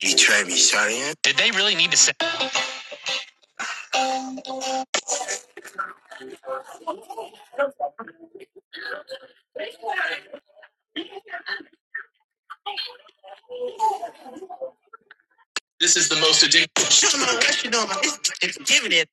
You try me, sorry. Did they really need to say that? this is the most addictive? Shut my rush, you my it's giving it.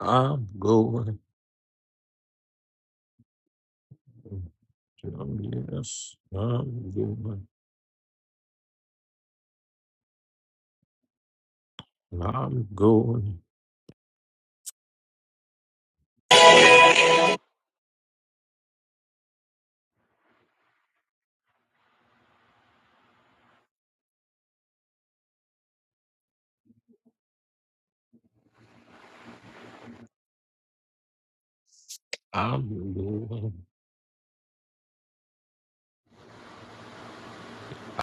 I'm going. I'm yes. I'm going. I'm going. I'm going.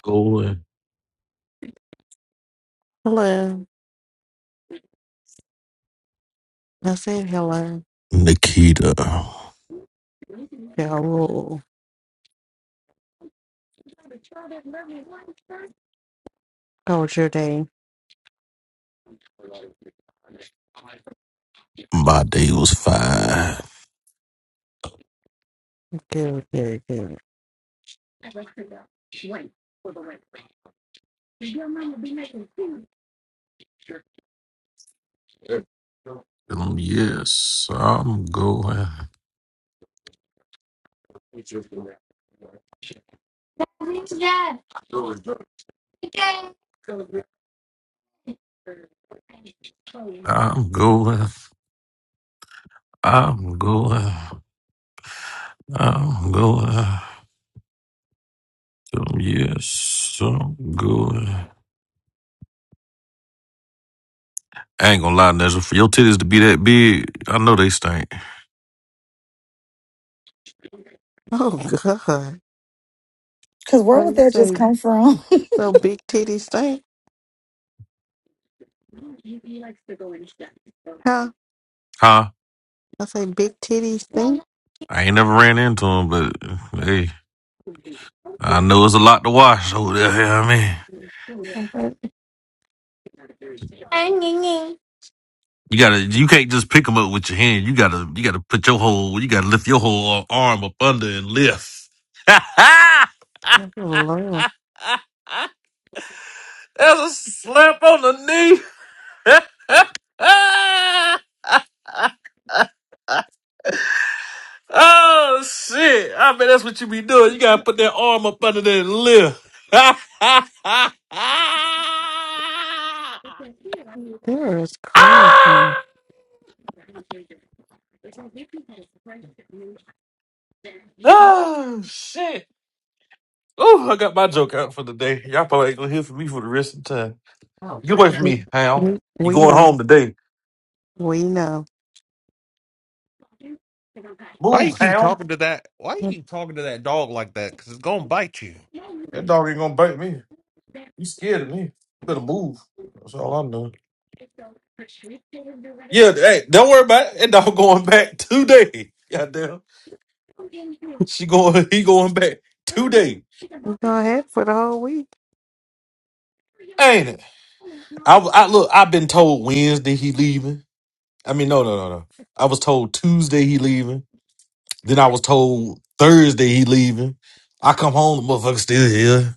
Going. Hello. I said hello. Nikita, Hello. How was your day? my day was fine. Good, good, good. Oh Um, yes, I'm going. I'm going. I'm going. I'm going. Um, yes, so good. I ain't gonna lie, Nezza. For your titties to be that big, I know they stink. God. Because where So would you that just say come from? so big titties stink? Huh? Huh? I say big titties stink? I ain't never ran into them, but hey, I know it's a lot to wash over there. You know what I mean, Oh you gotta, you can't just pick them up with your hand. You gotta, you gotta put your whole, you gotta lift your whole arm up under and lift. Lord. Slap on the knee. Oh shit! I mean, that's what you be doing. You gotta put that arm up under that lip. There is crazy. We, oh shit! Oh, I got my joke out for the day. Y'all probably ain't gonna hear from me for the rest of the time. Get away from we, me, Hound. You we going know. home today? We know. Why Move, you keep Hound. talking to that? Why you Go keep talking to that dog like that? Because it's gonna bite you, That dog ain't gonna bite me. You scared of me? Better move. That's all I'm doing. Yeah, hey, don't worry about it. That dog going back today. Goddamn, she going. He going back today. ahead for the whole week. Ain't it? I I look. I've been told Wednesday he leaving. I mean, no, no, no, no. I was told Tuesday he leaving. Then I was told Thursday he leaving. I come home, the motherfucker still here.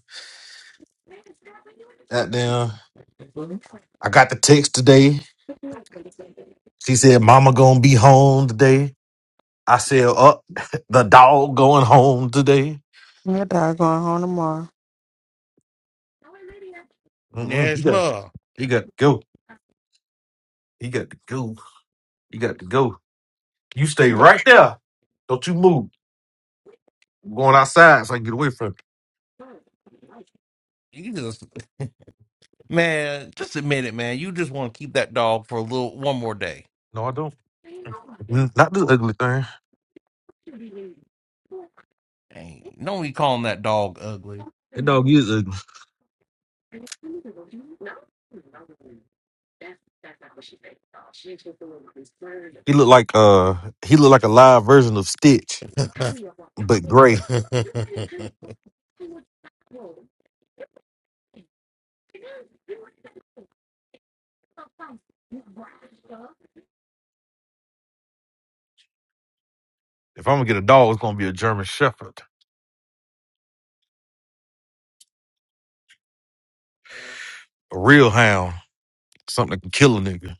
Goddamn. I got the text today. She said, "Mama gonna be home today." I said, "Up, the dog going home today." That dog going home tomorrow. Mm-mm. He got, Nesma. he got to go. He got to go. He got to go. You stay You mu- right there. Don't you move. I'm going outside so I can get away from it. you just man, just admit it, man. You just want to keep that dog for a little one more day. No, I don't. Mm, Not this ugly thing. Ain't no one calling that dog ugly. That dog is ugly. No, no, that's that's not what she said. It's just a little. He look like uh he look like a live version of Stitch, No, you're walking. but gray. Wait You might have kind of what you want, huh? If I'm gonna get a dog, it's gonna be a German Shepherd, a real hound, something that can kill a nigga.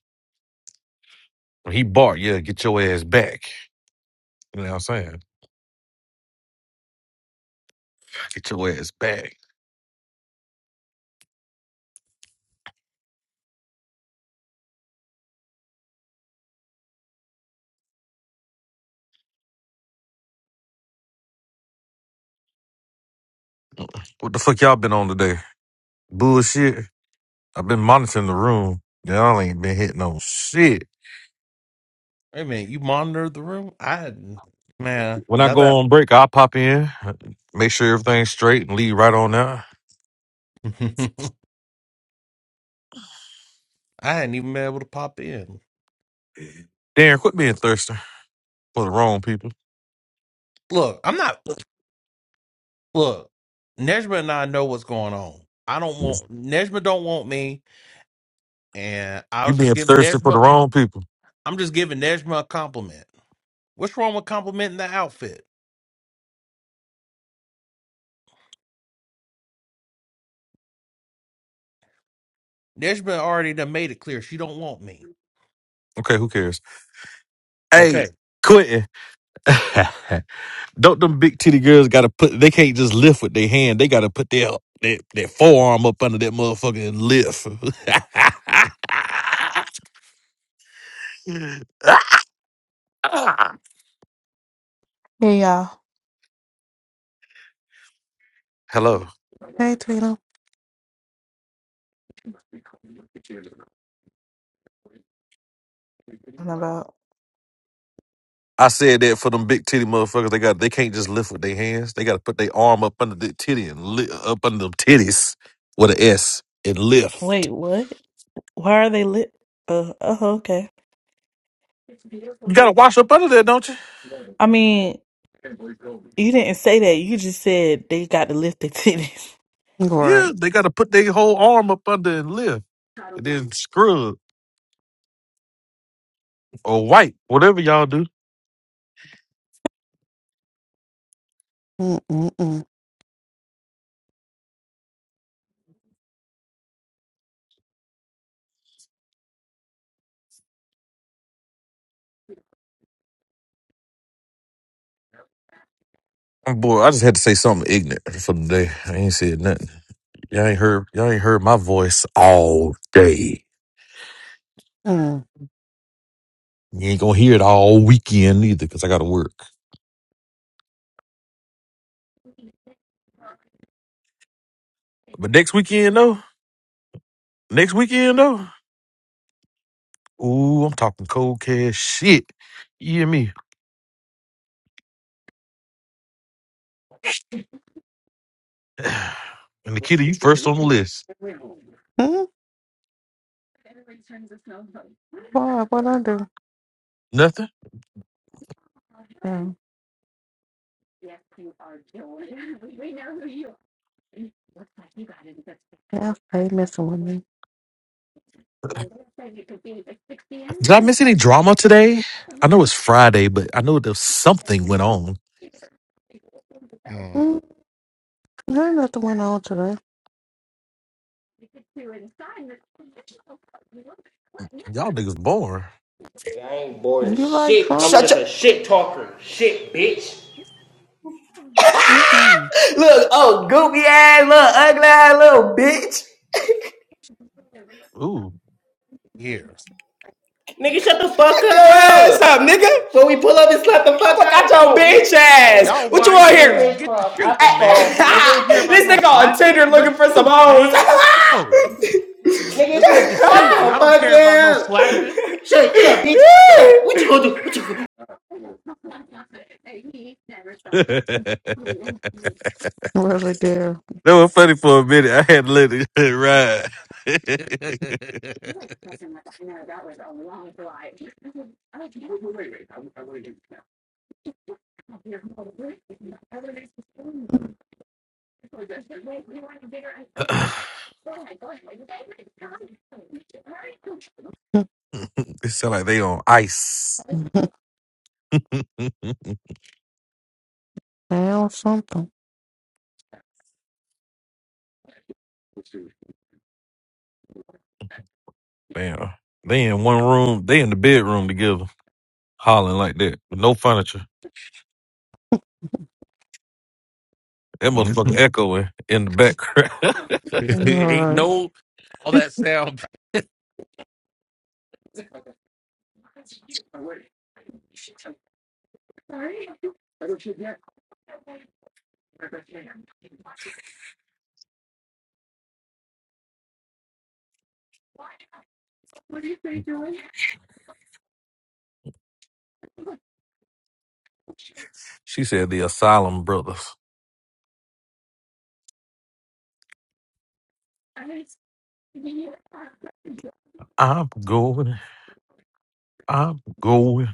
When he bark, yeah, get your ass back. You know what I'm saying? Get your ass back. What the fuck y'all been on today? Bullshit. I've been monitoring the room. Y'all ain't been hitting on shit. a minute, you monitored the room? I hadn't, man. When I Now that go on break, I'll pop in, make sure everything's straight, and leave right on out. I hadn't even been able to pop in. Darren, quit being thirsty for the wrong people. Look, I'm not. Look, Nejma and I know what's going on. I don't Yes. want Nejma. Don't want me, and I You was just being giving thirsty for the Nejma. wrong people. I'm just giving Nejma a compliment. What's wrong with complimenting the outfit? Nejma already done made it clear she don't want me. Okay, who cares? Hey, Okay. Quentin, don't them big titty girls gotta put they can't just lift with their hand. They gotta put their their, their forearm up under that motherfucker and lift. Hey y'all. Hello. Hey, Tina. Talking about I said that for them big titty motherfuckers, they got they can't just lift with their hands. They gotta put their arm up under the titty and lift up under them titties with an S and lift. Wait, what? Why are they lit? Uh, uh, okay. You gotta wash up under there, don't you? I mean, you didn't say that. You just said they got to lift their titties. Yeah, Right. they got to put their whole arm up under and lift, and then scrub or wipe, whatever y'all do. Mm mm mm Boy, I just had to say something ignorant for the day. I ain't said nothing. Y'all ain't heard. Y'all ain't heard my voice all day. mm. You ain't gonna hear it all weekend either, cause I gotta work. But next weekend though, next weekend though, ooh, I'm talking cold cash shit. You hear me? And Nikita, you first on the list. Mm, Boy, what I do? Nothing. Um, yeah, they messing with me. Did I miss any drama today? I know it's Friday, but I know there's something went on. Mm. Mm, there ain't nothing went on today. Y'all niggas born. I ain't bored as You like shit. I'm Shut trauma? just your- a shit talker. Shit, bitch. Mm mm. Look, oh, goopy ass, little ugly ass, little bitch. Ooh. Here. Nigga, shut the fuck up. your ass up. nigga. When we pull up and slap the fuck Fuck out your bitch ass. Y'all What you want here? YNs, get to shooting, man. I don't want to hear about this no nigga on slapping. Tinder Let's looking for some shoot, hoes. man. Let's go. Nigga, Let's get to shut shooting. the I don't fuck care about no up. slapping. Shut up, bitch. What you gonna do? What you gonna do? that Really there. was funny for a minute. I had to let it ride. it sound like they on ice. Found something. Damn. They in one room. They in the bedroom together, hollering like that with no furniture. That motherfucker Mhm. echoing in the background. Ain't Right. no all that sound. Sorry. What are you doing? she said the asylum brothers. I was, you, uh, I'm going I'm going.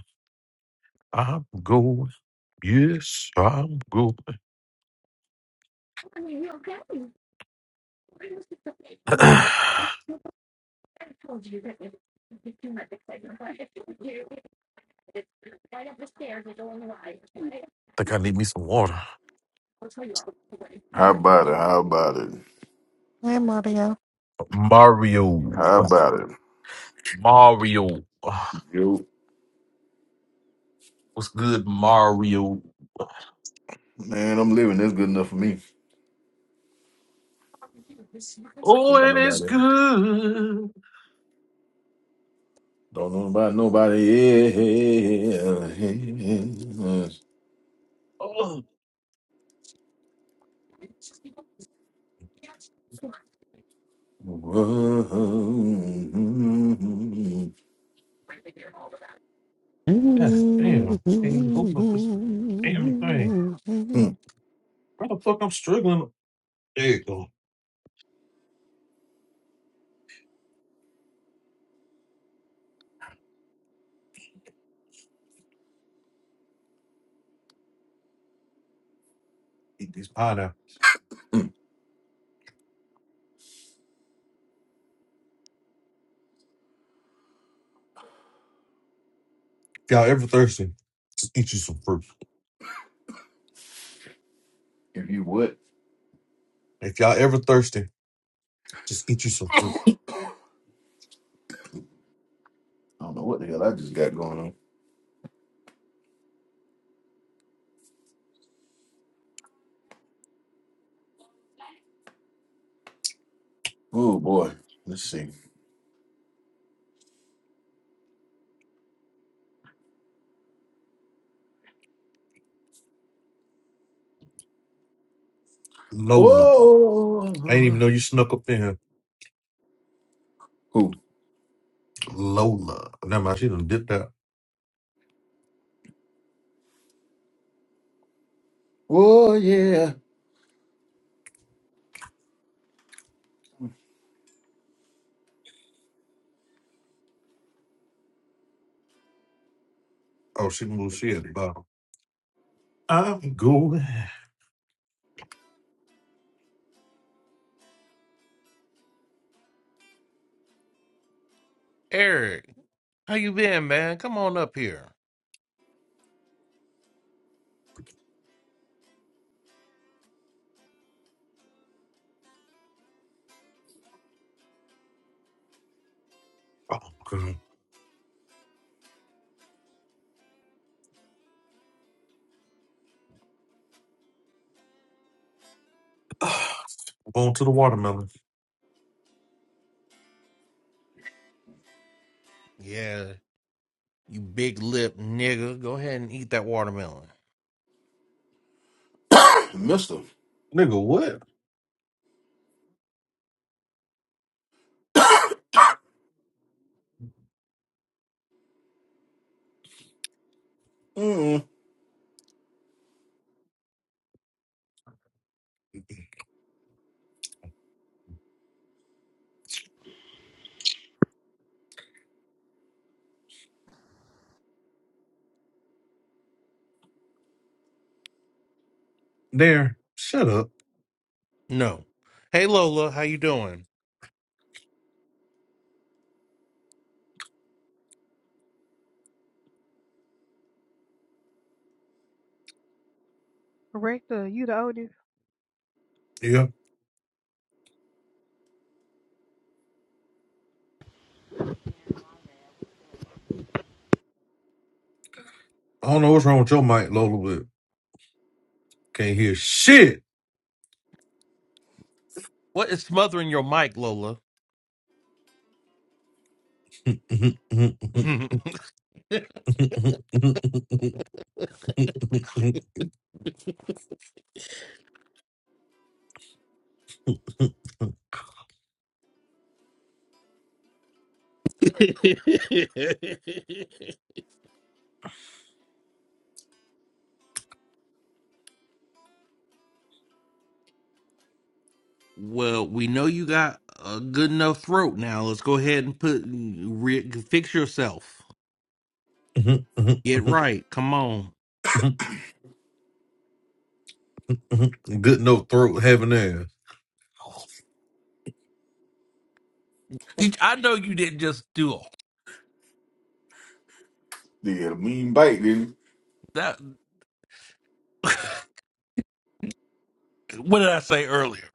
I'm going. Yes, I'm going. I mean, you're going. I was just okay. Mom, I told you that it would be too much excitement, but if you right up the stairs, you're going live. And I think I need me some water. will tell you all the How way. about it? How about it? Hi, Mario. Mario. How about it? Mario. Yo, What's good, Mario? man, I'm living. That's good enough for me. Oh, Don't know about and it's nobody else. good. Don't know about nobody. else. Oh, Hmm. God damn. Can't even open up this damn thing. Why the fuck I'm struggling? There you go. Eat these pineapple. If y'all ever thirsty, just eat you some fruit. If you what? If y'all ever thirsty, just eat you some fruit. I don't know what the hell I just got going on. Oh boy, let's see. Lola. I didn't even Oh, know you snuck up in here. who? Lola. Never mind, she done dipped out. Oh yeah, Oh, she moved. She at the bottom. I'm going. Eric, how you been, man? Come on up here. Oh, God. going to the watermelon. Yeah, you big lip nigga. Go ahead and eat that watermelon. Mister. Nigga, what? Mm. There. Shut up. No. Hey Lola, how you doing? Yeah. I don't know what's wrong with your mic, Lola, but can't hear shit. What is smothering your mic, Lola? Good well, we know you got a good enough throat now. Let's go ahead and put re- fix yourself. Get right. Come on. no throat having ass. Did, I know you didn't just do all Did a mean bite, didn't he? that. what did I say earlier?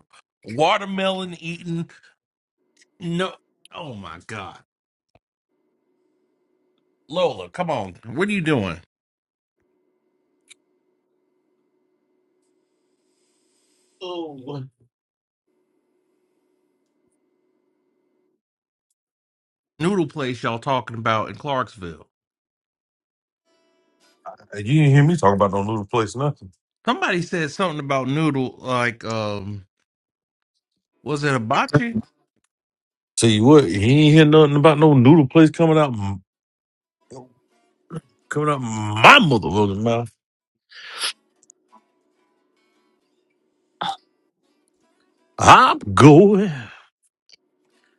Watermelon eating. No. Oh my God, Lola, come on. What are you doing? Oh. Noodle place y'all talking about in Clarksville? You didn't hear me talking about no noodle place, nothing. Somebody said something about noodle like um was it hibachi? Tell you what, he ain't hear nothing about no noodle place coming out. Coming up my motherfucking mouth. I'm going.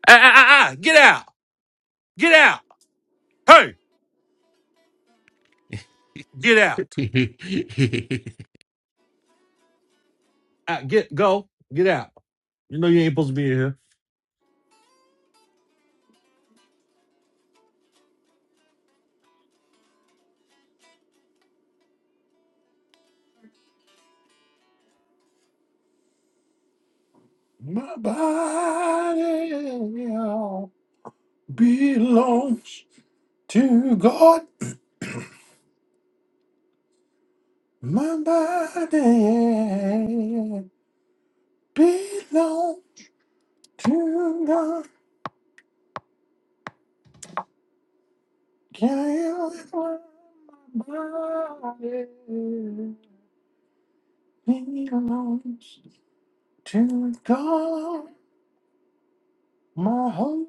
Ah, ah, ah, ah, get out. Get out. Hey, get out. Ah, get, go. Get out. You know you ain't supposed to be in here. My body. Yeah. belongs to God. My body belongs to God. Can't live my body yeah. belongs to God. My whole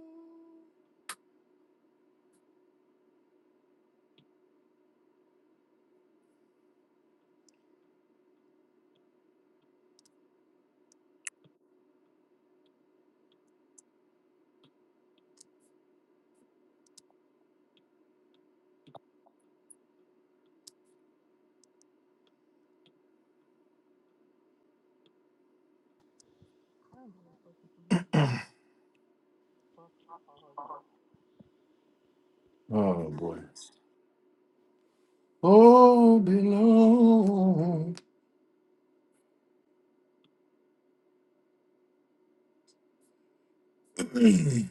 oh boy, oh belongs.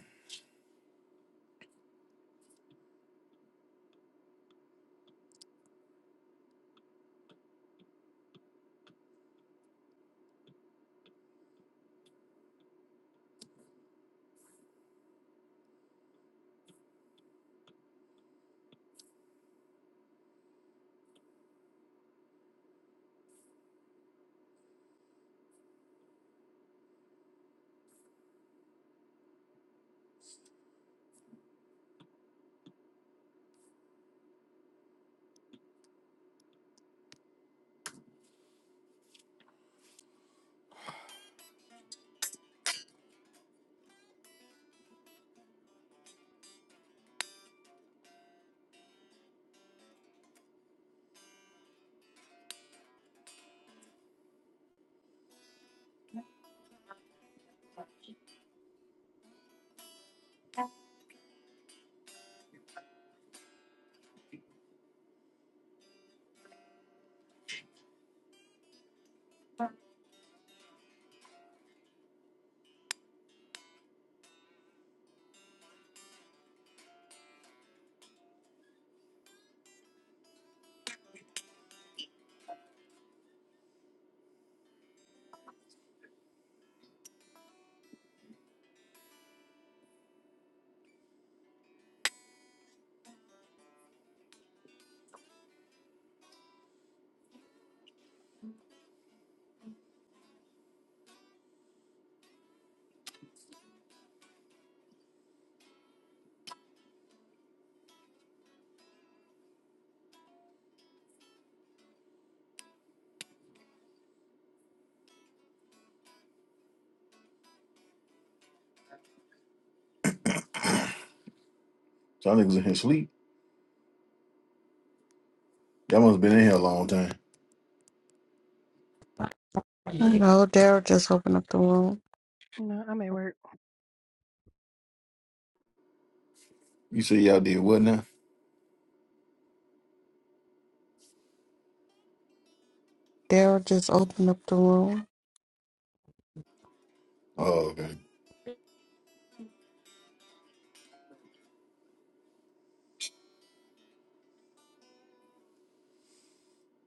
Y'all niggas in here sleep. Y'all must have been in here a long time. Hello, Daryl just opened up the room. You say y'all did what now? Daryl just opened up the room. Oh okay.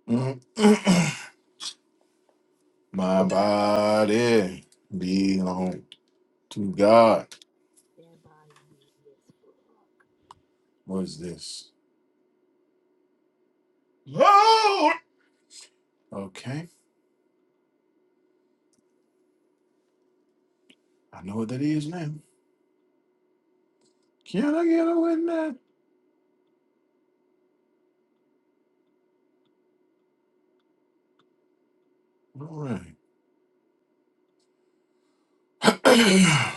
Mhm. My body belong to God. That body be this What is this? Lord. Okay, I know what that is now. Can I get away with that? All right.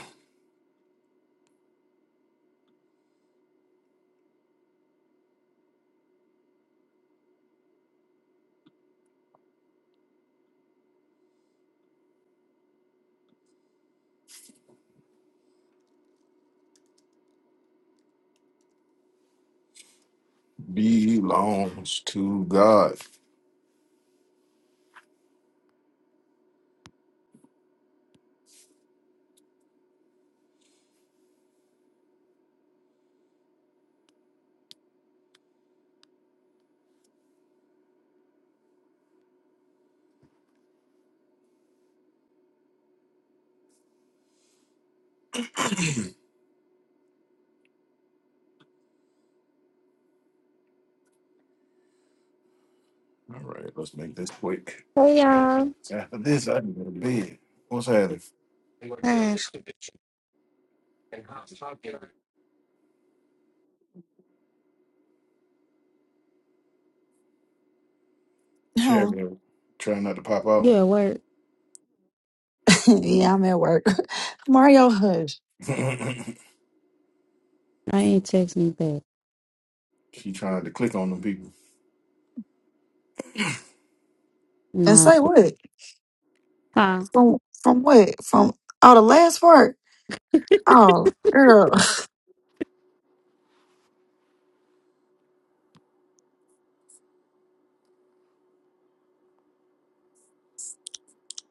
Belongs to God. All right, let's make this quick. Hey y'all. After this, I can go to bed. What's happening? Hey, sh- Chair no. girl trying not to pop off. You at work. yeah, I'm at work. Mario Hush. I ain't text me back. she trying to click on them people. And Nah. say what? Huh. From from what? From oh the last part? Oh, girl.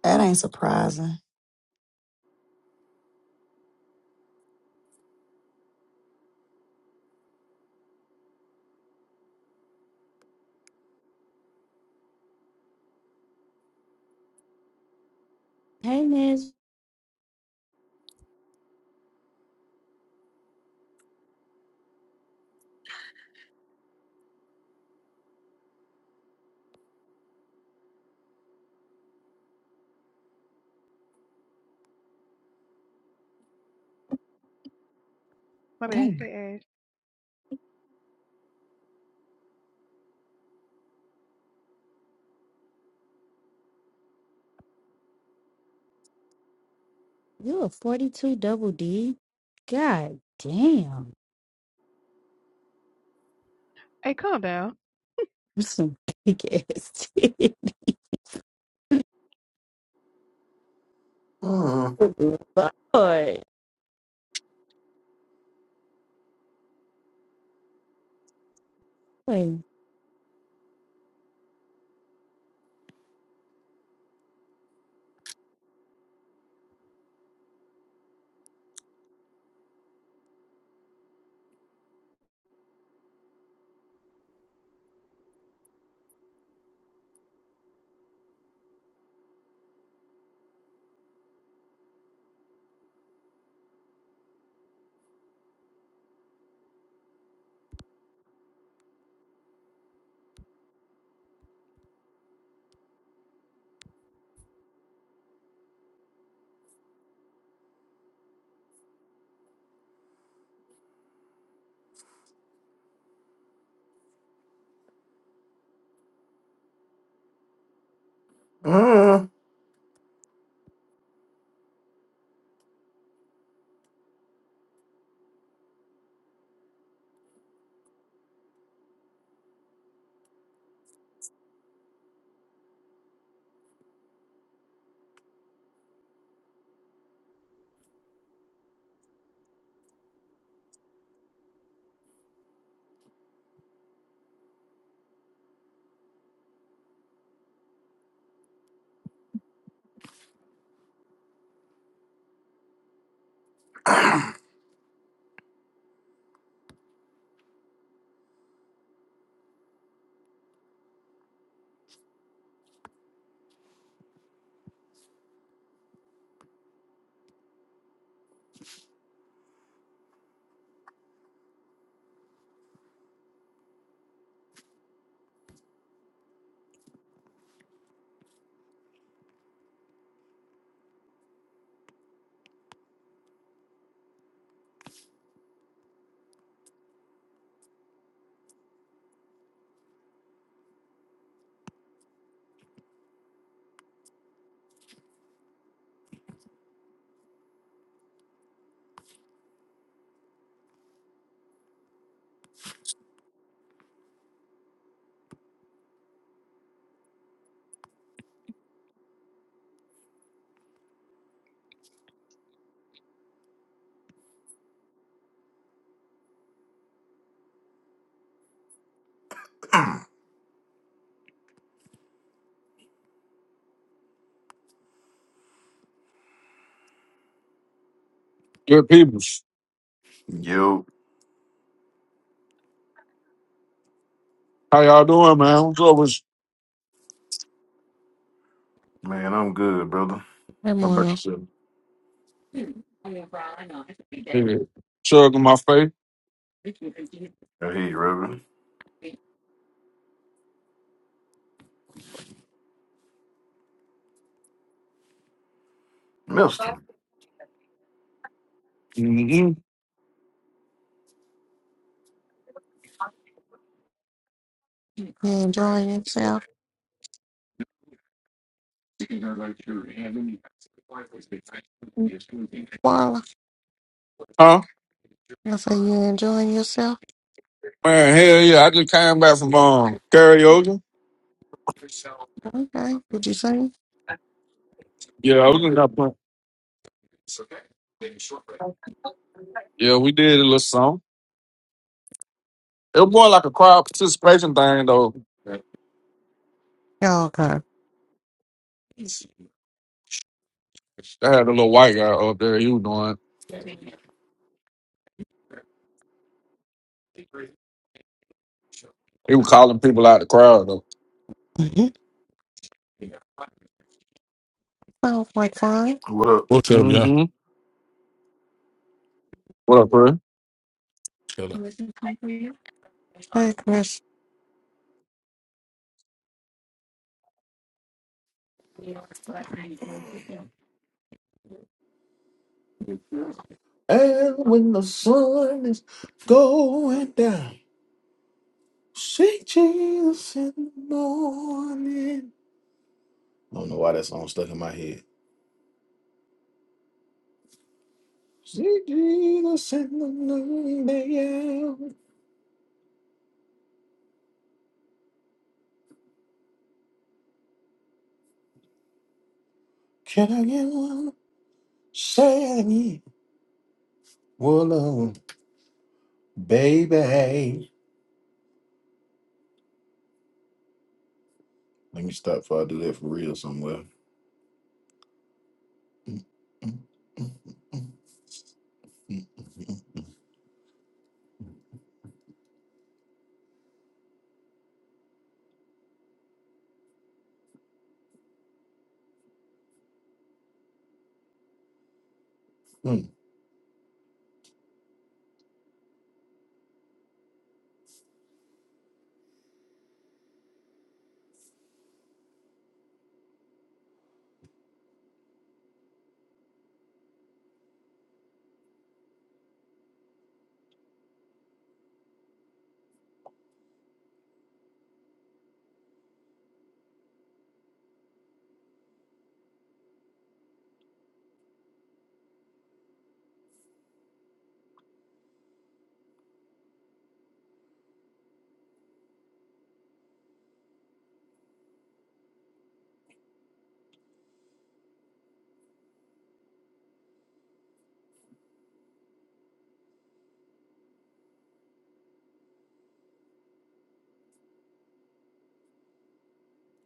That ain't surprising. Hey Miz, Dang. you a 42 double D? God damn. You Some big ass titties. Uh, Lord. Wait. uh. Good people. Yo, How y'all doing, man? What's up with man, I'm good, brother. hey, How about Marla. yourself? you? Chug in my face. I hear you, Reverend. Mister, Mm-hmm. You enjoying yourself? Marla, Huh? I say you enjoying yourself? Man, hell yeah. I just came back from um, karaoke. Okay. Did you sing? Yeah, I was in that point. Yeah, we did a little song. It was more like a crowd participation thing, though. Y'all okay? They had a little white guy up there. He was doing, he was calling people out the crowd, though. Mm-hmm. Sounds like fun. what up? What's up, y'all? Mm-hmm. What up, bro? Shut up. Hey, Chris, And when the sun is going down, see Jesus in the morning. I don't know why that song stuck in my head. See Jesus in the noonday hour. Can I get one? Say it again. baby. Let me stop before I do that for real somewhere. Mm, mm, mm, mm, mm, mm, mm, mm, mm, mm.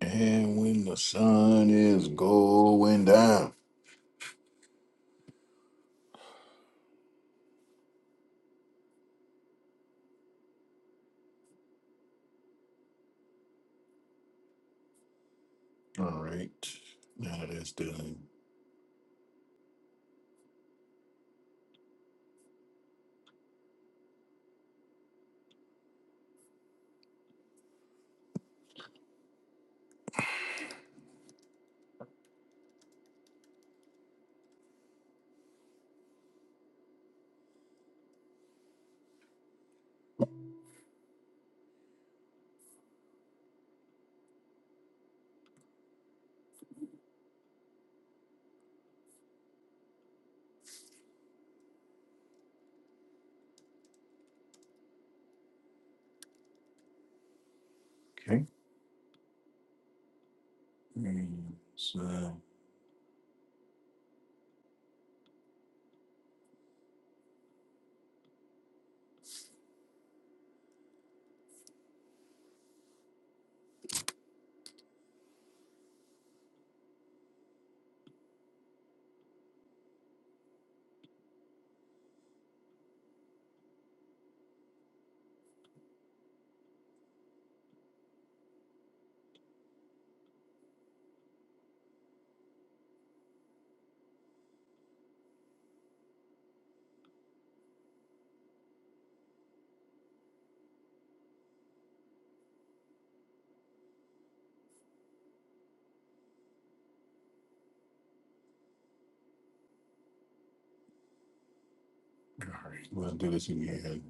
And when the sun is going down. All right. Now that it's done. Okay. And so, all right. We'll do this again.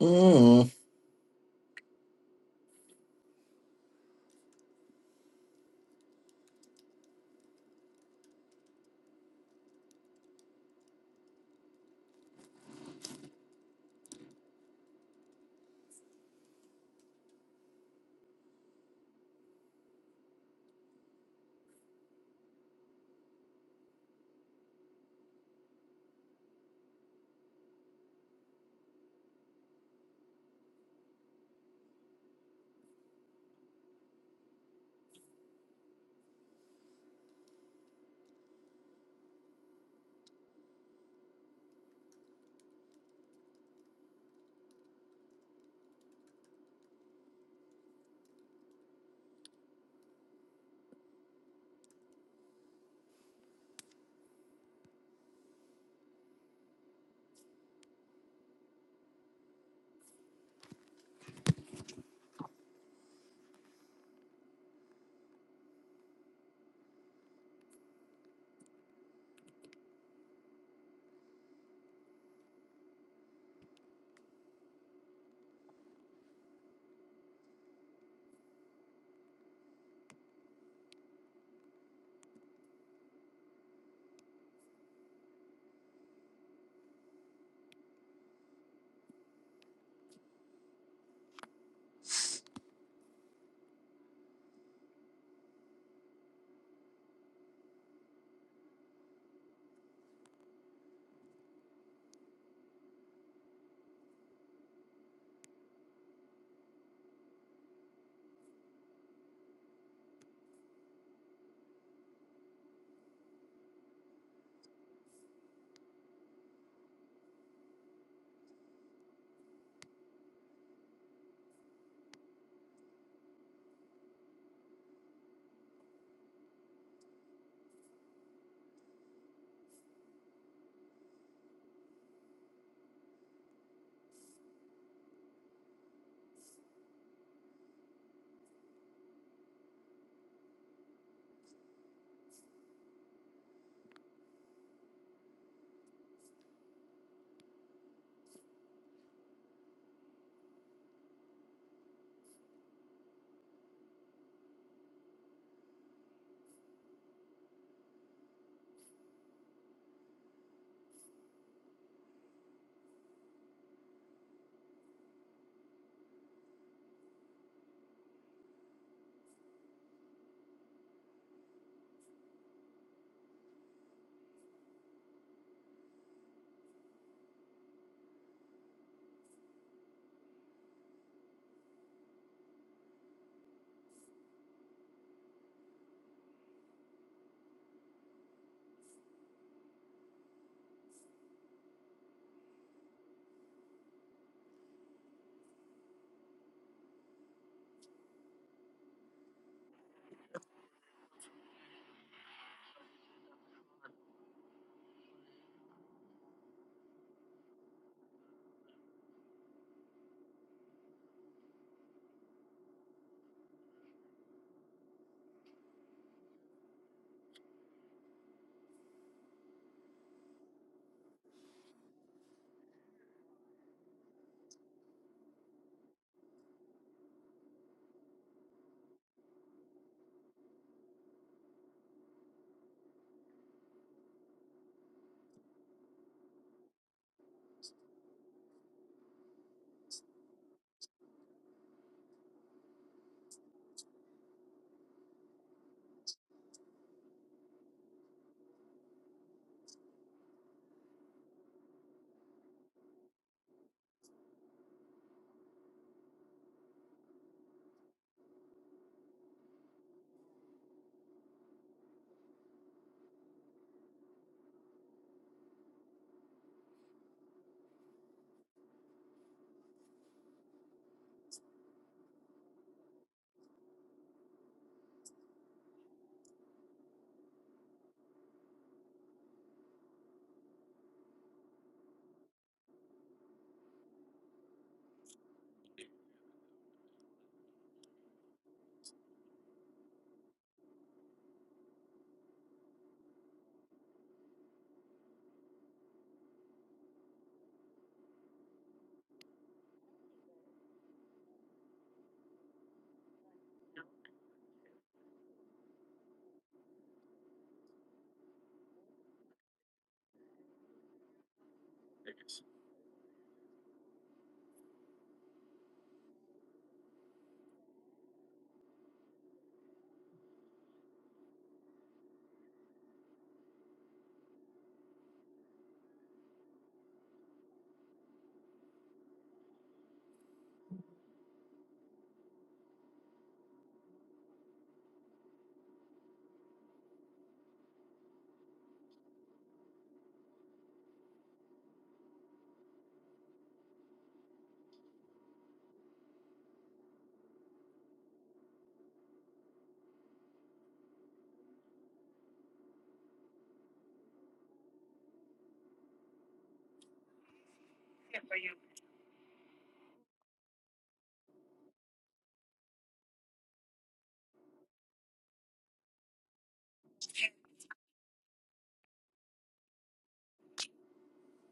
Mm.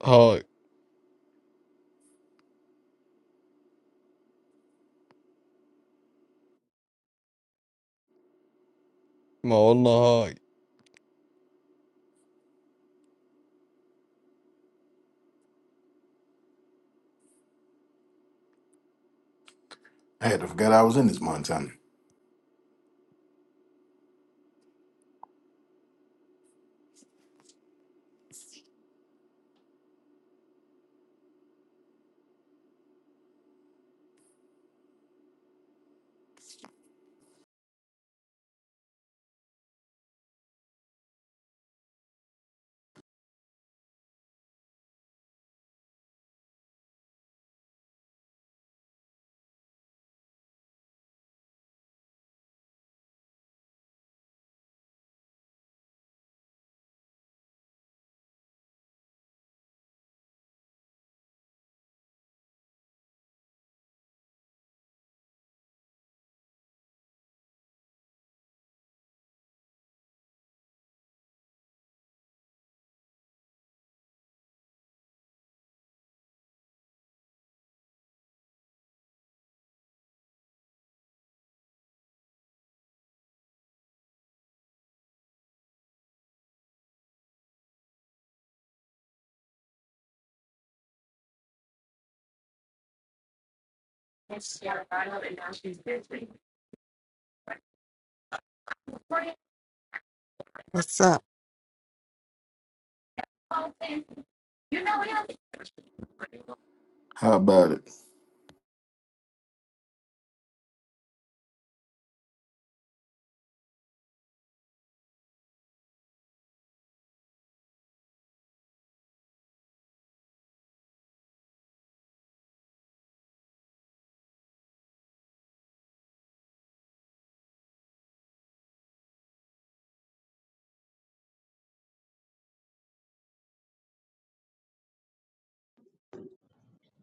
Hi, my Allah. Hi. I had to forget I was in this Montana. what's up? How about it?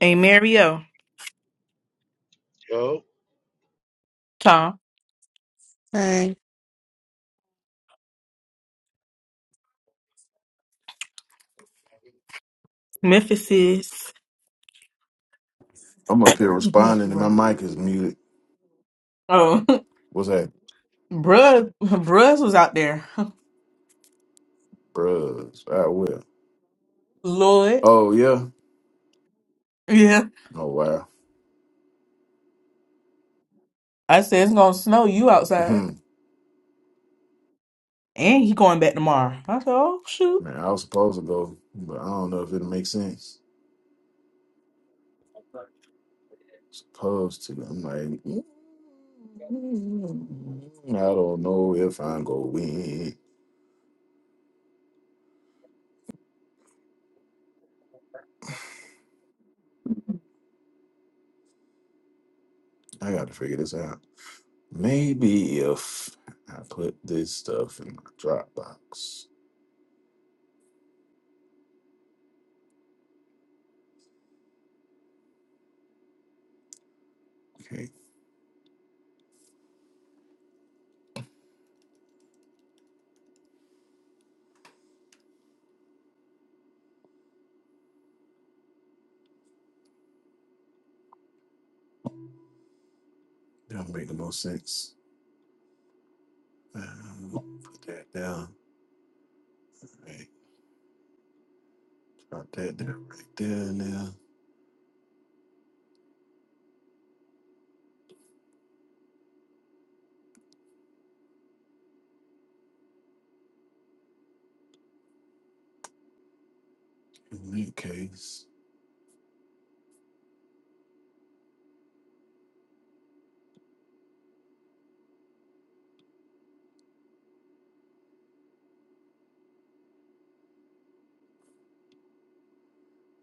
Hey, Mario, Yo, Tom, Hey, Memphis is I'm up here must be responding and my working. mic is muted. Oh, What's that? bruh, bruh was out there. Bruh. I will. Lord, Oh, yeah. yeah. Oh, wow. I said it's gonna snow. You outside, Hmm. and he going back tomorrow. I said, oh shoot. Man, I was supposed to go, but I don't know if it'll make sense. Supposed to. I'm like, mm, I don't know if I'm gonna win. I got to figure this out. Maybe if I put this stuff in my Dropbox. Okay, that'll make the most sense. Um, put that down. All right, drop that down right there now. In that case,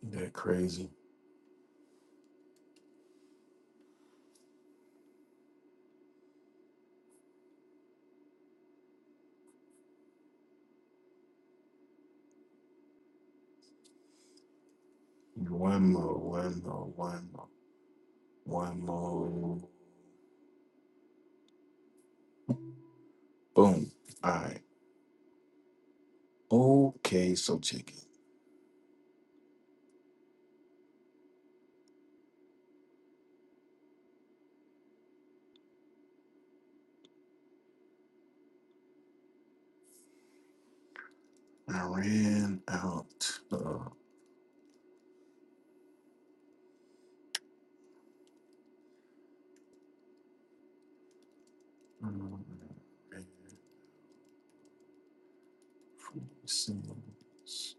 ain't that crazy. One more, one more, one more, one more. Boom. All right. Okay, so check it. I ran out of red free singles.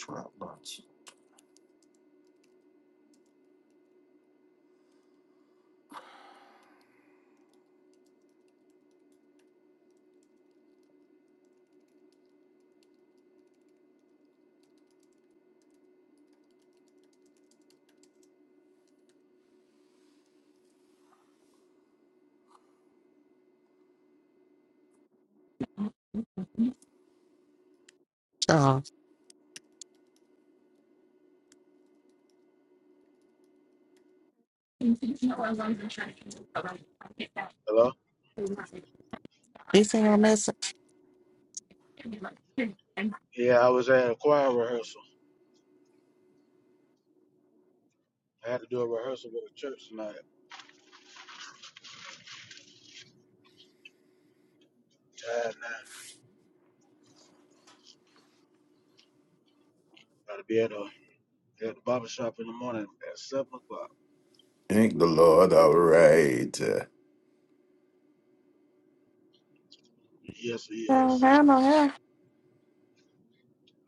Dropbox. Charles. hello. You seen my message? Yeah, I was at a choir rehearsal. I had to do a rehearsal with the church tonight. Tired now. Got to be at a at the barber shop in the morning at seven o'clock. Thank the Lord. All right. Uh, Yes, Oh, I don't yes. have no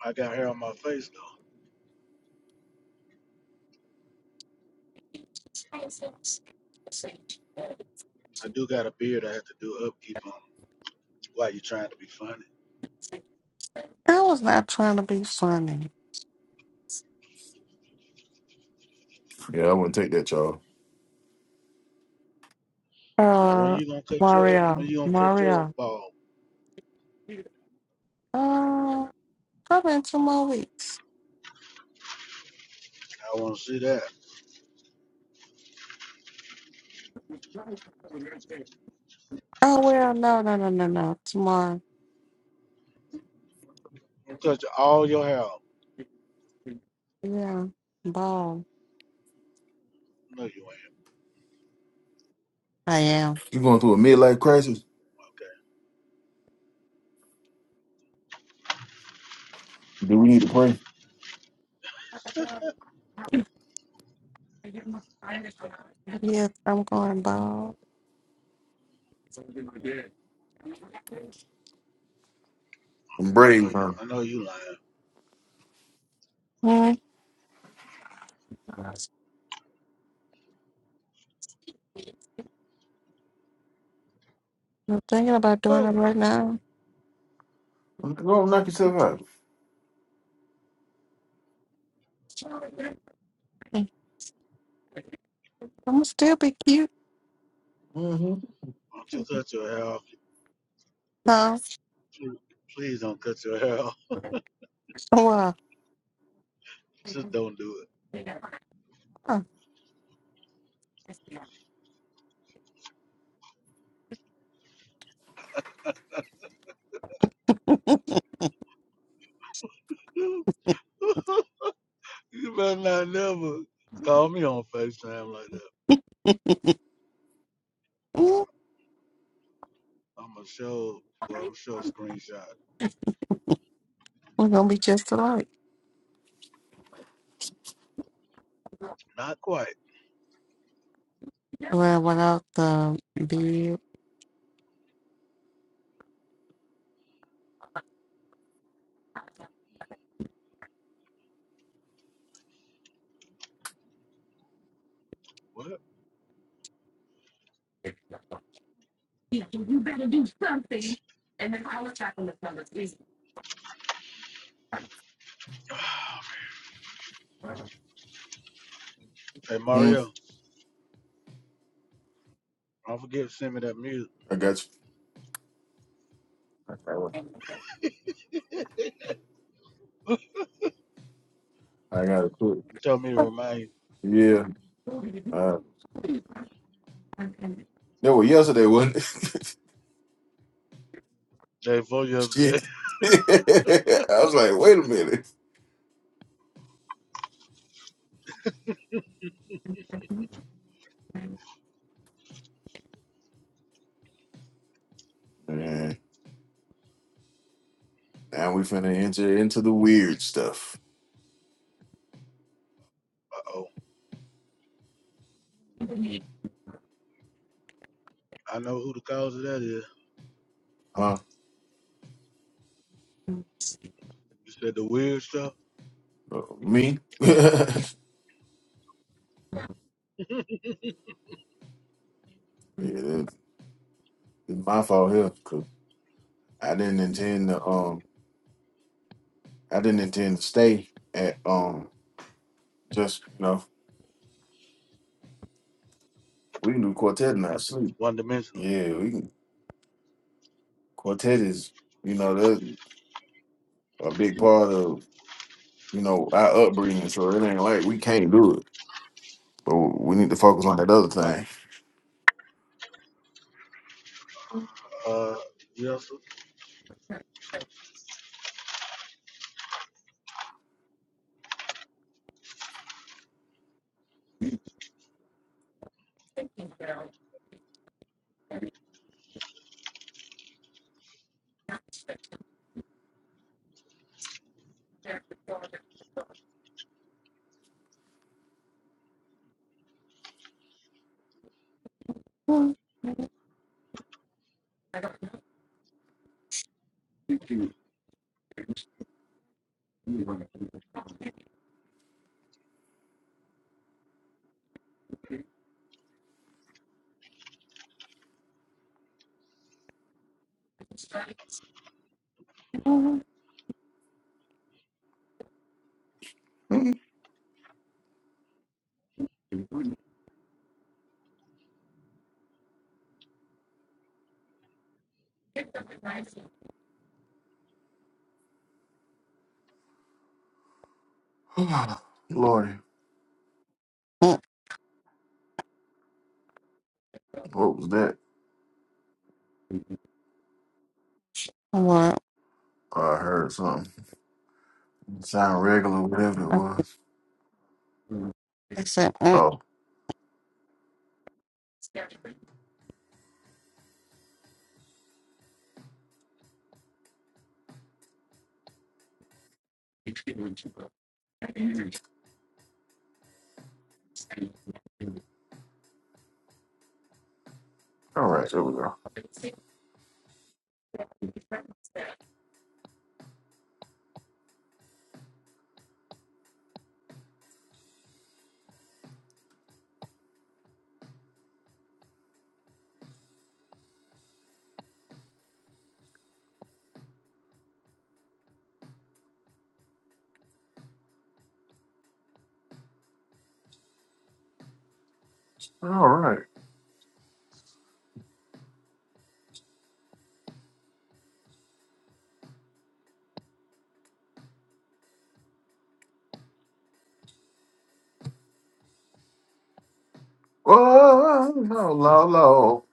I got hair on my face though. I do got a beard. I have to do upkeep on. Why you trying to be funny? I was not trying to be funny. yeah, I want to take that, y'all. Yeah, when Uh, you gonna cut your Mario, when you gonna cut your Mario. ball? Uh, probably in two more weeks. I want to see that. Oh well, no, no, no, no, no. Tomorrow. I'm gonna cut your, all your hair. off. Yeah, ball. No, you I am. You going through a midlife crisis? Do we need to pray? ain't. Okay. Yes, I'm going ball. I'm brave, man. I know you lying. Hmm. I'm thinking about Why doing it right now. Go knock yourself out. I'm gonna still be cute. Mm-hmm. don't you cut your hair off? No. Please don't cut your hair off. Wow. Just don't do We're it. you better not never call me on FaceTime like that. I'ma show well, I'ma show a screenshot. gonna be just alike. Not quite. Well, without the beard. What? Hey Mm, Mario, don't forget to send me that music. I got you. I got one. I got it quit. You told me to remind you. Yeah. Uh, that was yesterday, wasn't it? Day four yesterday. Shit. I was like, wait a minute. And now we finna enter into the weird stuff, Uh oh. I know who the cause of that is. huh? You said the weird stuff, Uh, Me? yeah, it- it's my fault here, cause I didn't intend to. Um, I didn't intend to stay at. Um, just you know, we can do quartet in our sleep. one dimensional. Yeah, we can. Quartet is, you know, that's a big part of you know our upbringing. So it ain't like we can't do it, but we need to focus on that Right. other Uh yes, thing. Lord, Mm, what was that? What? I heard something. Sound regular, whatever it I was. I said, mm, Oh, all right, there we go. All right. Oh, no, low, low.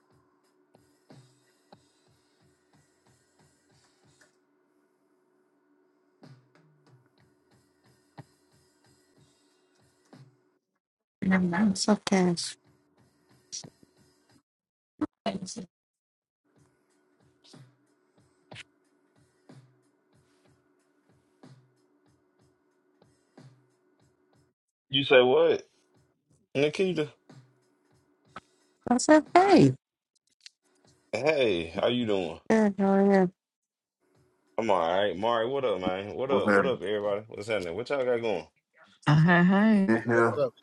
it's okay. You say what? Nikita. That's okay. Hey, how you doing? Yeah, go ahead. I'm all right. Mari, what up, man? What Was up? What that up, everybody? What's happening? What y'all got going? Hey, hey. in here what's up?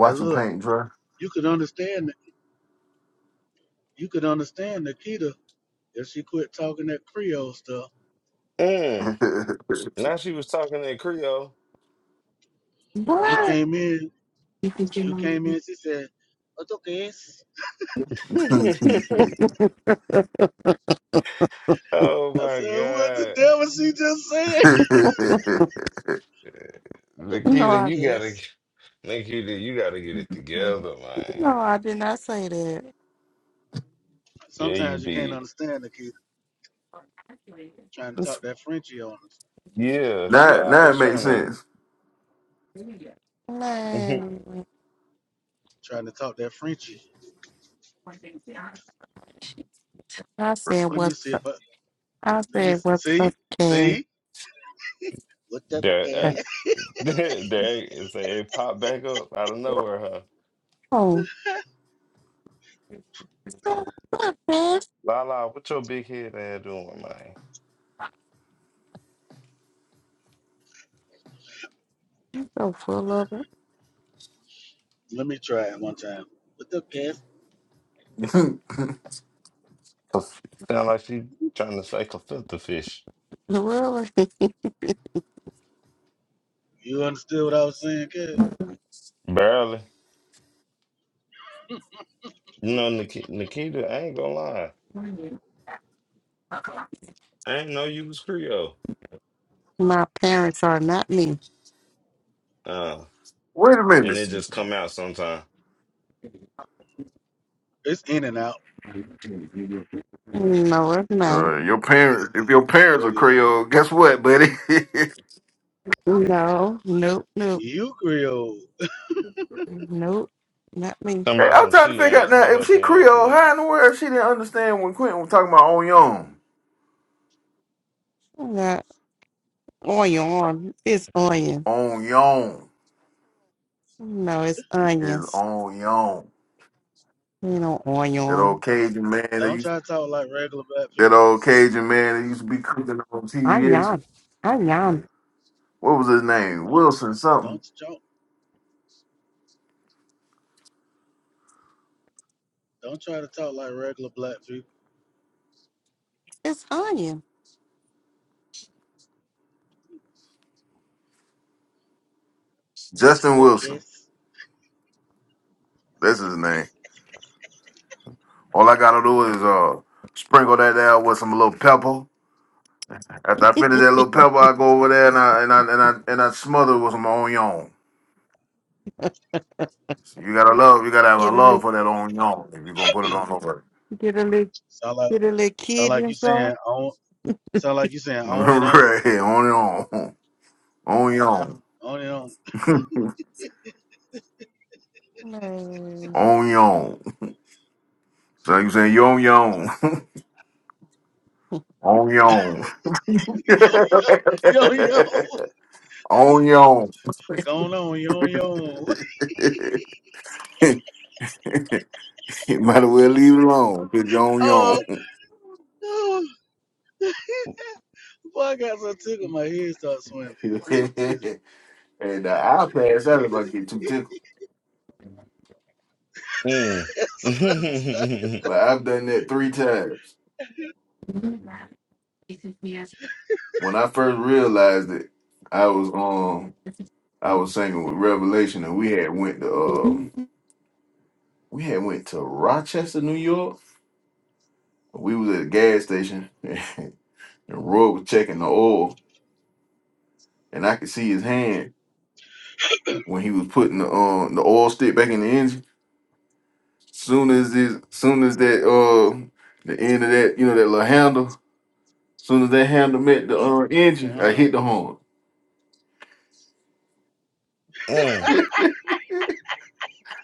Hey look, paint dry? you could understand that you could understand Nikita if she quit talking that Creole stuff. Mm. now, Now she was talking in Creole. You What? came in you came You in, she said, "What okay. oh I my said, what the God. devil she just said? What know, Nikita, the I, you gotta kids? Nikita, you gotta get it together, man. no, I did not say that. Yeah, you Sometimes you can't did. understand the kid trying to This- talk that Frenchie on us, yeah, she now it always makes trying to sense. Man, trying to talk that Frenchie. I said Let me what's see if I, I let me said what's up, see, Ken? see? What the there, uh, kids? there, there it's a it popped back up out of nowhere, huh? Oh, so what, man? Lala, what your big head ass doing, man? So full of it. Let me try it one time. What the kids? Cause sound like she trying to say Clefairy fish. Really? You understood what I was saying, kids? Barely. You know, Nikita, Nikita, I ain't gonna lie. I ain't know you was Creole. My parents are not me. Uh, Wait a minute. and it just come out sometime. It's in and out. No, it's not. Uh, your parents, if your parents Yeah, are it is. Creole, guess what, buddy? hey, No, nope, nope, You Creole. nope, not me. Talking about I'm some trying to she figure out ain't, now but if her she parents Creole, is. how in the world she didn't understand when Quentin was talking about on yon, Not onion. It's onion. on yon? No, it's is onions. on yon. You know, That old onion. Cajun man that Don't used try to talk like regular black that people. old Cajun man that used to be cooking on TVS. Onion. Onion. What was his name? Wilson something. Don't, don't, don't try to talk like regular black people. It's onion. What Justin the Wilson. kids? That's his name. All I gotta do is uh sprinkle that down with some little pepper. After I finish get that a little pepper, I go over there and I and I and I and I smother it with some onion. So you gotta love, you gotta have a little, love for that onion if you're gonna put it on over. get a little, Sound like, get a little sound kid like you saying, inside. I don't, Sound like you saying on and on, right, onion, onion, on and on. Man. onion. So you saying yon yon? On your own. Yo, yo, yo, yo. on your own. Going on, yo, yo. you might as well leave it alone because you're on Oh, your own. oh. boy, I got so tickled my head started swimming. Oh, Jesus. and uh, I'll pass out if I get too tickled. Mm. mm. Like I've done that three times. When I first realized it, I was um I was singing with Revelation and we had went to um we had went to Rochester, New York. We was at a gas station and Roy was checking the oil and I could see his hand when he was putting the um the oil stick back in the engine. Soon as this, soon as that uh the end of that you know that little handle, soon as that handle met the uh, engine, I Uh-huh. hit the horn.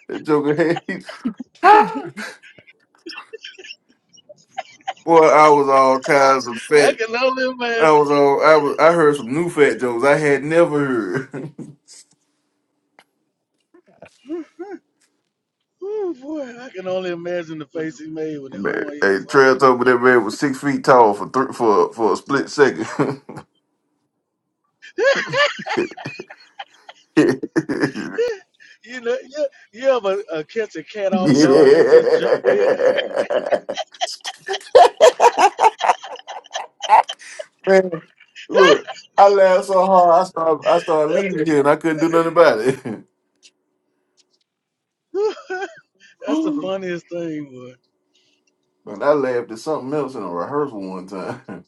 That Joker had boy, I was all kinds of I fat. can only I imagine. was all I was I heard some new fat jokes I had never heard. Oh, boy, I can only imagine the face he made when that Man, horn hit hey, his heart. Trail told me that man was six feet tall for thr for for a split second. You know, yeah, yeah, but uh, catch a cat off guard, they just jump way in the air. yeah. Man, look, I laughed so hard, I started, I started That's leaving here, and I the couldn't do nothing about it. fun- that's the funniest thing, but I laughed at something else in a rehearsal one time.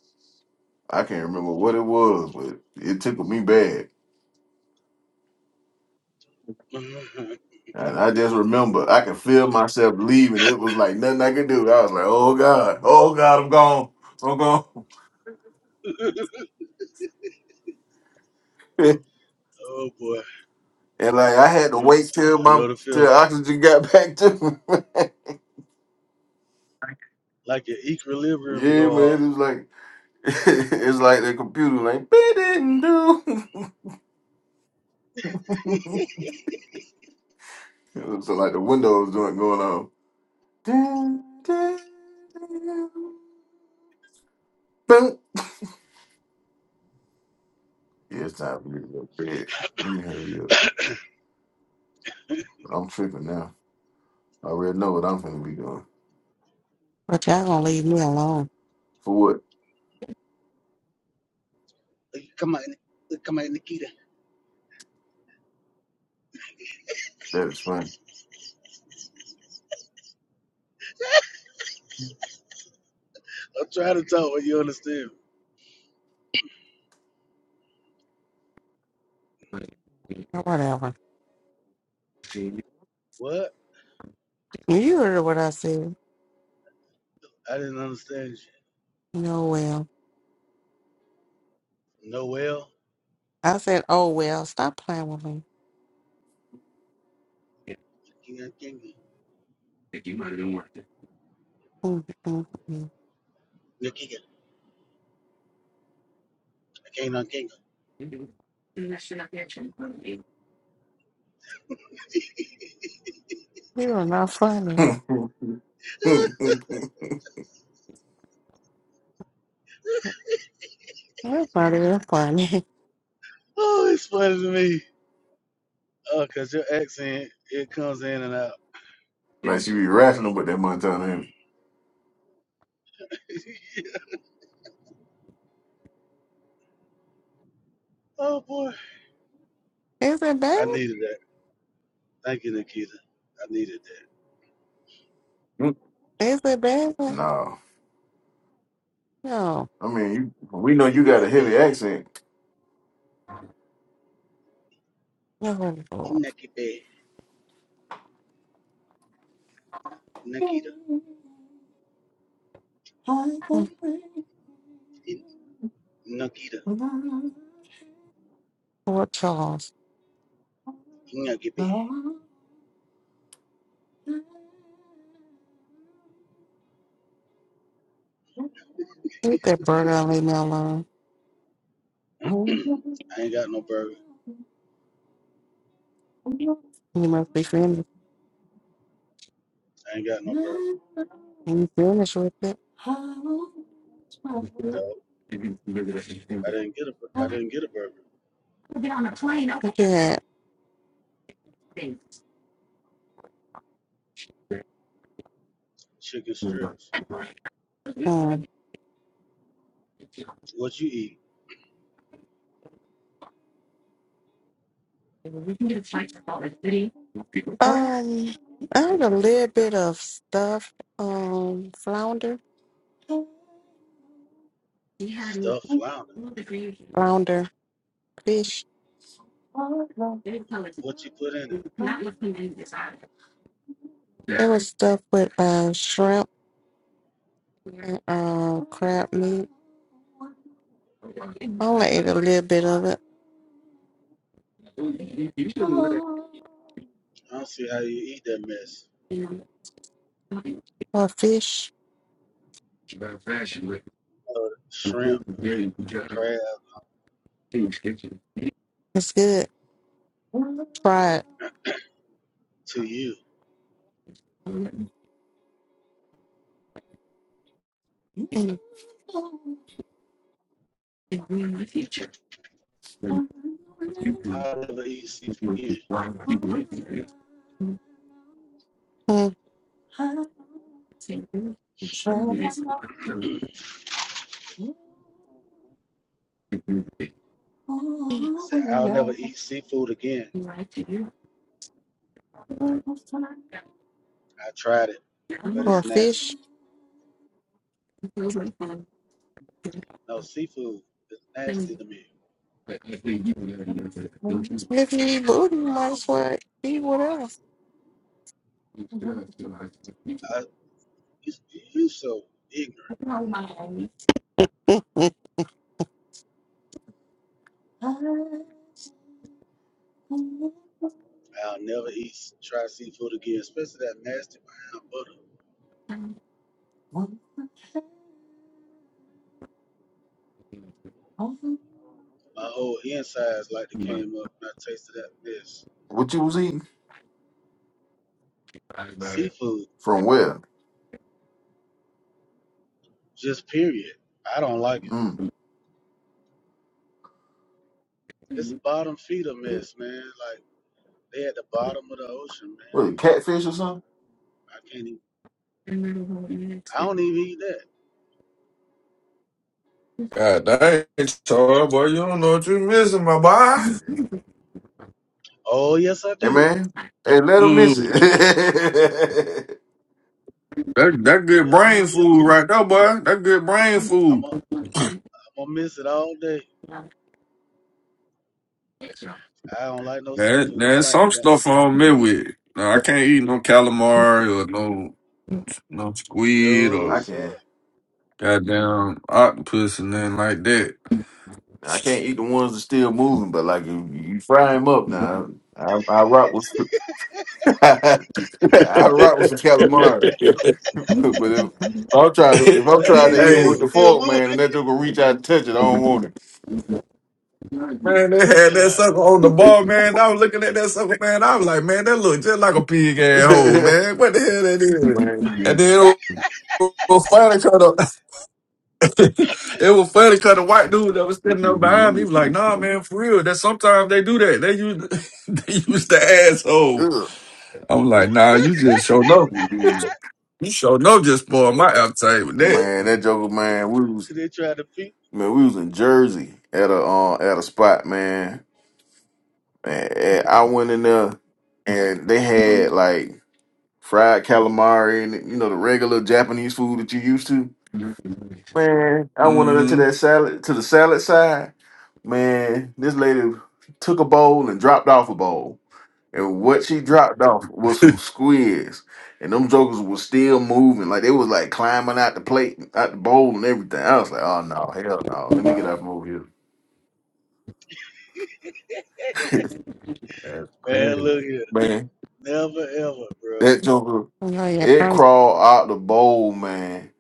I can't remember what it was, but it tickled me bad. boy. And I just remember I could feel myself leaving. It was like nothing I could do. I was like, "Oh God, oh God, I'm gone, I'm gone." and oh boy. like I had to wait till I my know the till feeling. oxygen got back to me. Like your equilibrium yeah, go man, off. it was like it's like the computer, like. do. So so, like the windows doing going on. Dun, dun, dun. Boom. Yeah, it's time for me to go to bed. Let me hurry up. I'm tripping now. I already know what I'm gonna be doing. But y'all gonna leave me alone. For what? Like, come on, come on, Nikita. That is funny. I'm trying to talk what you understand. Or Whatever. What? You heard what I said. I didn't understand you. No, well. Noel, I said, oh, well, stop playing with me. Nikita, Mm, mm, mm. Nikita, I can't unking You are not funny. her. That's not even funny. Oh, it's funny to me. Oh, cause your accent, it comes in and out. like she be rational with that Montana ain't Oh boy, Is it I bad? needed that. Thank you, Nikita. I needed that. it? Is it bad? No. No. I mean you we know You you not got a your heavy bad. accent. You No. not your bad. Nikita, Mm, You- Nikita, What Charles? you not your bad. Get that burger and leave me alone. I ain't got no burger. You must be finished. I ain't got no burger. You finished with it. No. I didn't get a bur- I didn't get a burger. Look at Chicken strips. that. What you eat? Um, I had a little bit of stuff. Um, flounder, Stuffed flounder. flounder fish. What you put in it? There was stuff with uh shrimp and uh crab meat. only ate a little bit of it. I don't see how you eat that mess. Or fish, Uh, shrimp and the crab it's good. Try it. to you. I'll never eat seafood again. Mm, I said I'll never eat seafood again. I tried it, but Or it's nasty. fish. No seafood is nasty to me. If you eat booty, you might as well eat what else. I you, you so ignorant. I'll never eat try seafood again, especially that nasty brown butter. My whole insides like they came up when I tasted that mess. What you was eating? Seafood, From where? just period. I don't like it. Mm. It's bottom feeder mess, man. Like they at the bottom of the ocean, man. What, catfish or something? I can't even. I don't even eat that. God dang, Troy, boy, you don't know what you missing, my boy. Oh yes, I Hey do. man, hey, let them miss it. Ooh. That that good Yeah, I'm brain gonna miss. food right there, boy. That good brain I'm food. gonna, I'm gonna miss it all day. I don't like no There, seafood. I there's like the some got stuff soup. I don't mess with. Now, I can't eat no calamari or no no squid No or I sir. can. goddamn octopus and nothing like that. I can't eat the ones that's still moving, but like you, you fry them up now. I, I rock with I rock with some calamari, but if, if I'm trying to if I'm That trying thing to eat them says with hey, the still fork, moving. man, and that joke will reach out and touch it, I don't want man, they had that sucker on the bar, man. I was looking at that sucker, man. I was like, man, that look just like a pig asshole, it, man. What the hell that is? man. And then finally cut up. It was funny because the white dude that was sitting there behind me was like, "Nah, man, for real. That sometimes they do that. They use they use the asshole." Ugh. I'm like, "Nah, you just show no. You show no. Just spoil my appetite with that." Man, that joke, man. We was they tried to feed. man, we was in Jersey at a uh, at a spot, man. And, I went in there and they had like fried calamari and you know the regular Japanese food that you used to. Man, I went in to Mm-hmm. that salad to the salad side. Man, this lady took a bowl and dropped off a bowl. And what she dropped off was some squids. And them jokers was still moving. Like they was like climbing out the plate, out the bowl and everything. I was like, oh no, hell no. Let me get out from over here. That's Man, crazy. look here. Man. Never ever, bro. That joker, Mm. No, yeah, it i crawled out the bowl, man.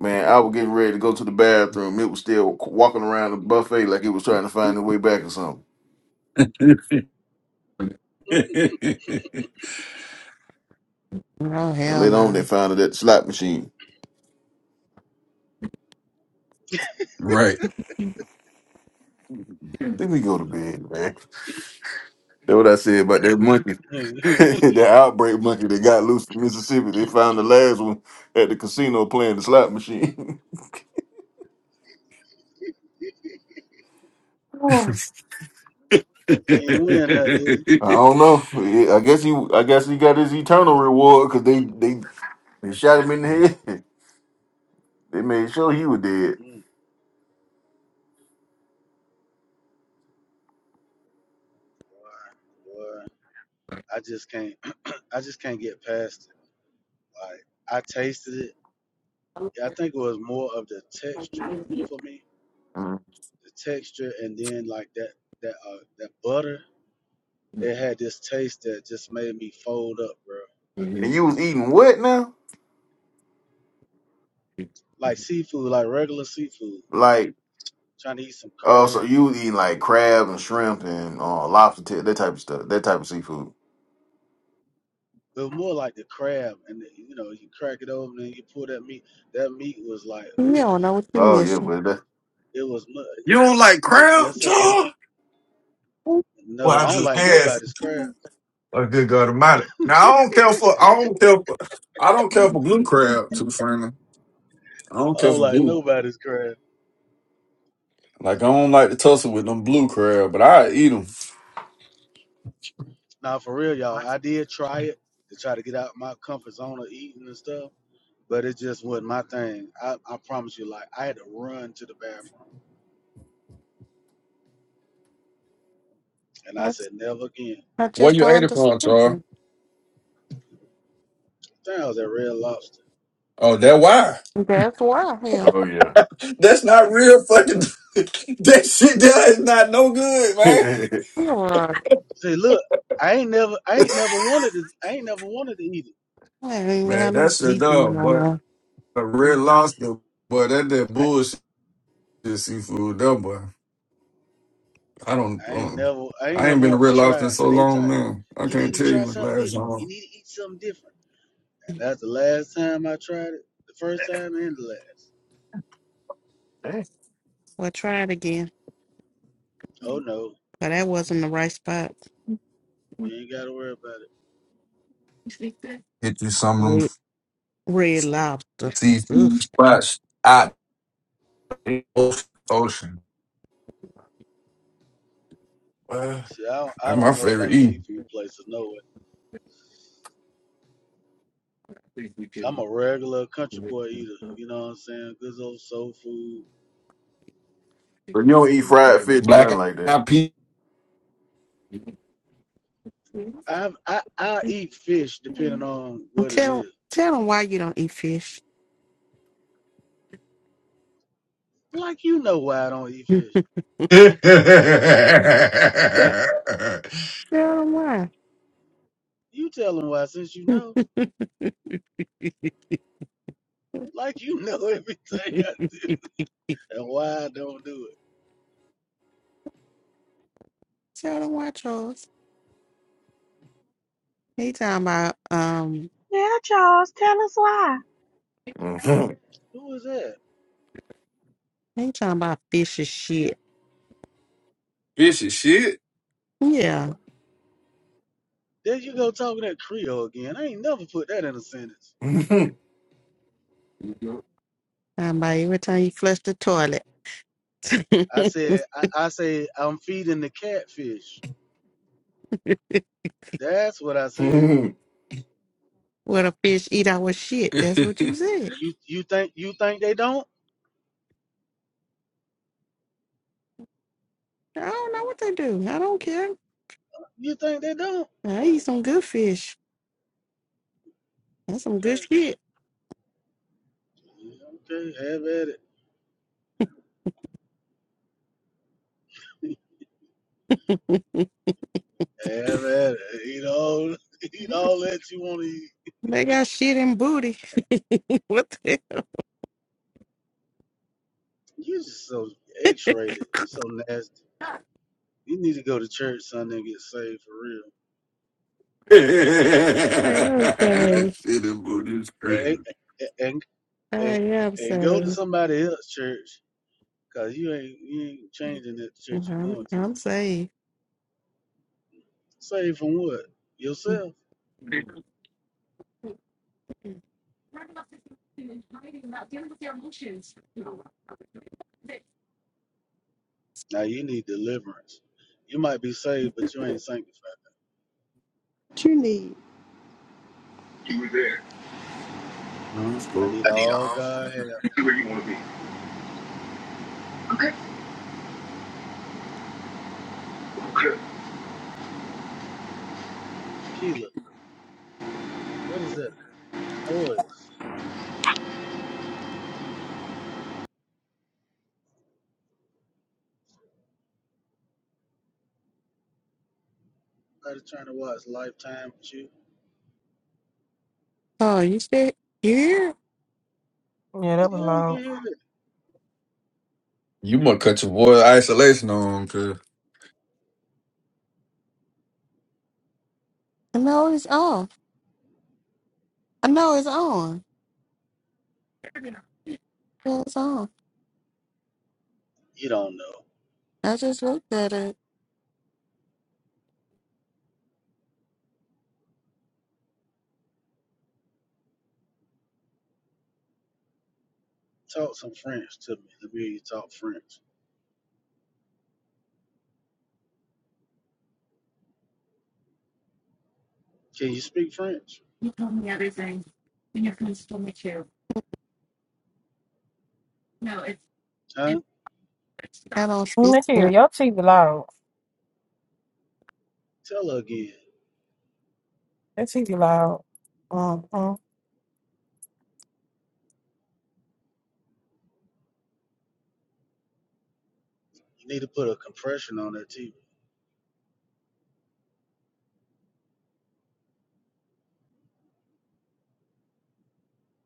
Man, I was getting ready to go to the bathroom. It was still walking around the buffet like it was trying to find its way back or something. no And hell later on, they no. found it at the slot machine. right. Then we go to bed, man. That's what I said about that monkey, that outbreak monkey that got loose from Mississippi. They found the last one at the casino playing the slot machine. Oh. you he ain't win nothing. did I don't know. Yeah, I guess he, I guess he got his eternal reward because they, they, they shot him in the head. They made sure he was dead. he? Mm, boy, I just can't. I just can't get past it. Like I tasted it. I think it was more of the texture for me, Mm-hmm. the texture, and then like that that uh, that butter. It had this taste that just made me fold up, bro. I And couldn't you do was it. eating what now? Like seafood, like regular seafood. Like, trying to eat some crab. oh, so you was eating like crab and shrimp and uh, lobster tail, that type of stuff, that type of seafood. It was more like the crab, and the, you know, you crack it open and you pull that meat. That meat was like, You ooh, don't know what you're Oh yeah, missing. but that. it was. mu- It's, don't like it, crowd, yes, I do. John? Well, No, I I don't just like nobody's had. crab. A good God Almighty. Now I don't care for I don't care for I don't care for blue crab. To be frank, I don't I care don't for like blue. nobody's crab. Like I don't like to tussle with them blue crab, but I eat them. Now, for real, y'all, I did try it to try to get out my comfort zone of eating and stuff, but it just wasn't my thing. I, I promise you, like, I had to run to the bathroom, and I That's, said, never again. I Where just you don't ate it from, understand. Char? Damn, I was at Red Lobster. Oh, that why? That's why hell. Oh yeah. That's not real fucking. that shit there is not no good, man. You're right. See, look, I ain't never, I ain't never wanted to, I ain't never wanted to eat I ain't even Man, have no that shit seasoning dog, on boy. there. A red lobster, boy. That that it. bullshit seafood, that boy. I don't. I, I ain't Um, never, I ain't I ain't never been to wanted red to try lobster in it, so but they tried. long, man. I You need can't to tell try you when the something last different. You time. need to eat something different. And that's the last time I tried it. The first time and the last. Well, try it again. Oh no, But that wasn't the right spot. you ain't got to worry about it. Get you some of them Red, red lobster. Ugh. seafood spots out in the ocean. Uh, See, I don't, I that's my don't know favorite about eat. seafood places, no way. I'm a regular country boy eater. You know what I'm saying? Good old soul food. But you don't eat fried fish or nothing Black like that. eyed peas, I I I eat fish depending on what it Tell is. tell them why you don't eat fish. Like you know why I don't eat fish. fish Mm. tell, tell them why. You tell them why since you know. Like you know everything I do and why I don't do it. tell them why, Charles. He talking about um. Yeah, Charles, tell us why. Who is that? He talking about fish is shit. and shit. Yeah, There you go talking that Creole again. I ain't never put that in a sentence. Mm-hmm. talking about every time you flush the toilet. I said I, I say I'm feeding the catfish. That's what I said. what a fish eat our shit, that's shit, what you said. You you think you think they don't? I don't know what they do. I don't care. You think they don't? I eat some good fish. That's some good Okay. shit. Okay, have at it. Have at it. Eat all, eat all that you want to eat. They got shit and booty. what the You're just so X-rated. You're so nasty. hell? You need to go to church Sunday and get saved for real. I am And go to saved. that booty is and crazy. and I and, am and go to saved. somebody else's church because you ain't you ain't changing that church you're I'm, going to. I'm saved. Saved from what? What Yourself. Now you need deliverance. You might be saved, but you ain't sanctified. you need? No, it's I cool. need all God have. Keela, what is that noise? I was trying to watch Lifetime with you. Oh, you said you here? Yeah, that was Yeah, you loud. can hear it. You must cut your boy isolation on, cause I know it's on. I know it's on. Yeah, It's on. You don't know. I just looked at it. Talk some French to me. Let me hear you talk French. Can you speak French? Huh? I don't Mm, speak. That TV, but your TV loud. Tell her again. That TV loud. Mm-hmm. You need to put a compression on that TV.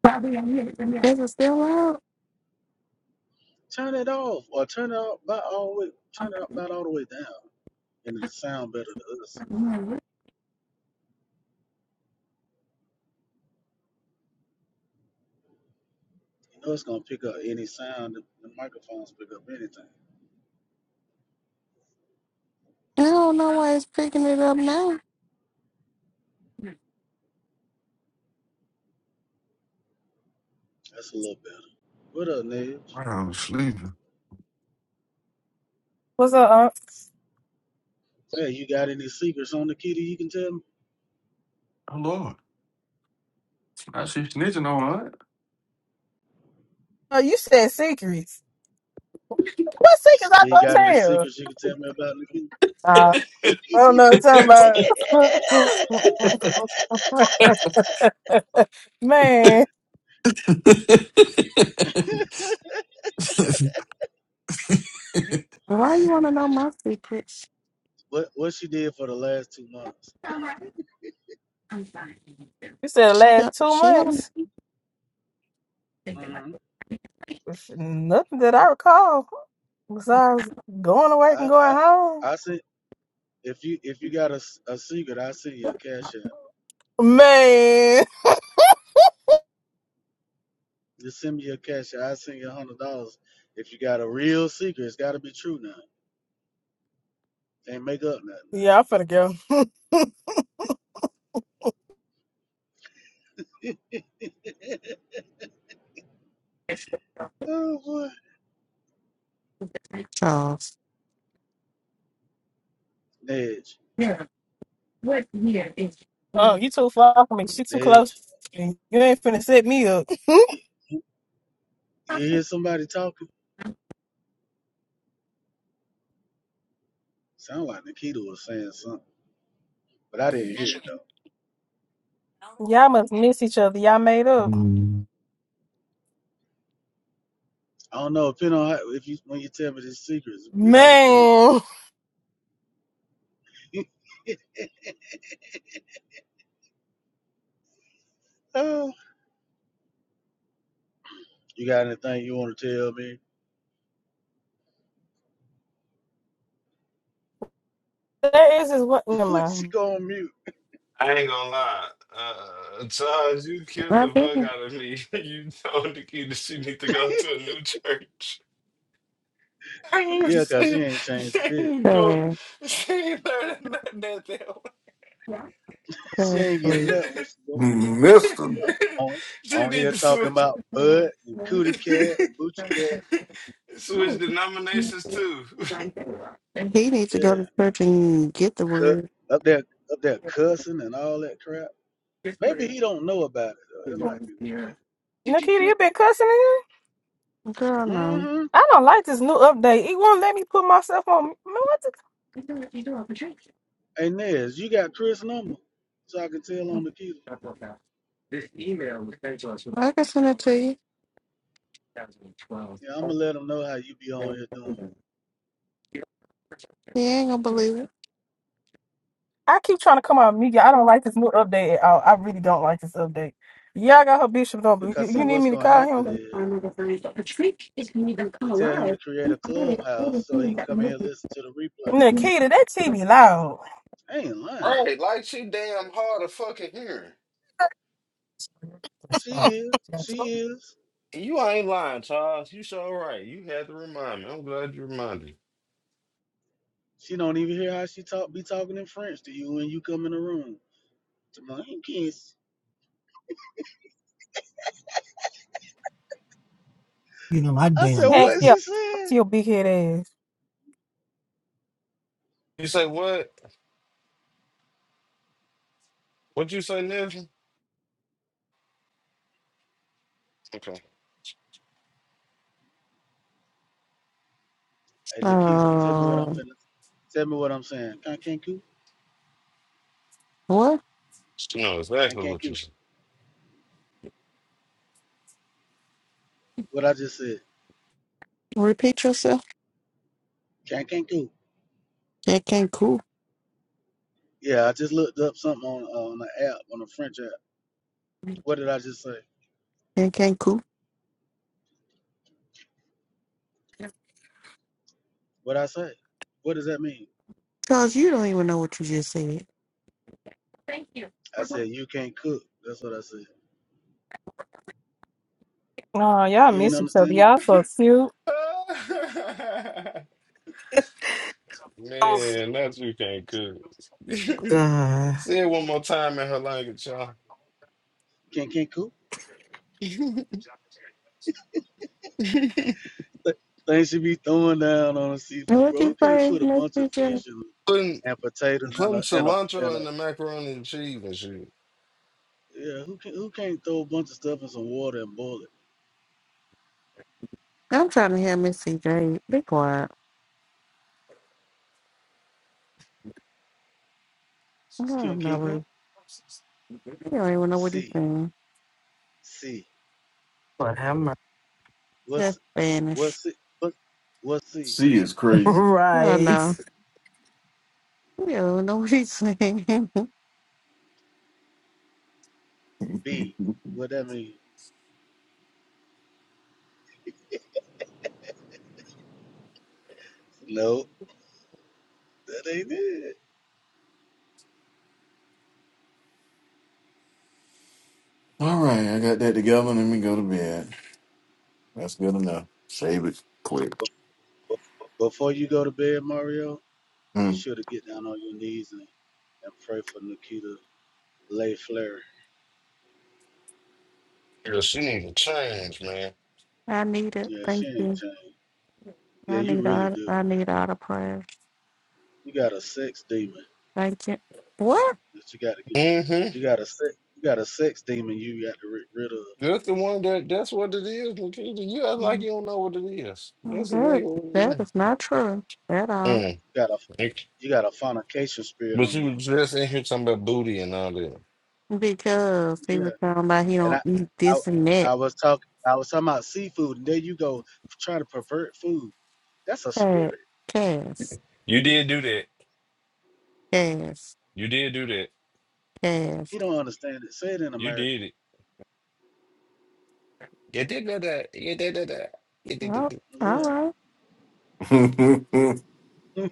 Probably on here. I'm here. Is it still out? Turn it off or turn it up about all the way turn it up about all the way down. And it'll sound better to us. Mhm. You know it's gonna pick up any sound. The the microphones pick up anything. I don't know why it's picking it up now. That's a little better. What up, Nibs? I'm sleeping. What's up? Unc? Hey, you got any secrets on the kitty you can tell me? Oh Lord, I she snitching on her. Oh, you said secrets. What secrets I Yeah, you don't got any tell? secrets you can tell me about Nikita? Uh, I don't know. It's talking about. Man, Why you want to know my secrets? what what she did for the last two months. you said the She last two she don't- months. hmm Nothing that I recall besides going to work and I I going home. I sent if you if you got a, s- a secret, I send you a cash app. Man, Just send me your cash app. I send you a hundred dollars. If you got a real secret, it's got to be true now. Can't make up yeah, I'm finna go. nothing. Now. oh boy, Charles. Nedge, My Oh, you too far from me. She too Nedge, close. to me. You ain't finna set me up. you, you you hear somebody talking? Sound like Nikita was saying something, but I didn't hear it though. Y'all must miss each other. Y'all made up. I don't know. Depending on how, if you when you tell me these secrets, it all depends. Man. oh, you got anything you want to tell me? That is just what. Never What she mind. go on mute? I ain't gonna lie. Uh, Charles, you killed the fuck biggest out of me. You told Nikita she need to go to a new church. I ain't even Yeah, 'cause see. she ain't changed She a bit. ain't doing. fan, She ain't learning nothing. She ain't getting seriously, nothing when she go Mister, on she on need here to talking switch about bud and cootie cat and boochie cat. switch denominations too. he needs to go Yeah, to church and get the cut word. up there up there cussing and all that crap. Maybe he don't know about it. Though. It might be Nikita, you been cussing again? Girl, what. no. Mm-hmm. I don't like this new update. It won't let me put myself on. Man, what the- I Hey Nez, you got Chris number, so I can tell on the key. can send it to you. Yeah, I'ma let him know how you be on here doing. He ain't gonna believe it. I keep trying to come out of media. I don't like this new update at all. I really don't like this update. Y'all got her bishop number. You Because see, you need what's me to gonna call happen him? is to tell him to create a clubhouse so he can come in and listen to the replay. Nikita, that TV loud. I ain't lying. right, like she damn hard of fucking hearing. She is. She is. You ain't lying, Charles. You sure right. You had to remind me. I'm glad you reminded me. She don't even hear how she talk be talking in French to you when you come in the room. Jamaican kiss. You know, my I damn. said, Hey, what yeah. she Talk said? to your big head ass. You say what? What you say, Nelson? Okay. Hey Nikita, tell me what I'm Um, finna tell me what I'm saying. Can can coo? what? She know Can exactly can what you coo. said. What I just said. Repeat yourself? Can can coo. It can't cool. Yeah, I just looked up something on uh, on the app, on the French app. What did I just say? It can't cool. What I say? What does that mean? Charles, you don't even know what you just said. I said you can't cook. That's what I said. Oh, y'all You ain't miss each other. understand that? Y'all so cute. Oh, Man, that's you can't cook. God. Say it one more time in her language, y'all. Can can coo? Th- Things should be throwing down on a And seafood, What bro. You you can't say, put a Miss bunch of CJ? fish and Putting and potatoes and putting a and a and cilantro in a the macaroni and cheese and shit. yeah. Who can who can't throw a bunch of stuff in some water and boil it? I'm trying to hear Miss CJ. Be quiet. No, Can no, Kinko? we- you don't even know what he's C saying. C. But I'm What's That's Spanish. what's it? What what's C she is crazy. Well, right. no, you don't even know what he's saying. B? What that mean? No, that ain't it. All right, I got that together. Let me go to bed. That's good enough. Save it quick. Bef- bef- Before you go to bed, Mario, you Mm. sure to get down on your knees and, and pray for Nikita Lay Flair. Yeah, she need to change, man. I need it. Yeah, she Thank ain't you. changed. Yeah, I you need really all. do. I need all the prayers. You got a sex demon Thank you. What? that you got to get. hmm You got a sex. You got a sex demon you got to get rid of. That's the one that that's what it is, Nikita. You act like Mm, you don't know what it is. That's exactly That what it that is. is not true at all. Mm. You Got a you got a fornication spirit on But you. you was just in here talking about booty and all that. Because he was Yeah. talking about he And don't I, eat I, this and I that. was talking, I was talking about seafood, and there you go trying to pervert food. That's a Cat, spirit. Cass, You did do that. Cass, You did do that. Cass. He don't understand it. Say it in You did American. it. Well, all Yeah. right.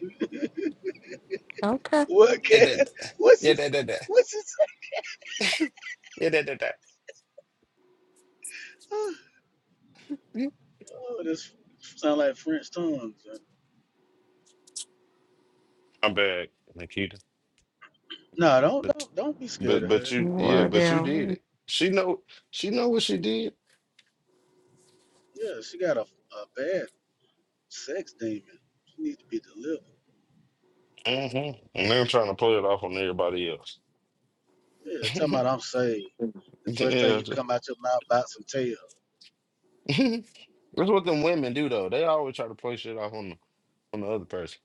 Okay. what Yeah, can? that, What's yeah, his? that, that, that. What's his? yeah, that, that, that. Oh, this sound like French tongues. I'm back, Nikita. No, don't But, don't don't be scared but, of her. but you, yeah, What but you did else? it. She know, she know what she did. Yeah, she got a, a bad sex demon. She needs to be delivered. hmm And they're trying to play it off on everybody else. Yeah, talking about I'm saved. The first thing you come out your mouth about some tail. Yeah. That's what them women do though. They always try to play shit off on the on the other person.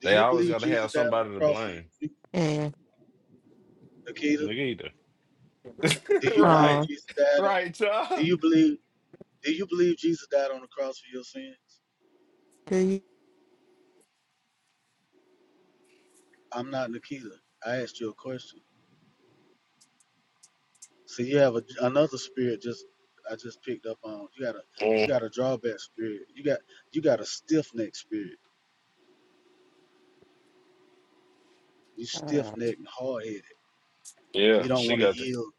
Do They you always believe gotta Jesus have died on somebody the to cross for blame. you, And Nikita? Nigga either. Do you believe right. oh, Jesus died on Right, do y'all. you believe do you believe Jesus died on the cross for your sins? do you? I'm not Nikita. I asked you a question. See you have a, another spirit just I just picked up on. You got a you Mm, got a drawback spirit. You got you got a stiff neck spirit. You stiff Uh, necked and hard headed. yeah, You don't she want to got that yield.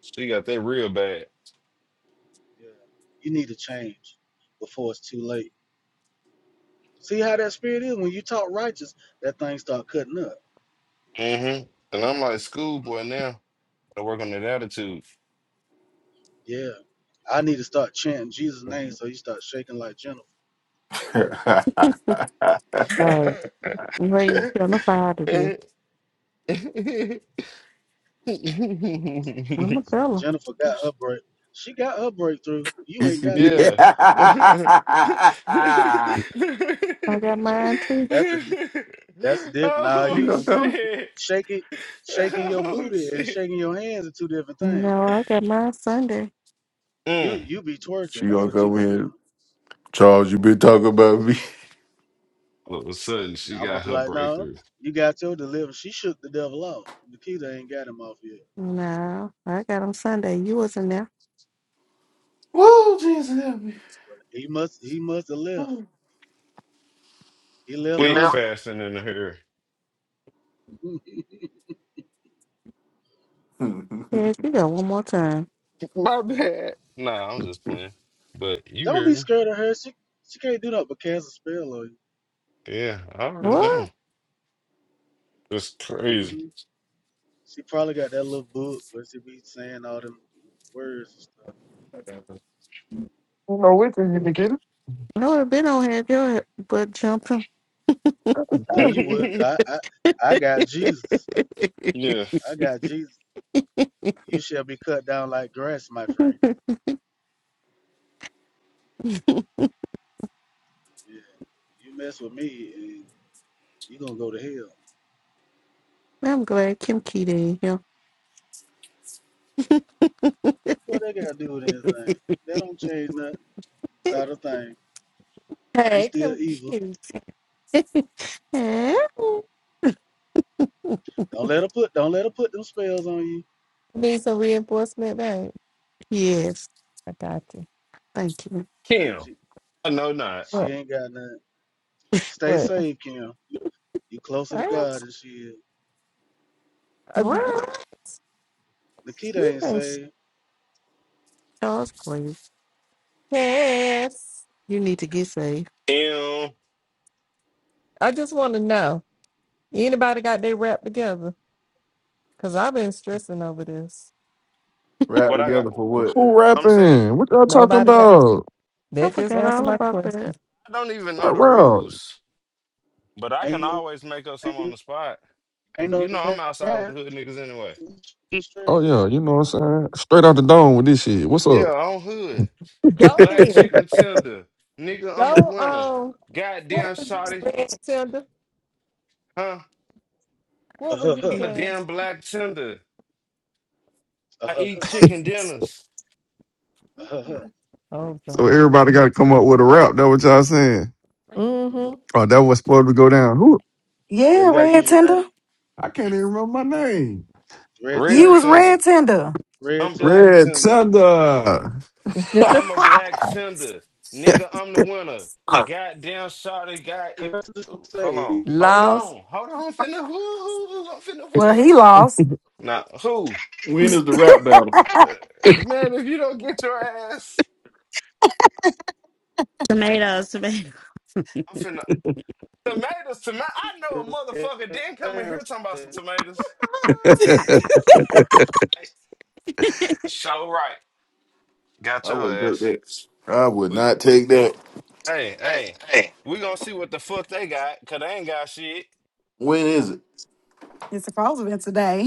she got that real bad. Yeah. You need to change before it's too late. See how that spirit is? When you talk righteous, that thing start cutting up. hmm And I'm like schoolboy now. I work on that attitude. Yeah. I need to start chanting Jesus' name so you start shaking like Jennifer. hey, you ain't gonna find it here. I'm a girl. Jennifer got her break. She got her breakthrough. You ain't got yours. yeah. I got mine too. That's a di- that's a dip. Nah, She you oh gonna come. shit. shaking shaking your oh booty and shit. shaking your hands are two different things. No, I got mine Sunday. You Mm. you be twerking. She That's gonna what you come be doing. in. Charles, you been talking about me. All of a sudden, Now, she I'm gonna got be her like, no, breakthrough. you got your deliverance. She shook the devil off. Nikita ain't got him off yet. No, I got 'em Sunday. You wasn't there. Whoa, Jesus help me. But he must he must have left. He left Yeah. Quick, Monday. fast, and in Yes, you go one more time. My bad. Nah, I'm just playing. But you Don't be heard me. scared of her. She she can't do nothing but cast a spell on Yeah, I already know. What? It's you. crazy. Mm-hmm. She probably got that little book where she be saying all them words and stuff. No, wait till you begin. I would have been on had your butt jumped him. No, you wouldn't. I, I, I got Jesus. Yeah. I got Jesus. You shall be cut down like grass, my friend. Yeah. You mess with me and you gonna go to hell. I'm glad Kim Keat ain't here. What they gotta do with anything? That don't change nothing. Not a thing. You Hey, still come evil. cute. Don't let her put don't let her put them spells on you. Need some reinforcement, babe. yes, I got you. Thank you. Kim. She, I know not. she What? ain't got nothing. Stay What? safe, Kim. You closer to I am, God than she is. uh, What? what? Nikita You ain't can saved. Y'all's crazy. chance. You need to get saved. Kim. I just want to know. Anybody got their rap together? Cause I've been stressing over this. rap What I got together for what? Who I'm saying, rapping? What y'all talking Nobody got. about? I That just forgot answered all my about question. that. I don't even know What the route? rules. But I can Ain't no always make up some ain't on the spot. Ain't 'Cause no You know I'm outside with rap. the hood niggas anyway. Just uh Oh yeah, you know what I'm saying? Straight out the dome with this shit. What's Yeah, up? I'm hood. Go Black then. chicken tender. Nigga, I'm a Go winner. um. What Goddamn were you, shawty, Red Tinder? huh? What were huh, you, I'm a damn Cass? black tender. uh I huh, eat chicken dinners. uh huh. Oh So God. everybody got to come up with a rap. That what y'all saying? Mm-hmm. Oh, that was supposed to go down. Who? Yeah, you Yeah, gotta Red use your name. Tender. I can't even remember my name. Red You Tender, Red was your name. tender. Red Tender. Red I'm black Tender. Red tender. Thunder. I'm a black tender. Nigga, I'm the winner. You Goddamn shawty, god if Cause to Ooh, hold say, on. Hold Lost. on. Hold on. I'm finna who, who, who I'm finna Well, win on he that. lost. Nah, who? When is the rap battle? Uh, man, if you don't get your ass, Tomatoes, tomatoes. I'm finna tomatoes, tomato I know a you can't motherfucker didn't come stand in here talking about some tomatoes. So right. Got I your wouldn't take ass. that. I would We not take that. hey, Hey, hey. hey. We gonna see what the fuck they got, cause they ain't got shit. When is it? It's supposed to be today.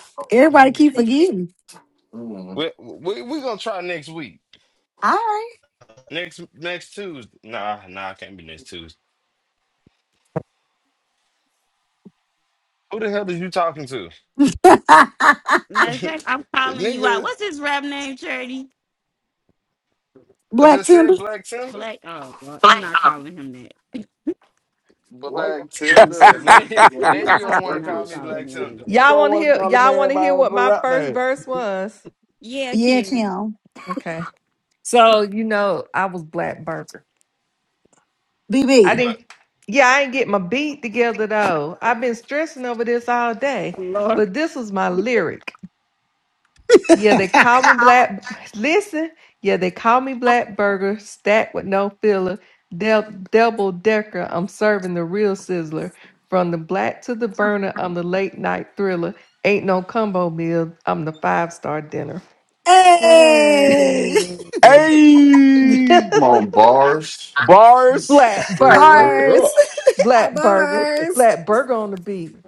Everybody Mhm. keep forgetting. Mm. We, we we gonna try next week. All right. Next next Tuesday. Nah, nah, it can't be next Tuesday. Who the hell is you talking to? Matter of fact, I'm calling you out. Nigga, What's his rap name, Charity? I Black just Tinder. said Black Tinder. Black. Oh, well, I'm Black. not calling him that. Why you Black gotta do Tinder. killing Now, me? you- You gonna now do you it don't I'm wanna right not there, call me son. calling Black him Tinder. that. Y'all don't want to want to hear? call the Y'all man want to by hear his what my rap first name. verse was? Yeah, Yeah, Kim. Kim. Okay. So, you know, I was black burger. I BB. Black. didn't, yeah, I didn't get my beat together though. I've been stressing over this all day, Lord. but this was my lyric. Yeah, they call me How would- black. Listen, yeah, they call me black burger, stacked with no filler, del- double decker. I'm serving the real sizzler. From the black to the burner, I'm the late night thriller. Ain't no combo meal, I'm the five star dinner. hey. Hey. hey, Come on, bars. bars. black burger. Ruh, Bars. Black burger. Bars. Black burger on the beat.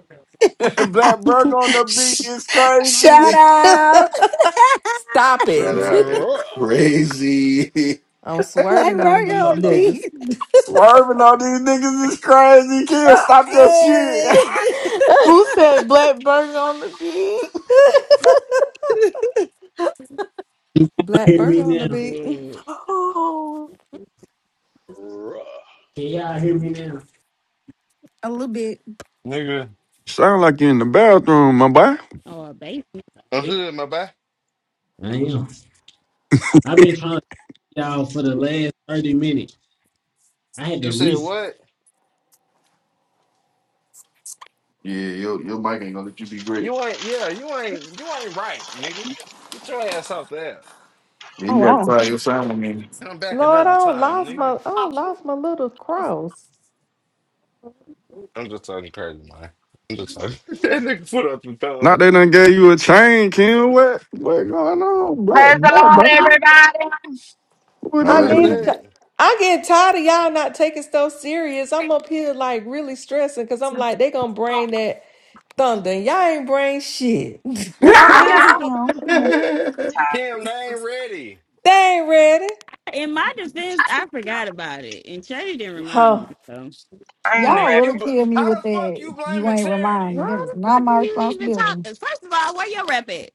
Black Burger on the beat Sh- is Shout crazy. out. Stop Shout it. out is ruh, crazy. I'm Black swerving on Virgo uh-huh, these on the uh-huh, niggas. beat. Swerving on these niggas is crazy. Kill, stop your shit. Hey. who said black burger on the beach? Black Hear burger me on the now. beat. Yeah. Oh, ruh. All Can y'all hear me now? A little bit. Nigga. Sound like you in the bathroom, my boy. Oh, a baby. I I'm am. hood, my boy. I am. I've been trying to get y'all for the last 30 minutes. I had You to said reset. what? yeah, your your mic ain't gonna let you be great. You ain't yeah, you ain't you ain't right, nigga. Get your ass off there. You Oh, gotta wow. try your sound again. Come back Lord, I another don't time, lost my nigga. I don't lost my little cross. I'm just talking crazy, man. I'm just talking. that nigga put up the thumb. Not they done gave you a chain, Kim. What what going on? Black Praise the black Lord, brother? everybody. What Who I was need that? a Hallelujah. ch- that? I get tired of y'all not taking stuff serious. I'm up here like really stressing because I'm like, they gonna bring that thunder. and Y'all ain't bring shit. I got It ain't mine, no Kim. tired of Kim, it. they ain't ready. They ain't ready. In my defense, I forgot about it, and Chuddy didn't remind me. Huh. So I ain't Now Y'all you, really rapping. bl- kill how me with the fuck you that. You blaming ain't remind charity, me. That why is the not fuck are my you even responsibility. talking? First of all, where your rep at?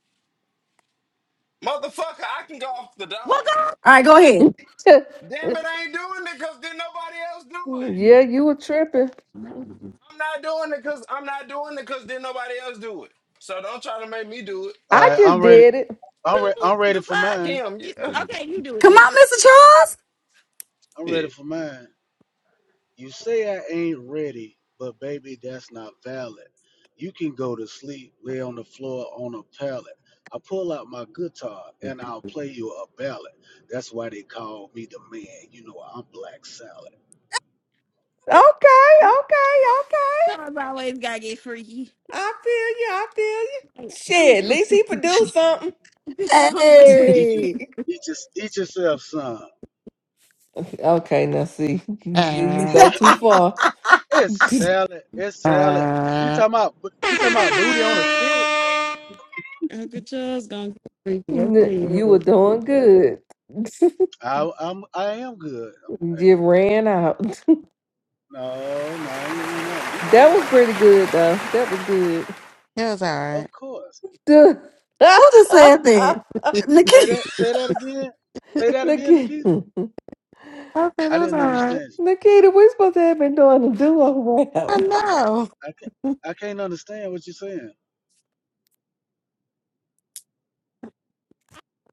motherfucker? I can go off the dome. What go All right, go ahead. yeah, Damn it, I ain't doing it because then nobody else do it. you were tripping. I'm not doing it because I'm not doing it because then nobody else do it. So don't try to make me do it, I right, I'm just ready. did it. I'm ready. to I'm ready the for fuck? mine. Kim. You, You, uh, okay, you do it Come yeah, then. on, Mr. I'm ready yeah. for mine. You say I ain't ready, but baby, that's not valid. You can go to sleep, lay on the floor on a pallet. I pull out my guitar and I'll play you a ballad. That's why they call me the man. You know I'm black salad. Okay, What? okay, what? okay. Sometimes I always gotta get freaky. I feel you. I feel you. Like, I'm Shit, a at least freak. he Charles. produced something. bitch. Sometimes always- Eat your, Hey. eat your, eat yourself some. Okay, now see, you, you uh, go too Who far. It's you salad. It's salad. You uh, talking about you talking about booty on a stick? Uncle Charles gonna get freaky. I tell you were what. doing good. I, I'm I am good. I'm, hey, you ran out. no, no, I ain't run out. You That run was out. pretty good, though. That was good. it was Of all right. course. Duh. just said that? I Say Nikki. that. Say that again. Say that again, Nikita, Nikita. said it I was didn't all right. understand. you. Nikita, we supposed to have been doing a duo rap. I know. I can't. I can't understand what you're saying.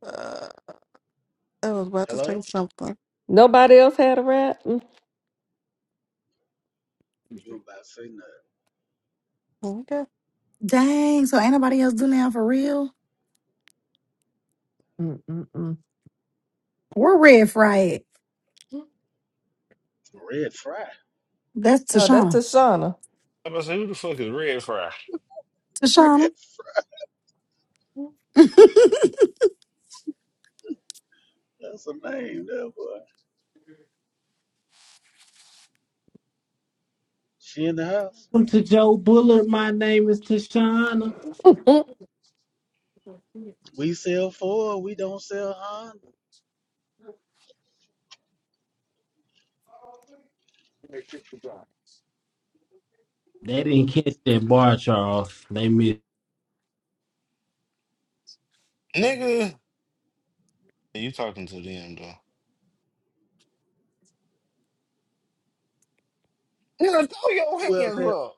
Uh, I was about to Hello? say something. Nobody else had a rap. Mm, You about to say Okay. Dang, so ain't nobody else doing that for real? mm, mm, mm. We're red fried. nothing? Red Fry. That's Oh, that's Tashana. Tashana. I'm about to say who the fuck is Red Fry, Tashana. Red Fry. That's a name, that boy. She in the house. Welcome to Joe Bullard. My name is Tashana. that We sell Ford. We don't sell Honda. They didn't catch that bar, Charles. They missed. nigga? You talking to them though? Nigga, throw your Who else hands had? up.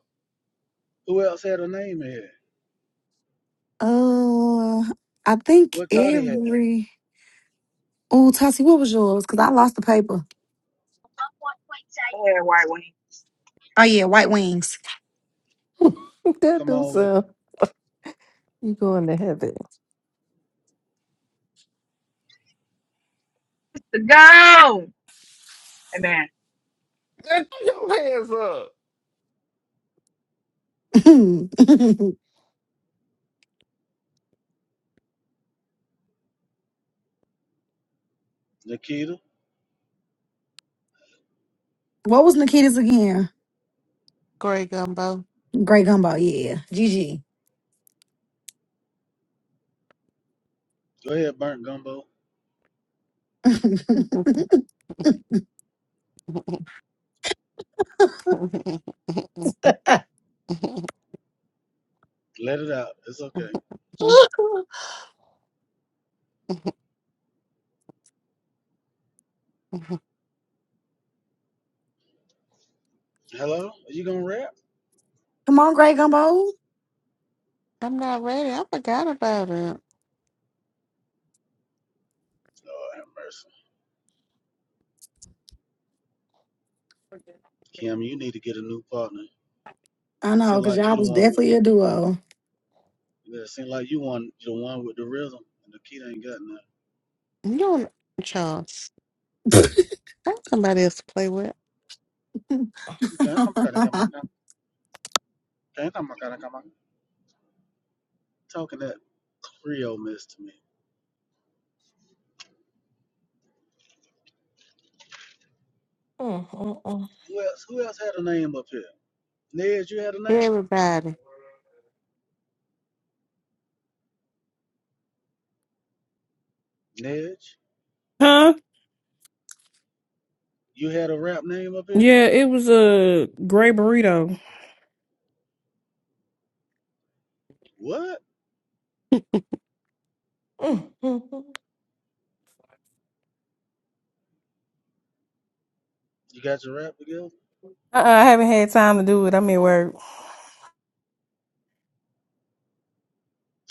Who else had a name in here? Uh I think What Toddy had? every Oh, Tassie, what was yours? Cause I lost the paper. Go ahead, White Wing. Oh yeah, white wings. Come do on with it, sound. You going to heaven. To go. Amen. Nigga, throw your hands up. what Nikita. was Nikita's again? Great gumbo. Grey gumbo, yeah. GG. Go ahead, burnt gumbo. Come Let it out. It's okay. Hello? Are you gonna rap? on, Grey Gumbo. I'm not ready. I forgot about it. Lord have mercy. Kim, you need to get a new partner. I Seem know, because like you y'all the was one with. definitely a duo. It seem like you one. You the one with the rhythm. And Nikita ain't got none. You don't, Charles. That's somebody else to play with. Damn, come back, come back, damn, come back, come back. Talking that Creole mess to me. Mm, mm, mm, Who else? Who else had a name up here? Nedge, you had a name. Everybody. Nedge, Huh? you had a rap name up here. Yeah, it was a gray burrito. What? mm, mm, You got your rap together? Uh-uh, I haven't had time to do it. I'm at work.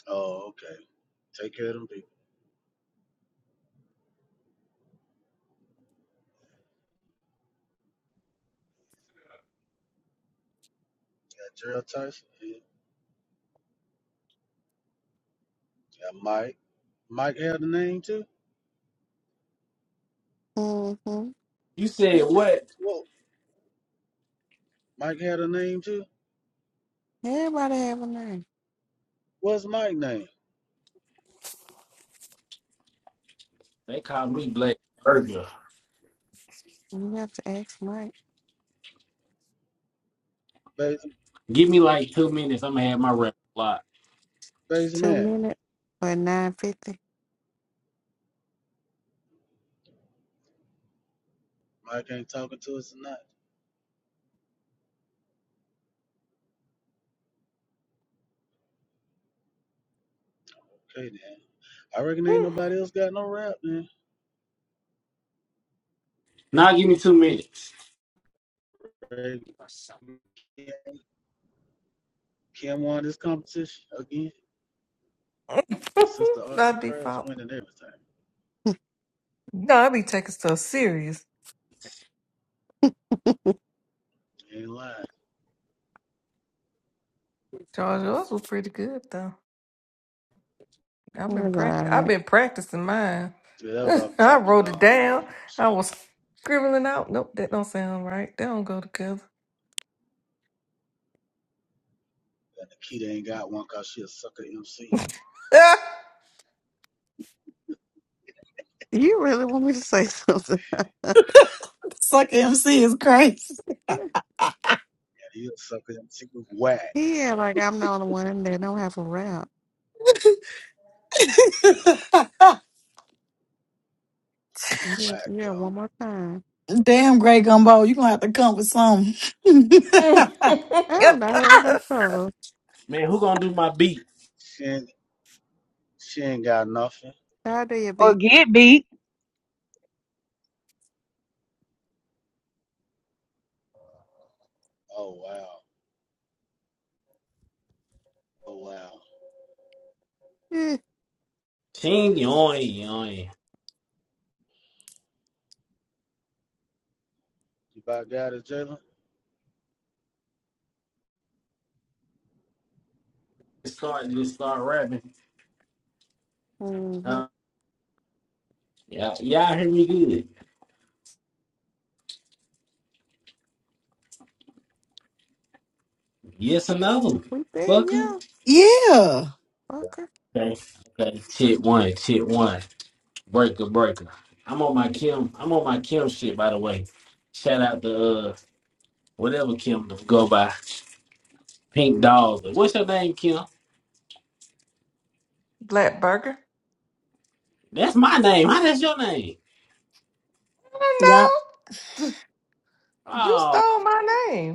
Oh, okay. Take care of them people. Got Gerald Tyson. Yeah. Got Mike. Mike had a name too. Mm-hmm. You said what? Whoa. Mike had a name too. Everybody have a name. What's Mike's name? They called me Black Burger. You have to ask Mike. Bas Give me like two minutes. I'm going to have my rap block. Bas Two man. minutes or nine fifty. Mike ain't talking to us tonight. Okay, then. I reckon ain't mm. nobody else got no rap, man. Now give me two minutes. Ray Kim won this competition again. Sister Arts By and Crafts default. winning everything. No, I be taking stuff serious. Ain't lying. Charles, yours was pretty good though. I've been pract- I've right. been practicing mine. Yeah, that was off the I top of the wrote it dome, yo. You know what down. I'm I saying? was scribbling out. Nope, that don't sound right. They don't go together. Nikita ain't got one cause she a sucker MC. You really want me to say something? Suck MC is crazy. And he a sucker MC with whack. yeah, like I'm the only one that don't have a rap. Yeah, Whack, yeah, yo. one more time. Damn, Grey Gumbo, you going to have to come with something. I don't know what about those. Man, who going to do my beat? She ain't, she ain't got nothing. How do you Or be? get beat. Oh, wow. Oh, wow. Ching, yoing, yoing. You about got it, Jalen? Just start, just start rapping. Mm-hmm. Huh? Y'all, y'all hear me good? Yes or no? We said Fucker. yeah, yeah. fucker. Okay. Okay. Shit one. Shit one. Breaker. Breaker. I'm on my Kim. I'm on my Kim shit. By the way, shout out to uh whatever Kim to go by. Pink Dolls. What's your name, Kim? Black burger. That's my name. How that's your name? Yeah. I don't know. You Oh stole man. my name.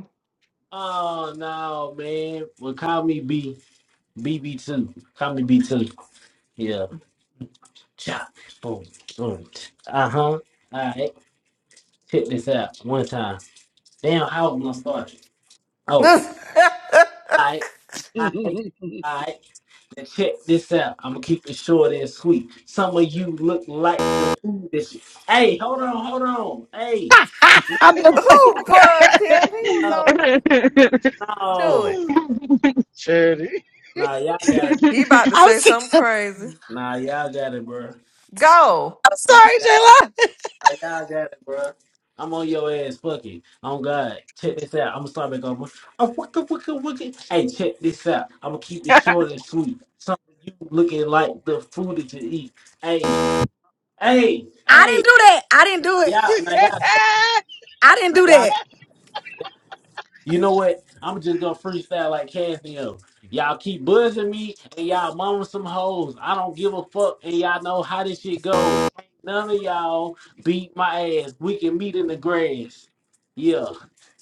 Oh no, man. Well, call me B. B B two. Call me B two. Yeah. Chop. Boom. Boom. Uh huh. All right. Check this out. One time. Damn, how was gonna start? Who Oh. All right. All right. And check this out. I'm gonna keep it short and sweet. Some of you look like the food that you. Hey, hold on, hold on. Hey, no, I'm just like, buzzed him? He was no, on. go Do no. it. Charity. Nah, y'all got it, bro. He about to I'm, say se- something I'm crazy. Nah, y'all got it, bro. Go. Nah, sorry, y'all, J Lo. nah, y'all got it, bro. I'm on your ass, fuck it. Oh God, check this out. I'm gonna start back over. Oh, wicka, wicka, wicka. Hey, check this out. I'm gonna keep it short and sweet. Some of you looking like the food that you eat. Hey, hey, I hey. didn't do that. I didn't Now do it. y'all, now y'all, I didn't do got all that. You know what? I'm just gonna freestyle like Casio. Y'all keep buzzing me and y'all mama some hoes. I don't give a fuck and y'all know how this shit goes. Ain't None of y'all beat my ass. We can meet in the grass. Yeah.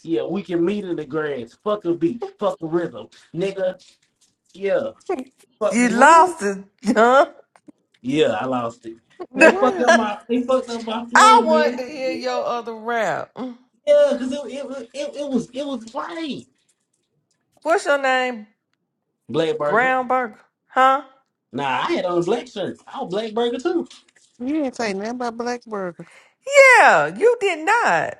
Yeah, we can meet in the grass. Fuck a beat. Fuck a rhythm. Nigga, yeah. Fuck You this shit. What? lost it, huh? Yeah, I lost it. They fucked What? up my they fucked up my I flow, want man. to hear your other rap. Yeah, cause it it, was- it, it was it was right. What's your name? Black burger. Brown Burger. Huh? Nah, I had on black shirts. I was black burger too. You didn't say nothing about Black Burger. Yeah, you did not.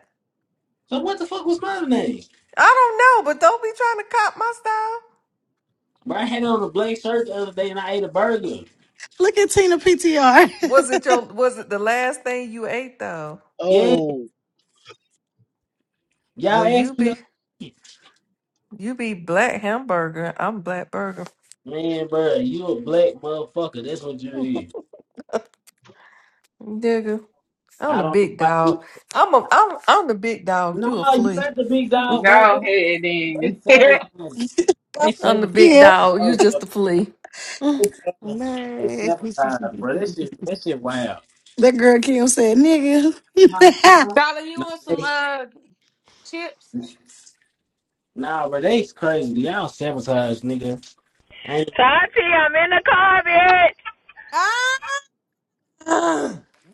So what the fuck was my name? I don't know, but don't be trying to cop my style. Bro, I had on a black shirt the other day and I ate a burger. Look at Tina PTR. Was it Go your was it the last thing you ate though? Yeah, oh, y'all Well you asked me the be other day. you be black hamburger. I'm black burger. Man, bro, you a black motherfucker. That's what you is. Digger. I'm I the don't know big why dog. you. I'm a I'm I'm the big dog. No, You a you flea. not the big dog, bro. They ahead they then. sabotage. They ahead. I'm the big sabotage Yeah. like a dog. You just a motherfucker. flea. They sabotage. They Man. sabotage, bro. That shit. That shit wild. That girl Kim said, nigga. Dollar, you Nah, want some they, uh chips? nah, bro. They's crazy. Y'all sabotage, nigga. I ain't, Tati, I'm in the car, bitch. Ah,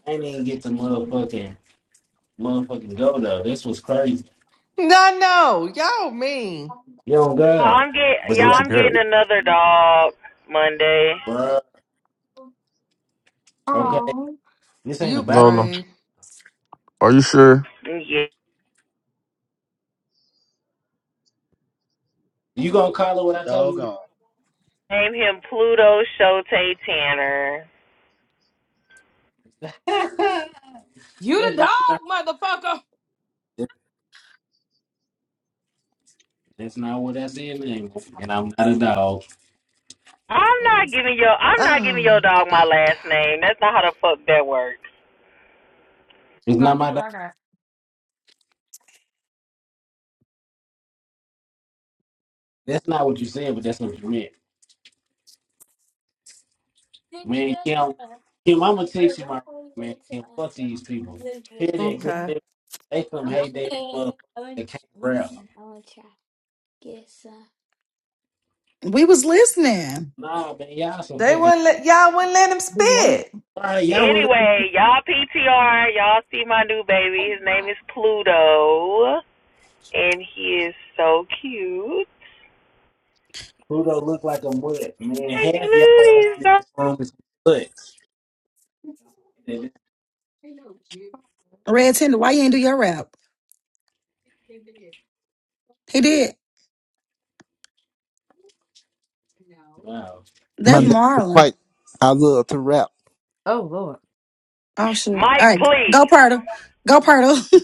I ain't even get to motherfucking, motherfucking go though. This was crazy. No, no, y'all mean. Yo, Oh, God. I'm get But see, y'all. But I, you I'm got getting another dog Monday. bruh, okay, Mm. this ain't You about Lola. brave. Are you sure? Yeah, you gonna call it what a I told you. doggone. name him Pluto Shote Tanner. You the that's dog, not what I. motherfucker. that- That's not what I said, man. And I'm not a dog. I'm not Mm. giving your I'm not giving your I'm the dog my big dog. last name. That's not how the fuck that works. It's not God, look my what dog. I got. That's not what you said, but that's what you meant, man. Kim, Kim, I'ma text you, my man. Kim, fuck these people. Hear that, Chris? Okay. They they some hate that motherfucker Nothing. I that can't rap. Mm. we was listening. Nah, man, y'all some They fucking. wouldn't let y'all wouldn't let him Do you want spit. All right, y'all would let Anyway, y'all PTR, y'all see my new baby. His name is Pluto, and he is so cute. Pluto look like a mutt, man. Like, Half y'all Blue, was in this so- room is mutts. me? Red Tender, why you ain't do your rap? He did. Wow. My That's name Hey, is Marlon. Mike. I love to rap. Oh Lord. Oh shit. All Mike, right. Go please. Purtle. Go Purtle.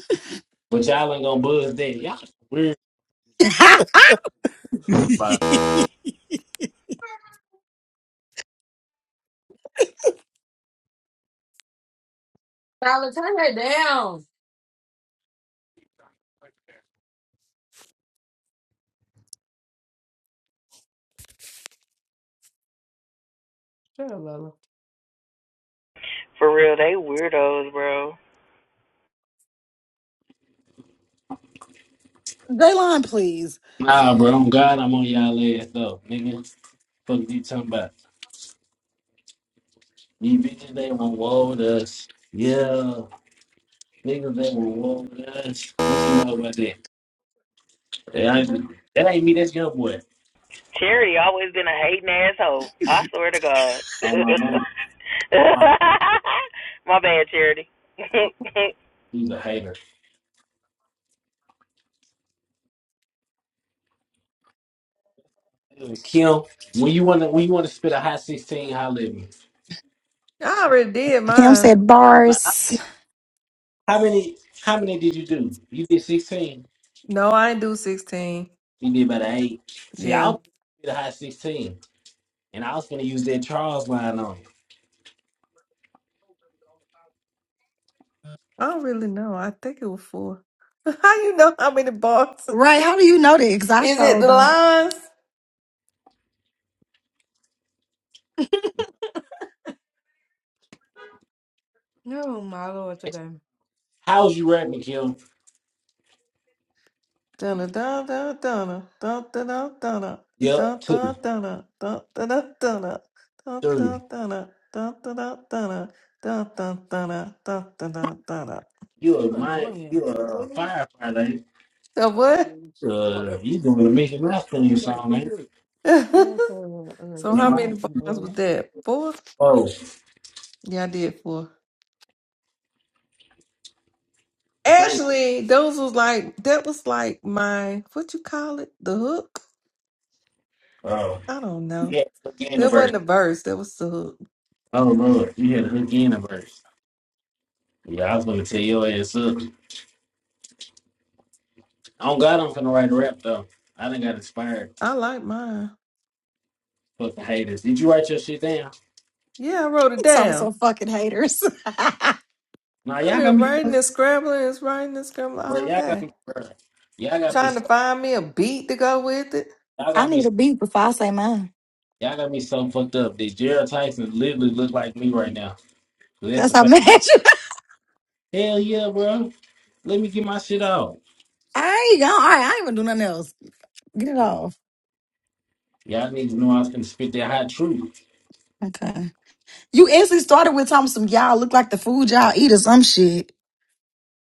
but y'all ain't gonna buzz that. Y'all some weird. This is about it. Tyler, turn that down. Shut up, Lola. For real, they weirdos, bro. Daylon, please. Nah, bro. I'm God. I'm on y'all ass though, nigga. Fuck you talking about? These bitches they want war with us. Yeah, niggas they want war with us. What you know about that? That ain't, that ain't me. That's your boy. Cherry always been a hating asshole. I swear to God. On my money. On my, My bad, Charity. on my, he's a hater. Anyway, Kim, when you wanna when you wanna spit a hot sixteen, holler at me. I already did Kim mine. said Nah, I mean, bars. how many how many did you do? You did sixteen. No, I ain't do sixteen. She did better eight. See, I was Yeah. gonna be the high sixteen, and I was gonna use that Charles line on I don't really know. I think it was four. How you know how many bars? Right, Is how do you know that? Cause I it sure the don't. lines? No, my lord, you. today. How's you rapping, Kim? Donna Donna Donna Donna Donna Donna Yep, Donna two, Donna Donna Donna Donna three. Donna Donna Donna Donna Donna Donna You You a my, you annoying. a Lola, firefighter. ain't I So thought I what? was you? asleep. Oh, Uh, that you doing the damn. Mickey Mouse What theme you like? song, What's ain't it? Oh, so, uh, So this you? is how Am my I? many last one bars earlier. was that? Four? Oh, Yeah, I did four. I think. Actually, those was like that was like my what you call it? The hook? Oh, I don't you know. had the hook in the That verse. wasn't the verse, that was the hook. Oh Lord, you had the hook in the verse. Yeah, I was gonna tell your ass up. On God, I'm gonna write a rap though. I done got inspired. I like mine. Fucking haters. Did you write your shit down? Yeah, I wrote it So I'm down. so fucking haters. I Nah, I've y'all got been me. writing and scrambling and writing and scrambling Bro, all y'all got day. me, bro. Y'all got me, Trying so- to find me a beat to go with it. y'all got me, need a beat before I say mine. y'all got me so fucked up. This Gerald Tyson literally look like me right now. That's That's a how fact. mad you. Hell yeah, bro. Let me get my shit out. I ain't gonna, all right, I ain't even do nothing else. Get it off. Y'all need to know I was gonna spit that hot truth. Okay. You instantly started with talking some y'all look like the food y'all eat or some shit.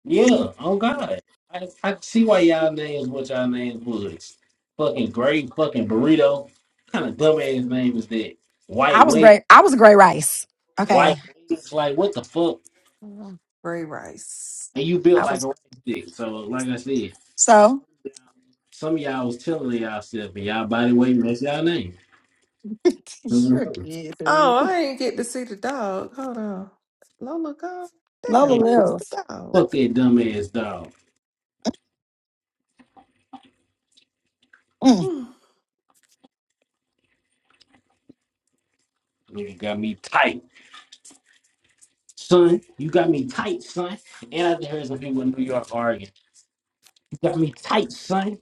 Yeah, oh God. I, I can see why y'all names what y'all names was. Fucking great fucking burrito. kind of dumbass name is that? I White was wing, great. I was a great rice. white Okay. wings. Like what the fuck? Ray Rice. And you built I like was a stick. So like I said, so Some of y'all was telling y'all stuff, and y'all body weight that's y'all name. you're a Mhm. kid, dude. Oh, I ain't get to see the dog. Hold on. Lola gone? Lola Damn, Man, I fuck missed the lives. dog. fuck that dumbass dog. Mm. Hmm. Nigga got me tight, son. You got me tight, son. And I just heard some people in New York arguing. You got me tight, son.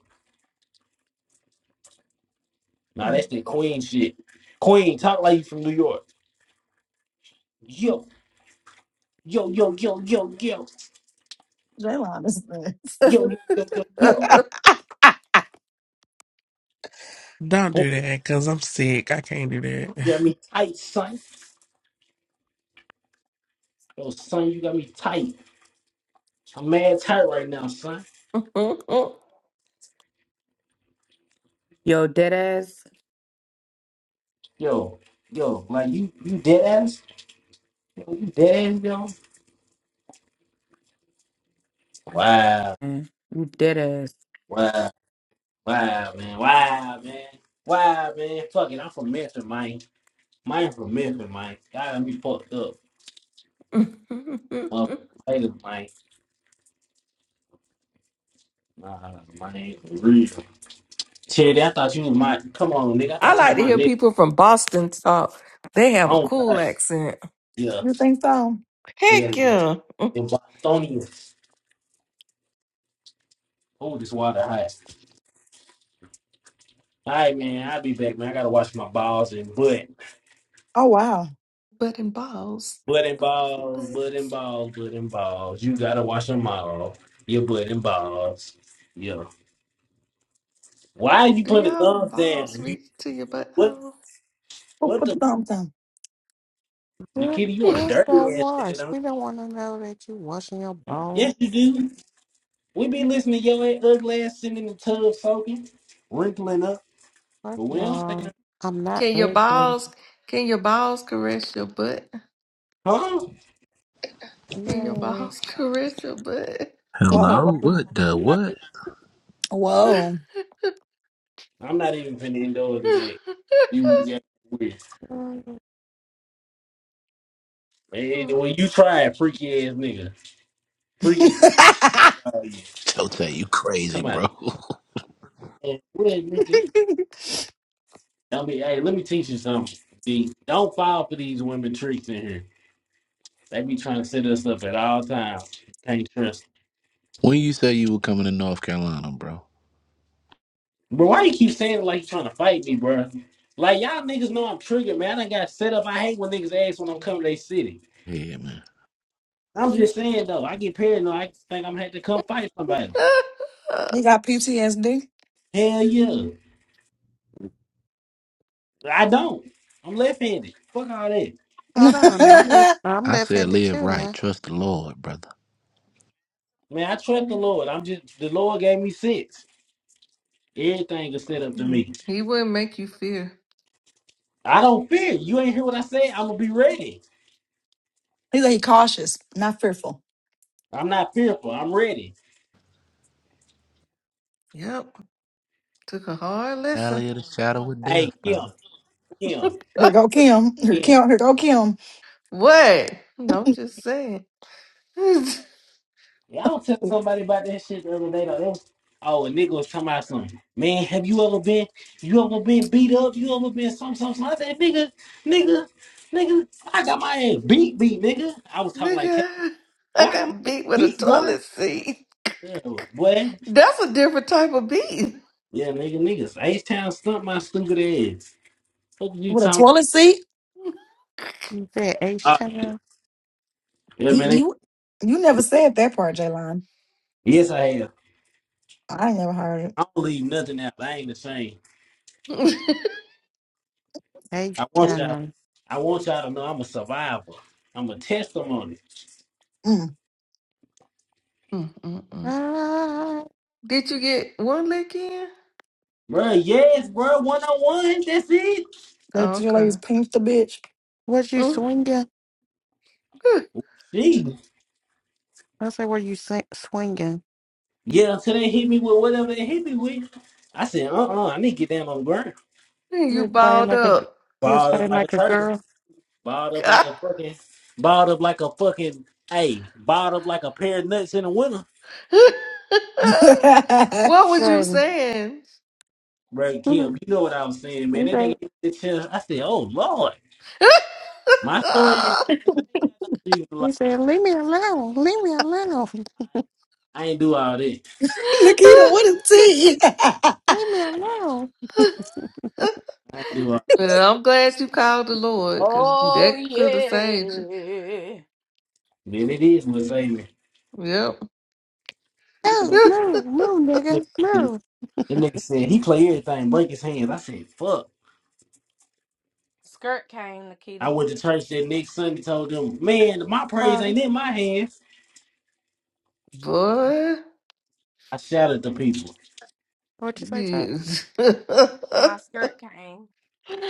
Nah, Hmm. that's that queen shit. Queen, talk like you from New York. Yo, yo, yo, yo, yo, yo, Jaylon is next. yo, yo, yo, yo, yo. Don't Boy, do that, cause I'm sick. I can't do that. you got me tight, son. Yo, son, you got me tight. I'm mad tight right now, son. Yo, dead ass. Yo, yo, like you, you dead ass, yo, you dead ass, yo. Wow, Mm, You dead ass. wow, wow, man, wow, man, wow, man. Fuck it, I'm from Memphis, man. Mine from Memphis, man. God, let me fucked up, motherfucker. Later, man. Nah, man, for real. Shit, I thought you was my. Come on, nigga, I I thought you was like to my hear nigga. people from Boston talk. They have a Oh cool God, accent. yeah, you think so? yeah, Heck yeah. yeah. But In Bostonians. Oh, this water hot. All right, man, I'll be back, man. I gotta wash my balls and butt. Oh wow. and balls. Blood and Balls and balls, blood and butts. balls, blood and balls. You gotta wash them all. Your blood and balls. Yeah. Why you Do put the y'all thumbs balls down? You reach to your what? butthole? Who What put the? the thumbs down? But Nikita, you want a just go dirty ass nigga? wash. Don't? We don't want to know that you washing your You? balls. Yes, you do. We be listening to your ass ugly ass sitting in the tub soaking, wrinkling up, but First of we don't say all, that. I'm not Can your ugly. balls can your balls caress your butt? Huh? Can your Man. balls caress your butt? I Whoa. don't, Hello? What the know. what? Whoa. I'm not even finna endorse today. You got weird. And when you try it, freaky ass nigga, he freaky. nigga. Chote, you crazy, Come on. bro. What, nigga? Tell me, hey, let me teach you something. D. Don't fall for these women tricks in here. They be trying to set us up at all times. Can't trust. when you say you were coming to North Carolina, bro? Bro, why you keep saying it like you trying to fight me, bro? Like y'all niggas know I'm triggered, man. I done got set up. I hate when niggas ask when I'm coming to their city. Yeah, man. I'm just saying though, I get paranoid. I think I'm gonna have to come fight somebody. got PTSD. Hell yeah. I don't. I'm left handed. Fuck all that. Hold on. I'm left, I'm I said left-handed live too right. now. Trust the Lord, brother. Man, I trust the Lord. I'm just the Lord gave me sense. Everything is set up to me. he wouldn't make you fear. I don't fear. You ain't hear what I said. I'm gonna be ready. He's like he cautious, not fearful. I'm not fearful. I'm ready. Yep. Took a hard lesson. Valley of the shadow of Hey, death, Kim, brother. Kim, Here go Kim. Here Kim. Kim. Here go Kim. What? No, I'm just saying. Nigga, Yeah, I was telling somebody about that shit the other day though. They was- oh, a nigga was talking about something. Man, have you ever been you ever been beat up? You ever been some some some I said, nigga, nigga, nigga, I got my ass beat, beat, nigga. I was talking like "K- boy, I I got my got ass beat with a beat, boy. toilet seat. Yeah, boy. That's a different type of beat. Yeah, nigga, niggas. H Town stumped my stupid ass. What you With a talking toilet seat. You said about? Oh H-Town. yeah. Yeah, He man. you you never said that part, Jaylon. they- yes I have. I ain't never heard it. I don't leave nothing out. I ain't ashamed. Hey, I want y'all. Shannon. I want y'all to know I'm a survivor. I'm a testimony, Mm. Mm, mm, mm. Ah, Did you get one lick in? bro. Yes, bro. One on one. That's it. That Oh, Jillian's okay. pinked the bitch. was you Mm. swinging? Gee. I say, were you sing- swinging? Yeah. Until they hit me with whatever they hit me with, I said, uh, uh I need to get down on the ground. Then You You was playing balled like a, g- up. you was Balled up playing like a like a turtle. girl. Balled up like God. a fucking. Balled up like a fucking. Hey, balled up like a pair of nuts in the winter. what was you Right. saying? Bro, Kim, Mhm. you know what I was saying, man. He That nigga said, hit the chest. I said, oh lord, my story ain't changed. I ain't got no reason to lie. he said, leave me alone. Leave me alone. I ain't do all that. Nikita, what Leave, is tea? leave me alone. I ain't do all. well, I'm glad you called the Lord because Oh that could have saved you. yeah. Man, it is my baby. Yep. Move, move, move, That nigga. Move. nigga said he play everything, break his hands. I said, fuck. Skirt came, I Nikita. went to church that next Sunday, told them, man, my praise ain't Hi. in my hands. Boy. I shouted to people. What'd you say, Todd? Yes. My skirt came.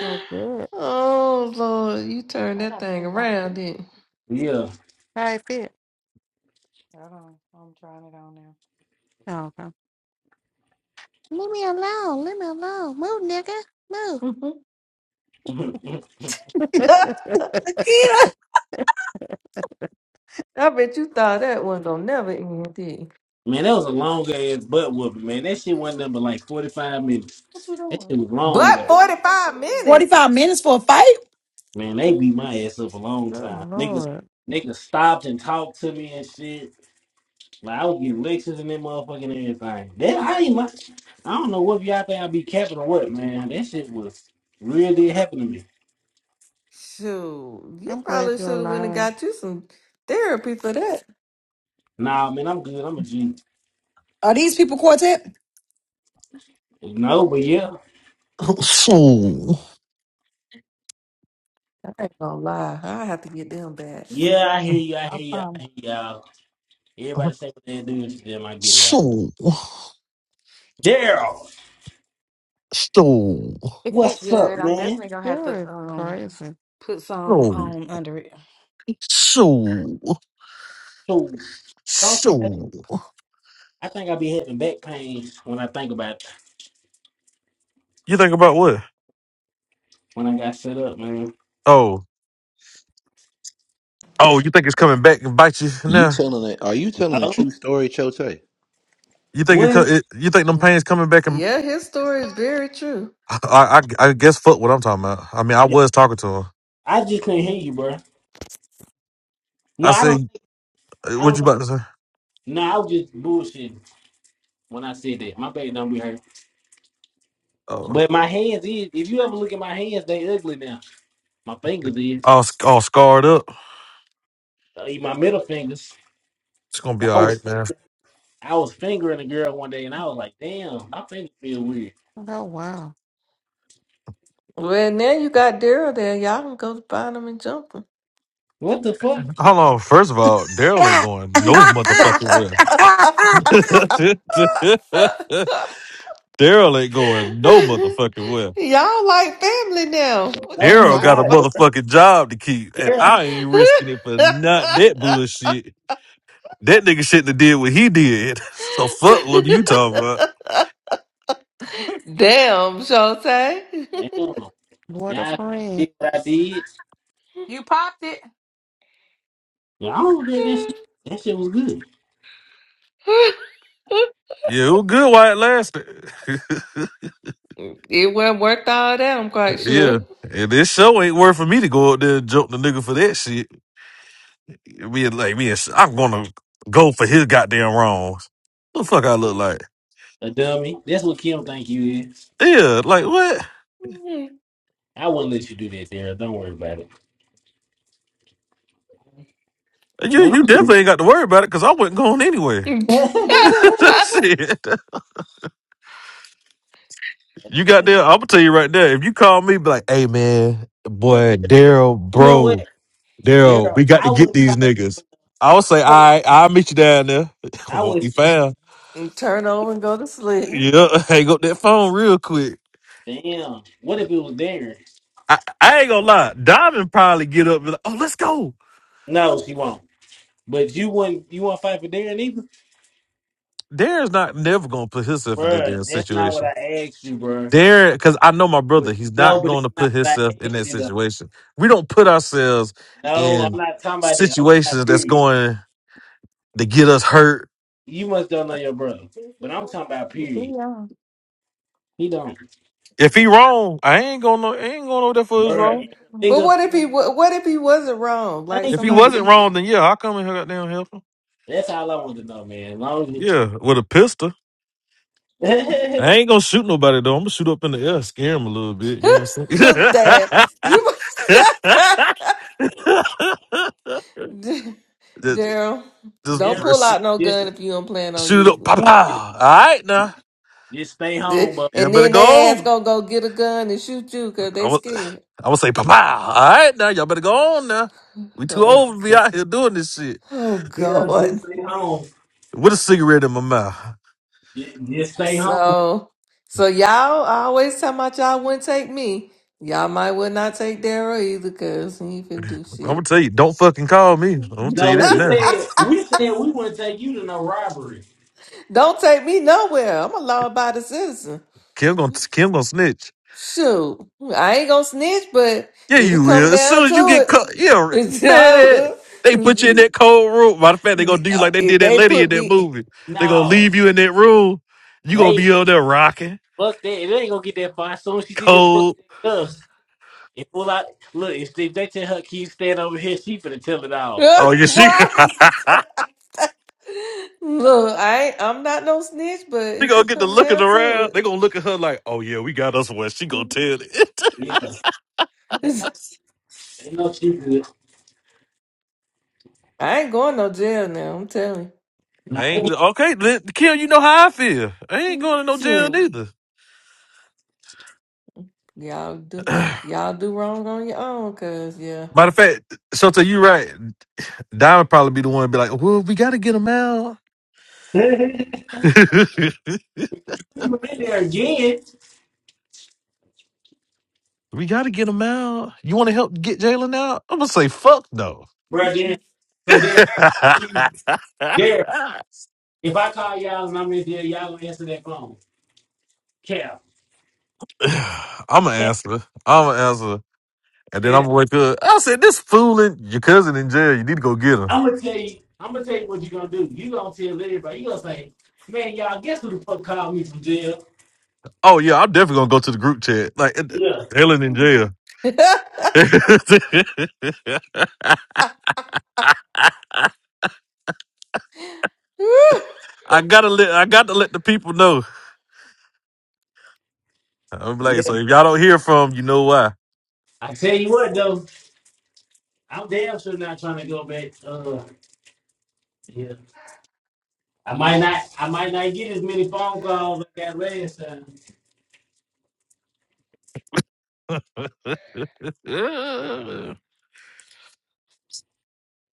Oh, good. oh, Lord. You turned I that gotta thing see about this. around, didn't you? Yeah. How it fit? Hold on. I'm trying it on now. Oh, okay. Leave me alone. Leave me alone. Move, nigga. Move. man, Nikita, I bet you thought that one don't never end, did that was a long ass butt whooping, man. That shit wasn't you? number like 45 minutes. What That you shit was long But though. 45 doing? minutes? 45 minutes for a fight? Man, they beat my ass up a long time. Good Niggas Lord. niggas stopped and talked to me and shit. Like, I would get Lexus and that motherfucking everything. That I ain't my, I don't know what y'all think I be capping or what, man. That shit was real did happen to me. Shoot, you I'm glad probably you're should have went and alive. got you some therapy for that. Nah, man, I'm good. I'm a G. Are these people quartet? No, but yeah. So, I ain't gonna lie, I have to get them back. Yeah, I hear you, I I hear you, I found. hear y'all. so, Everybody say what they do to them, I get it. so, Daryl! so, It fit What's up, good. I'm man? definitely gonna have Sure to is um crazy. put some on under it. so, So sometimes so. I think I be having back pains when I think about it, You think about what? when I got set up, man. Oh, oh, you think it's coming back and bite you You now? telling it? Are you telling a Oh, true story, Chote? Need You think it, co- what? it you think them Mm. pains coming back and Yeah, his story is very true. I, I I guess fuck what I'm talking about. I mean, I Yeah, was talking to him. I just couldn't hear you, bro. No, I I don't say, I "What don't you think about to say?" no, I was just bullshitting. when I said that. My back don't be hurt. Oh. But my hands is, if you ever look at my hands, they ugly now. My The- fingers is, All, sc- all scarred up. uh, my middle fingers. It's gonna be I all was right, man. I was fingering a girl one day and I was like, damn, my fingers feel weird. Oh wow. Well, now you got Daryl there. Y'all can go find him and jump him. What the fuck? Hold on. First of all, Daryl ain't going no motherfucking well. Daryl ain't going no motherfucking well. Y'all like family now. What you No, we Daryl talking got a not, bro. about? motherfucking job to keep, and Yeah. I ain't risking it for not that bullshit. That nigga shouldn't have did what he did. So fuck what you talking about. Damn, Shotay. Damn. What a Now I finna friend. did what I did. You popped it. Yeah, I don't regret that shit. That shit was good. It Yeah, it was good while it lasted. would not worked all that, I'm quite yeah, sure. and this show ain't worth for me to go up there and jump the nigga for that shit. We like we. I'm gonna go for his goddamn wrongs. What the fuck I look like? A dummy. That's what Kim think you is. Yeah, like what? I wouldn't let you do that, Daryl. Don't worry about it. You Man, you I'm- good. definitely ain't got to worry about it because I wasn't going anywhere. Shit, Hey, you got man. there. I'm gonna tell you right there. If you call me, be like, hey man, Bro, Daryl, boy, Daryl, you know what? bro, There, Daryl, we got I to get wouldn't these call you. niggas. I would say, I all would. right, I'll meet you down there. I would Won't be expect. found. Turn over and go to sleep. Yeah, hang up that phone real quick. Damn. What if it was Darren? I, I ain't gonna lie. Diamond probably get up and be like, oh, let's go. No, she won't. But you wouldn't. You won't fight for Darren either, Darren's not never gonna put himself in that Bruh, damn That's not what situation. I asked you, bruh. Darren, because I know my But, brother, he's no, not but it's gonna put not what I himself in asked that you though. situation. We don't put ourselves No, I'm in not talking about that. I'm talking about situations that's period. going to get us hurt. You must don't know your brother, but I'm talking about period. He don't, If he wrong, I ain't gonna I ain't going over there for his Bruh, wrong. If a But nigga, what if he wa- what if he wasn't wrong? Like thank If he somebody you. wasn't just wrong, then yeah, I'll come and help down help him. That's all I want to know, man. As long as you, Yeah, with a pistol. I ain't gonna shoot nobody though. I'm gonna shoot up in the air, scare him a little bit. You know what Damn. I'm You saying? D- just, Daryl, don't yeah, pull just out no just, gun if you don't plan on shoot just, up, using pow it. just, pow. All right now, just stay The- home, y'all And better then they go ass on. gonna go get a gun and shoot you because I they would, scared. I would say pow pow. All right now, y'all better go on now. We too Hey, Oh old to be god. out here doing this shit Oh girl, god. just stay home. with a cigarette in my mouth. J- Just stay home. So, so y'all I always tell my y'all wouldn't take me. Y'all might would not take Daryl either, cause he ain't finna do I'm gonna shit. tell you, don't fucking call me. I'm gonna tell you No, that we now. said we said we want to take you to no robbery. Don't take me nowhere. I'm a law-abiding citizen. Kim gonna Kim gonna snitch. Shoot, I ain't gonna snitch, but Yeah, if you it come will. As down soon as you get to it, caught, yeah, it's y'all. man. They put you in would- that cold room. Matter of fact, they gonna do you like they If did that they lady in put that me movie. They gonna No, leave you in that room. You gonna they be up there rocking, fuck that. They ain't gonna get that far. As soon as she see them pull out cold. their cuffs and pull out, look, if they, they tell her kids stand over here, she finna tell it all. Oh, yeah, she. right, look, I ain't, I'm not no snitch, but She if gonna it get to come looking down around. They to gonna look at her like, oh yeah, we got us one. She gonna tell it. Yeah, they it, know, they know she good. I ain't going no jail now. I'm telling you. Nah, I I ain't get- okay, li- Kim. You know how I feel. I ain't going to no jail So neither. y'all do Matter y'all do wrong on your own, cause yeah. of fact, Shota, you right. Diamond probably be the one to be like, well, we gotta get him out. we were in there again, we gotta get him out. You want to help get Jalen out? I'm gonna say fuck no. bro. Then, so there, there. If I call y'all and I'm in there, y'all gonna answer that phone. Cap, I'm an cap, answer. I'm an answer. And then I'm cap. gonna wake up. I said, this fooling your cousin in jail. You need to go get him. I'm gonna tell you. I'm gonna tell you what you're gonna do. You gonna tell everybody. You gonna say, "Man, y'all, guess who the fuck called me from jail?" Oh yeah, I'm definitely gonna go to the group chat. Like it- Yeah, Helen in mm, jail. I gotta let I gotta let the people know. I'm like, so yeah. if y'all don't hear from, you know why. I tell you what though, I'm damn sure not trying to go back. Uh, yeah. I might not. I might not get as many phone calls I got last time.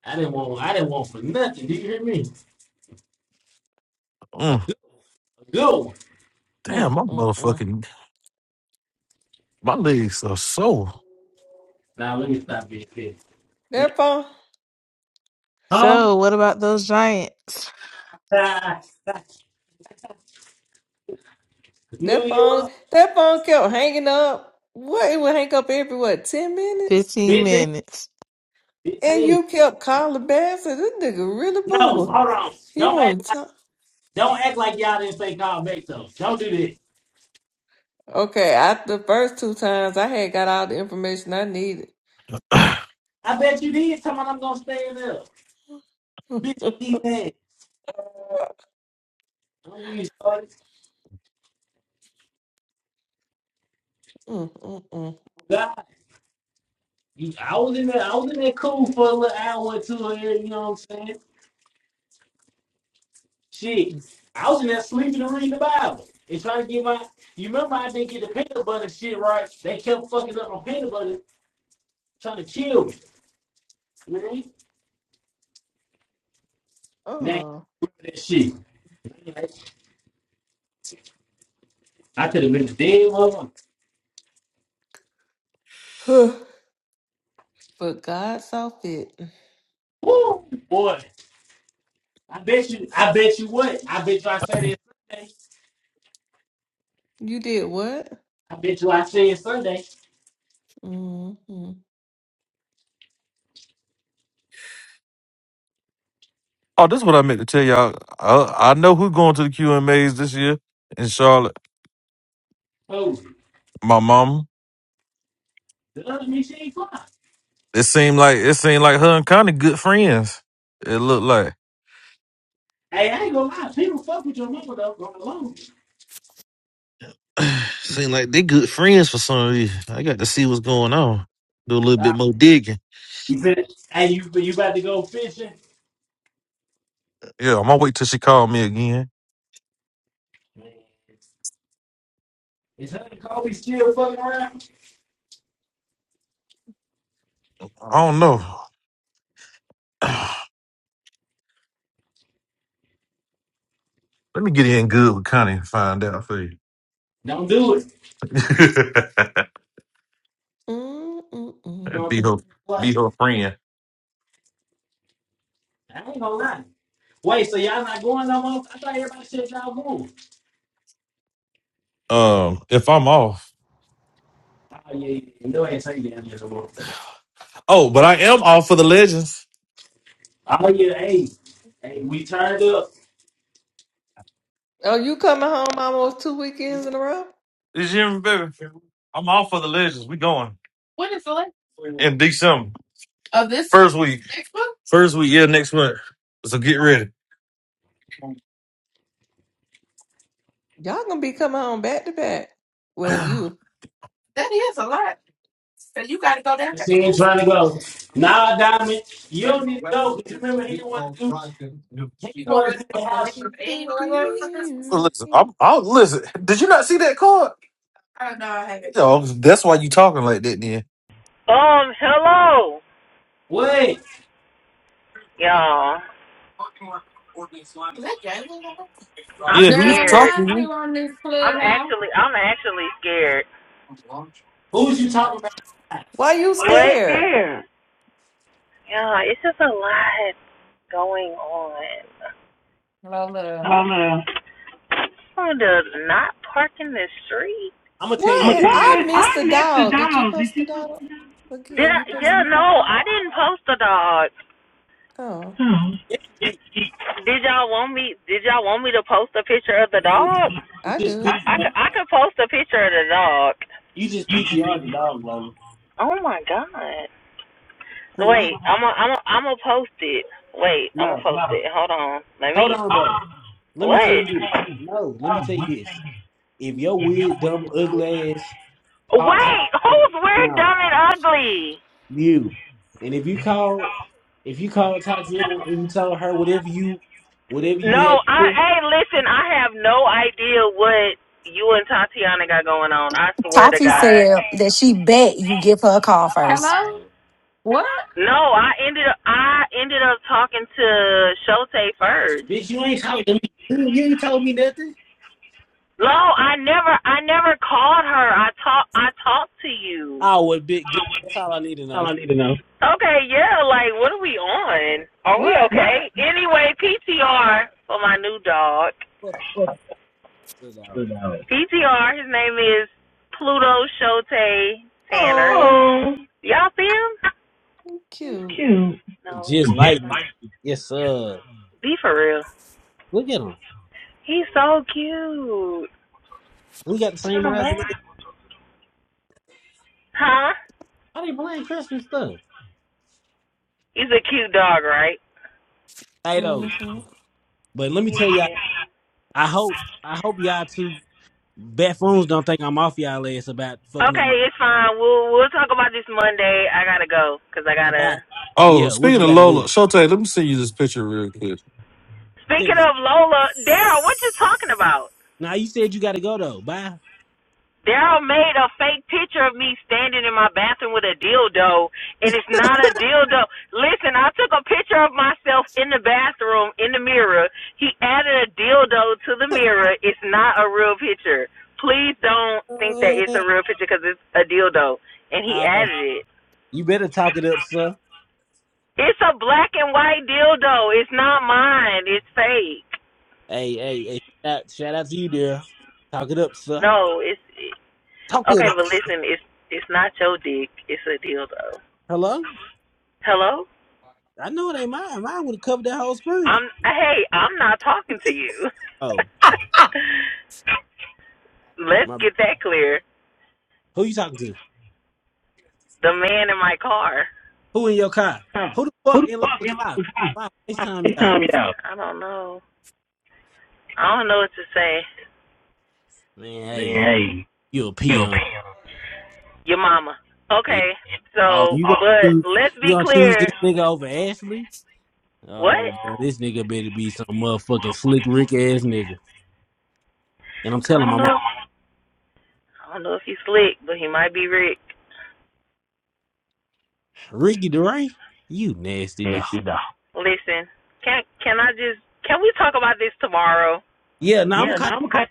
I didn't want. I didn't want for nothing. Do you hear me? A Mm, good, a good one. damn, mm, my mm. motherfucking my legs are sore. Now let me stop being petty. But That phone, huh? So what about those giants? Nah, New that phone, York, that phone kept hanging up. What it would hang up every what ten minutes, 15 fifteen, minutes. and fifteen. you kept calling back. So this nigga really No, hold bored. on. He Don't act. want to talk. Don't act like y'all didn't say Carl Mack though. Don't do this. Okay, after the first two times, I had got all the information I needed. I bet you did. Tell me I'm gonna stand up. Bitch, you need that. Don't get me started. Mm, mm, God, you, I was in there. I was in there cool for a little hour or two. Here, you know what I'm saying? mm. Shit, I was in there sleeping and reading the Bible and trying to get my. You remember I didn't get the peanut butter shit right? They kept fucking up on peanut butter, trying to kill me. Really? Now Oh, that shit. I could have been dead, mother. but God saw fit. Woo, boy. I bet you. I bet you what? I bet you I said it Sunday. You did what? I bet you I said it Sunday. hmm mm Oh, this is what I meant to tell y'all. I, I know who going to the QMAs this year in Charlotte. Oh, My mom. the other me she ain't fly. It seemed like it seemed like her and Connie good friends. It looked like. Hey, I ain't gonna lie. People fuck with your mama though. Go alone. Seem like they good friends for some reason. I got to see what's going on. Do a little Uh, bit more digging. you said, hey, you you about to go fishing? Yeah, I'm gonna wait till she call me again. Man, Is Honey Kobe still fucking around? I don't know. Let me get in good with Connie and find out for you. Don't do it. mm You know what I'm be her, mm saying? be What? her friend. I ain't gonna lie. Wait, so y'all not going no more? I thought everybody said y'all going. Um, if I'm off. Oh yeah, yeah. yeah. no, I ain't saying damn no more. Oh, but I am off for the legends. Oh yeah, hey, hey, we turned up. Oh, you coming home almost two weekends in a row? This year, baby. I'm off for the legends. We going. When is the legends? In December. Of this first week. First week, yeah, next month. So get ready. Y'all gonna be coming home back to back. Well, you. I She him trying to go. Nah, Diamond, you don't need to go. Cause you remember he didn't want to do. He wanted to do the house. shit. Listen, I'm, I'm listen. Did you not see that card? Yo, that's why you talking like that. Then um, hello, What? y'all. I'm yeah, he's Girl, scared. why talking. is to you. you on this I'm clubhouse? actually, I'm actually scared. Who's you talking about? Why you What? scared? There. Yeah, it's just a lot going on. Lola. Hello. On the not parking the street. I'm gonna tell What What you is? now. I is? missed the I'm next to dog. Did you Donald. Did post the you? dog Did again? I? You Yeah, posted the dog? no, I didn't post the dog. Oh, Hmm. Yes, you did. Did y'all want me? Did y'all want me to post a picture of the You just, dog? you I just do. I I PTR. could, I could post a picture of the dog. You just PTR the dog, Lola. Oh my god! Quit lying. Wait, I'm i I'm a am i gonna post it. Wait, I'm gonna No, post it. Hold on. Let hold me. on though. Let me tell What? you this. No, let me tell you this. If your weird, dumb, ugly ass, all type, Wait, who's weird, no. dumb, and ugly? you. And if you call, if you called Tatiana and you told her whatever you, whatever you had No, to I say, hey, listen, I have no idea what you and Tatiana got going on. I swear to Tati God. said that she bet you give her a call first. Hello? oh, What? No, I ended up I ended up talking to Shote first. bitch, you ain't talking to me. You you ain't told me nothing. No, I never I never called her. I talk I talked to you. Oh, well, big. dick. That's all I need to All know. I need to know. Okay, yeah, like what are we on? Are What? we okay? Anyway, PTR for my new dog. Fuck you, dog. PTR, his name is Pluto Shote Tanner. Oh, Oh, Y'all see him? He's cute. cute. No. Just like yes, sir. Be for real. Look at him. He's so cute. We got the same Turn him eyes. back. and everything. Huh? Why they playing Christmas stuff? He's a cute dog, right? Hey, though. Mm-hmm. But let me tell y'all. I hope. I hope y'all two buffoons don't think I'm off y'all ass about fucking up my. Okay, it's fine. We'll we'll talk about this Monday. I gotta go go because I Bye. gotta. Oh, Yeah, what you speaking of gotta do? Lola, Shote, let me send you this picture real quick. Send Speaking it. of Lola, Daryl, what you talking about? Now you said you gotta go though. Bye. Daryl made a fake picture of me standing in my bathroom with a dildo, and it's not a dildo. Listen, I took a picture of myself in the bathroom in the mirror. He added a dildo to the mirror. It's not a real picture. Please don't think that it's Uh, a real picture because it's a dildo, and he uh, added it. you better talk it up, sir. It's a black and white dildo. It's not mine. It's fake. Hey, hey, hey! Shout, shout out to you, there. Talk it up, sir. No, it's it, Talk it okay. up. But Sir. listen, it's it's not your dick. It's a dildo. Hello. Hello. I know it ain't mine. Mine would have covered that whole screen. I'm hey. I'm not talking to you. Oh, Let's my. bad. get that clear. Who you talking to? The man in my car. Who in your car? Huh. Who the Who fuck the in fuck local am I car? behind? Why Why FaceTime they y'all? time me out? I don't know. I don't know what to say. Man, Man, hey, hey, you a you a peon? pimp. Your mama. Yeah. Okay. Oh, So, you Oh, gonna but choose, let's you be gonna choose this clear. nigga over Ashley? What? Oh, boy, this nigga better be some motherfucking slick Rick ass nigga. And I'm I telling don't my mom, know. I don't know if he's slick, but he might be Rick. Ricky DeRay, you nasty dog. Este dog. Listen, can can I just can we talk about this tomorrow? Yeah, no, I'm Yeah, ca- no, I'm okay.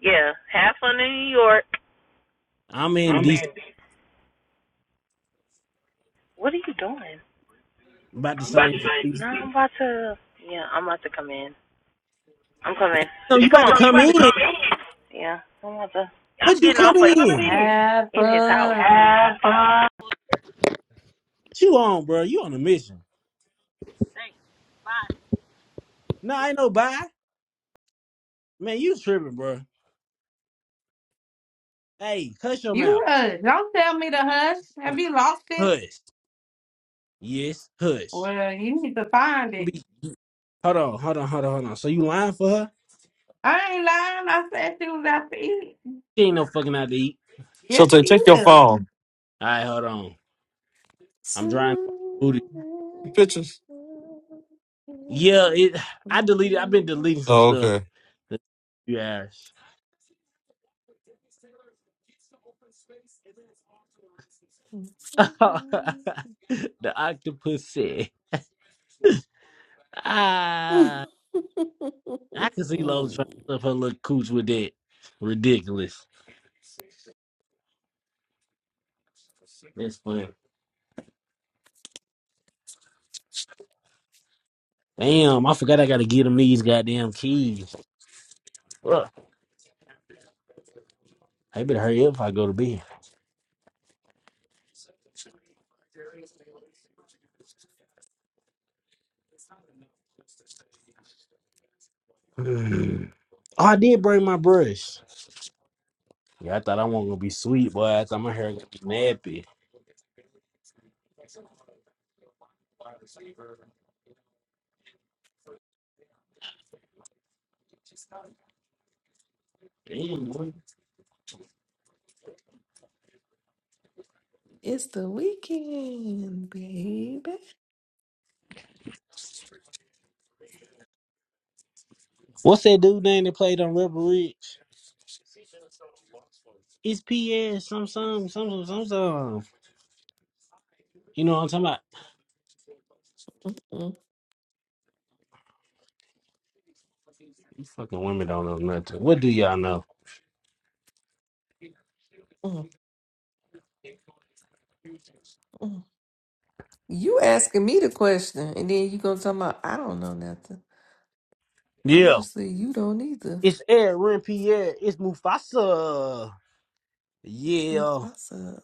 Yeah, have fun in New York. I'm in I'm decent in. What are you doing? about the I'm about to same for say. No, season. I'm about to. Yeah, I'm about to come in. I'm coming. Damn, you Come about to on. I'm come about to in? come in. Yeah, I'm about to. I'm What you getting off coming like in? in. Have in his house. fun. Have fun. What you on, bro? You on a mission? Nah, ain't no bye. Man, you tripping, bro. Hey, hush your You mouth. uh, don't tell me to hush. Uh, Have you lost it? Hush. Yes, hush. Well, you need to find it. Don't Be- hold on, hold on, hold on, hold on. So you lying for her? I ain't lying. I said she was out to eat. She ain't no fucking out to eat. Yes, Shote, she is. check your Hey, phone. All right, hold on. I'm drying. Pictures. Yeah, it. I deleted. I've been deleting some Oh, stuff. okay. that You asked. the octopus said, it's "Ah, I can see Lola trying to stuff her little cooch with that. Ridiculous. That's funny. Damn, I forgot I gotta get them these goddamn keys. Ugh. I better hurry up if I go to bed. Mm. Oh, I did bring my brush. Yeah, I thought I wasn't gonna be sweet, boy. I thought my hair gonna be nappy. Damn, boy. the weekend, baby. What's that dude name that played on Rebel Ridge? It's PS some some some some some some. You know what I'm talking about? Mm, These fucking women don't know nothing. What do y'all know? mm, mm. You asking me the question, and then you gonna talk about I don't know nothing. Yeah. Obviously, you don't either. It's Aaron Pierre. It's Mufasa. It's Yeah. Mufasa.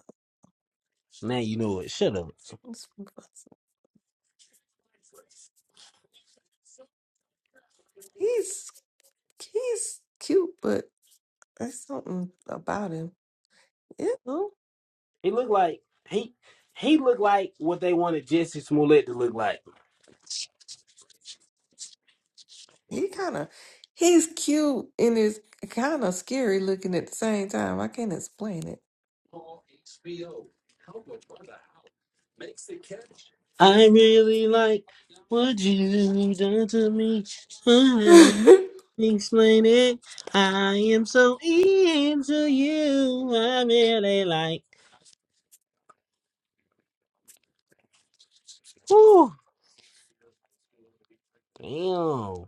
Now you know it. Shut up. It's Mufasa. He's he's cute, but there's something about him. You know, He looked like he he looked like what they wanted Jesse Smollett to look like. he kind of he's cute and is kind of scary looking at the same time. I can't explain it. I really like what you done to me. Explain it. I am so into you. I really like. Woo. Damn.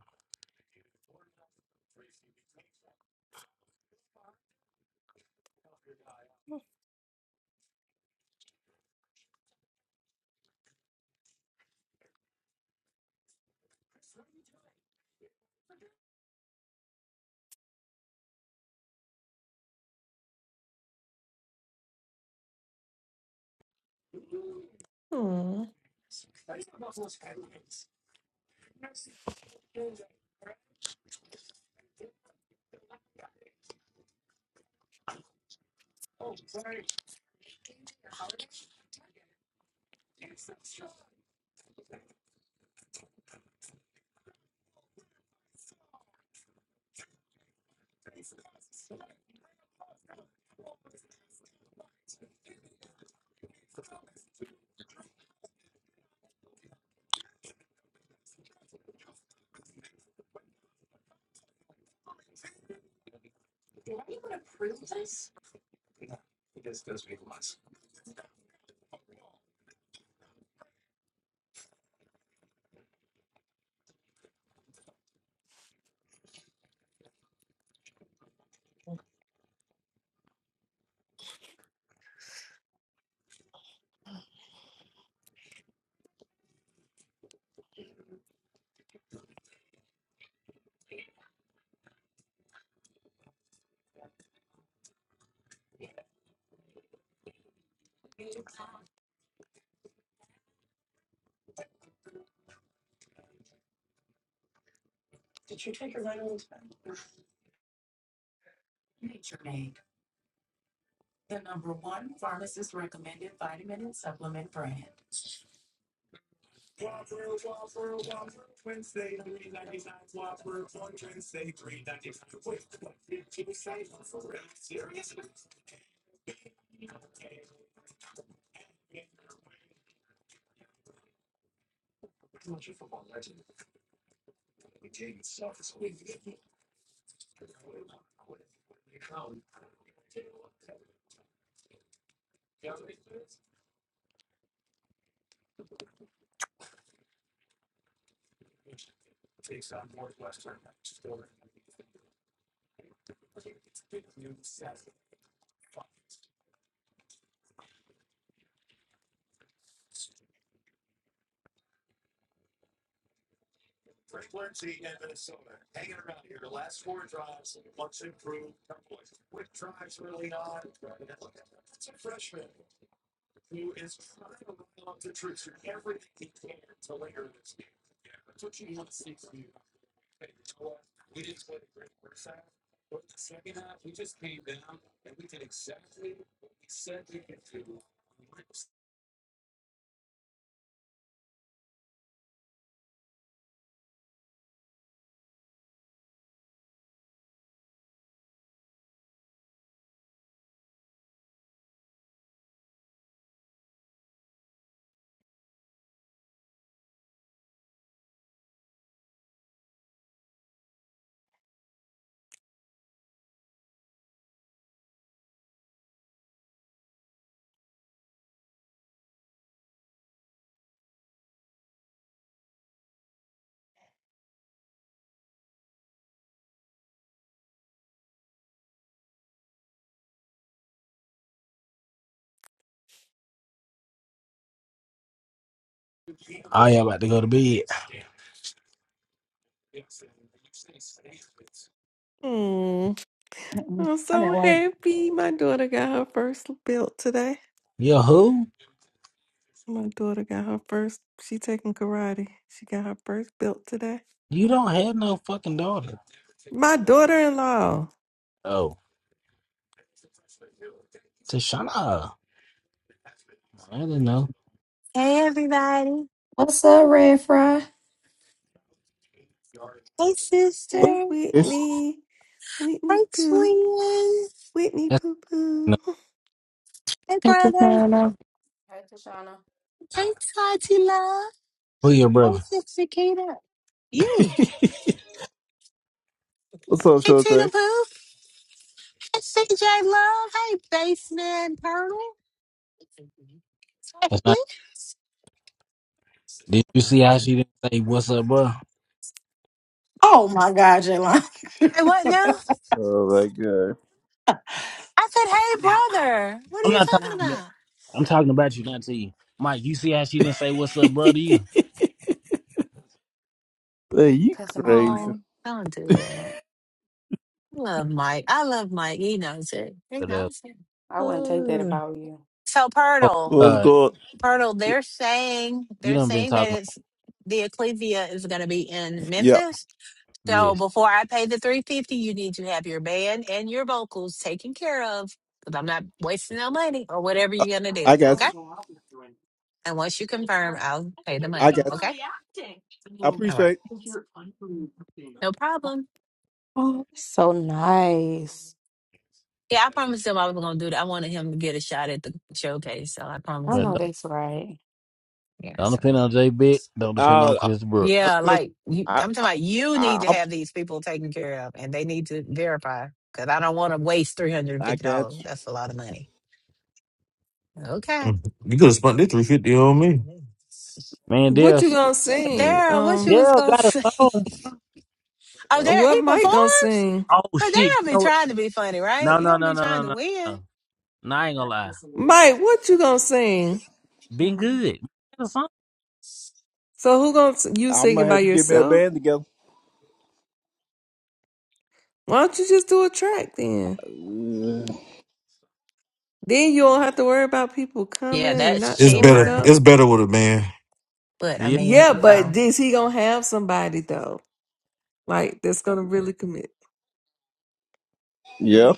Oh, y'all about to go to bed. Hmm. Mm-mm. I'm I didn't so work. happy. My daughter got her first belt today. Yo, who? My daughter got her first. She taking karate. She got her first belt today. You don't have no fucking daughter. My daughter-in-law. Oh, Tashana. I didn't know. Hey everybody. What's up, Red Fry? Hey sister. Hey, What's Whitney. Whitney Hey poo. twin. Whitney That's poo poo. no. Hey Thank you, brother. Nana. Tashana. Hey Tati Love. Who your Hey brother? Sister Kita. You. up, Hey Shorty? Tina Pooh. Hey CJ Love. Hey Baseman Pearl. Hey That's not. Please. Did you see how she didn't say what's up, bro? Oh my God, Jaylon. Hey what now? Oh my god. I said Cuss hey him out, Mike. brother. What are I'm you Cuss not him talking. talking out, To you. Mike. about? I'm talking about you, not to you. Mike, you see how she didn't say what's up, bro, to Hey, you? you Cuss him out, Mike. crazy. Oh, don't do that. I love Mike. I love Mike. He knows it. He So that- knows it. I wouldn't take that if Uh, I were you. So Oh, Purtle. what's uh, good? Arnold, they're saying you they're done been saying that talking. it's the Ecclesia is going to be in Yeah, Memphis. So Yes. before I pay the three fifty, you need to have your band and your vocals taken care of because I'm not wasting no money or I whatever you're going I to I do. don't want Okay. to guess. go out with you, you're And once you confirm, sir. I'll I pay think the you're just I money. guess. Okay. overreacting. I Mm, All right. appreciate. I think you're underreacting. No problem. Oh, that's so nice. Yeah, I promised him I was going to do that. I wanted him to get a shot at the showcase, so I I promised know him. that's right. Yeah. Don't depend on Jay Beck. So. Don't depend on Uh, I, Chris Brooks. Yeah, I, like you, I, I'm talking about you need to I, have these people taken care of and they need to verify because I don't want to waste I guess. $350. That's a lot of money. Okay. Mhm. You could have spent this three fifty on me. Man, What Dale, you gonna sing? Daryl, what you Um, was Dale gonna got a say? song. Oh, Daryl, what he Mike gonna performs, sing? Oh but shit! Daryl You be know what? trying to be funny, right? No, He no, don't no, be no, trying no, to no. win. No, No, I ain't Yeah, gonna lie. this is Mike, what you gonna a sing? Been little- good. Got a song. So who gonna s- you I'm gonna singing have by to get me a yourself? band together. Why don't you just do a track then? Uh, Then you don't have to worry about people Yeah, coming and that's not It's better. showing cheaper. up. It's better with a man. But I Yeah. mean, Yeah, you but know, is he gonna have somebody though? Like that's gonna really commit. yeah,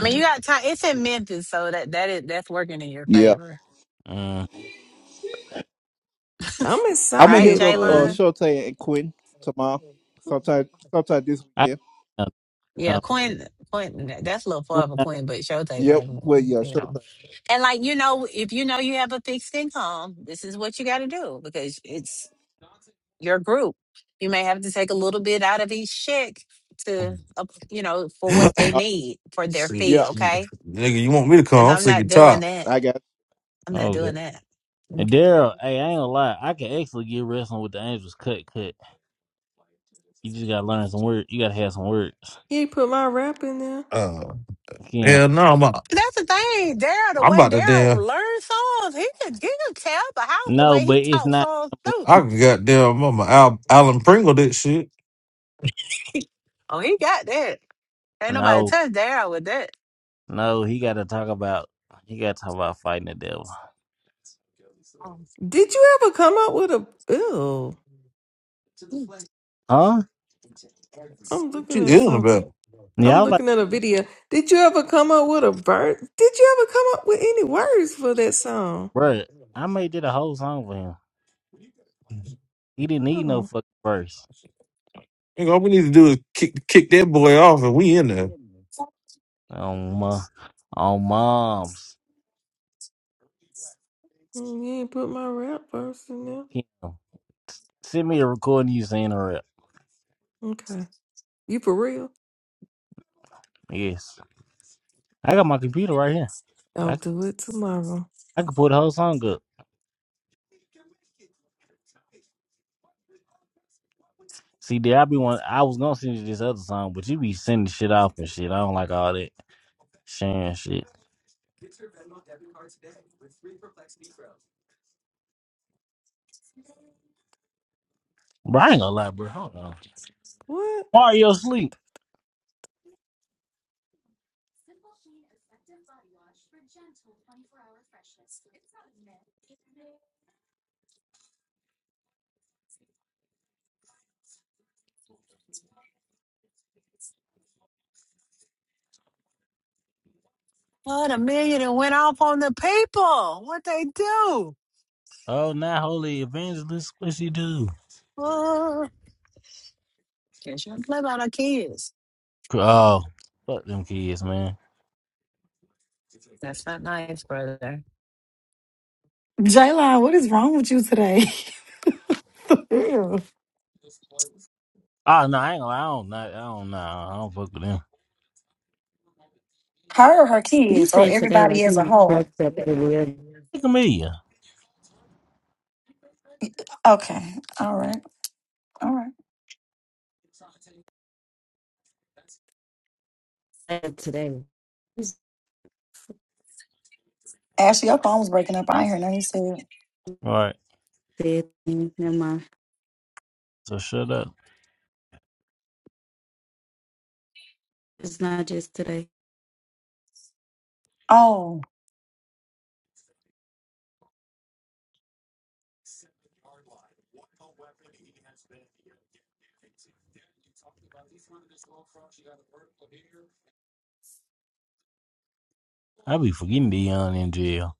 I mean, you got time. It's in Memphis, so that that is that's working in your yeah. favor, Mm. I'm I'm gonna right, hit excited up for uh, Jalen? you. Shorty and Quinn tomorrow. Sometime, sometime this I, weekend. uh, Yeah, uh, Quinn, Quinn, that's a little what- far for Quinn, but Showtime, Yep. right? Well, yeah, You Shorty. know, and like you know, if you know you have a fixed income, this is what you got to do because it's your group. You may have to take a little bit out of each check to, up- you know, for what they Uh, need for their See, yeah. fee. Okay, nigga, you want me to come? because I'm I'm sick not and doing top. that. I got I'm not oh good. doing that. And Okay. Daryl, hey, I ain't gonna lie, I can actually get wrestling with the Angels cut cut. You just gotta learn some words. You gotta have some words. He put my rap in there. Uh, Yeah. hell no, I'm, a- That's the thing, Daryl. The I'm way about to damn. Daryl learns songs, he can he can tell the house the No, way he but it's talks not. songs too. I can goddamn, I'm a Al, Alan Pringle that shit. Oh, he got that. Ain't nobody No, touch Daryl with that. no, he gotta talk about. He gotta talk about fighting the devil. Mm. Did you ever come up with a? Ew. Huh? I'm What looking you at ill something. about? Yeah, I I'm was like. looking at a video. Did you ever come up with a verse? Did you ever come up with any words for that song? Bruh, I made did a whole song for him. He didn't need no Oh, fucking verse. Nigga, all we need to do is kick kick that boy off, and we in there. On my, on mom's. mm, you ain't put my rap verse in there. Kim. S- Send me a recording you saying a rap. Okay, you for real? Yes. I got my computer right here. I'll I, do it tomorrow. I could pull the whole song up. See, there I be one. I was gonna send you this other song, but you be sending shit off and shit. I don't like all that sharing shit. Bro, I ain't gonna lie, bro. Hold on. What? Mario sleep. What a million and went off on the people. What they do? Oh, now holy evangelist. What she do? Uh, can't you play about our kids? Oh, fuck them kids, man. That's not nice, brother. Jaylon, what is wrong with you today? Ew. Ah, no, I ain't gonna lie. I don't know. I Her, or her You kids, or said today, everybody like you as a not whole. fucked up earlier Look at me. Okay. All right. All right. uh, today. You Ashley, your phone was breaking up. I ain't heard nothing you said. All right, said, never mind. so shut up It's not just today. Oh, in jail.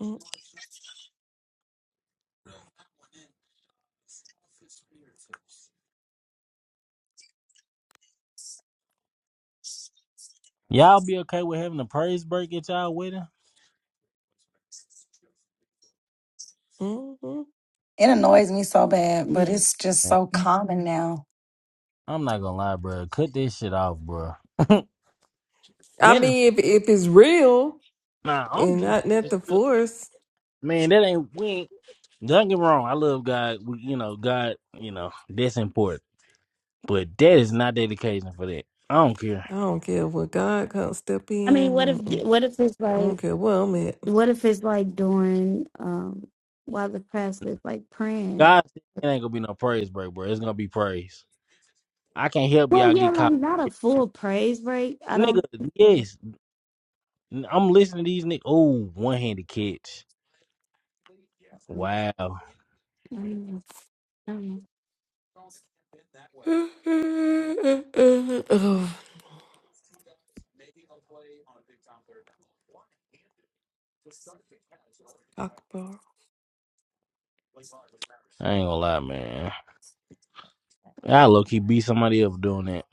Mm, Y'all be okay with having a praise break at y'all wedding? mm, mm. it annoys me so bad, but Yeah. it's just Man, so common now. I'm not gonna lie, bro. Cut this shit off, bro. I That is mean, if if it's real. nah. I don't And give not not this the real. force. Man, that ain't we. Ain't, don't get me wrong. I love God. We, you know, God. You know, that's important. But that is not dedication for that. I don't care. I don't care what God can't step I mean, what in. Mm-mm. if what if it's I like don't care where I'm at. What if it's like during um while the pastor's like praying? God, said it ain't gonna be no praise break, bro. It's gonna be praise. I can't help y'all Well, yeah, get like caught. not a full praise break. I Nigga, don't. I yes. I'm listening to these niggas. Oh, one handed catch. Wow. don't know. oh, Akbar. lot, man. I low key beat somebody up doing that.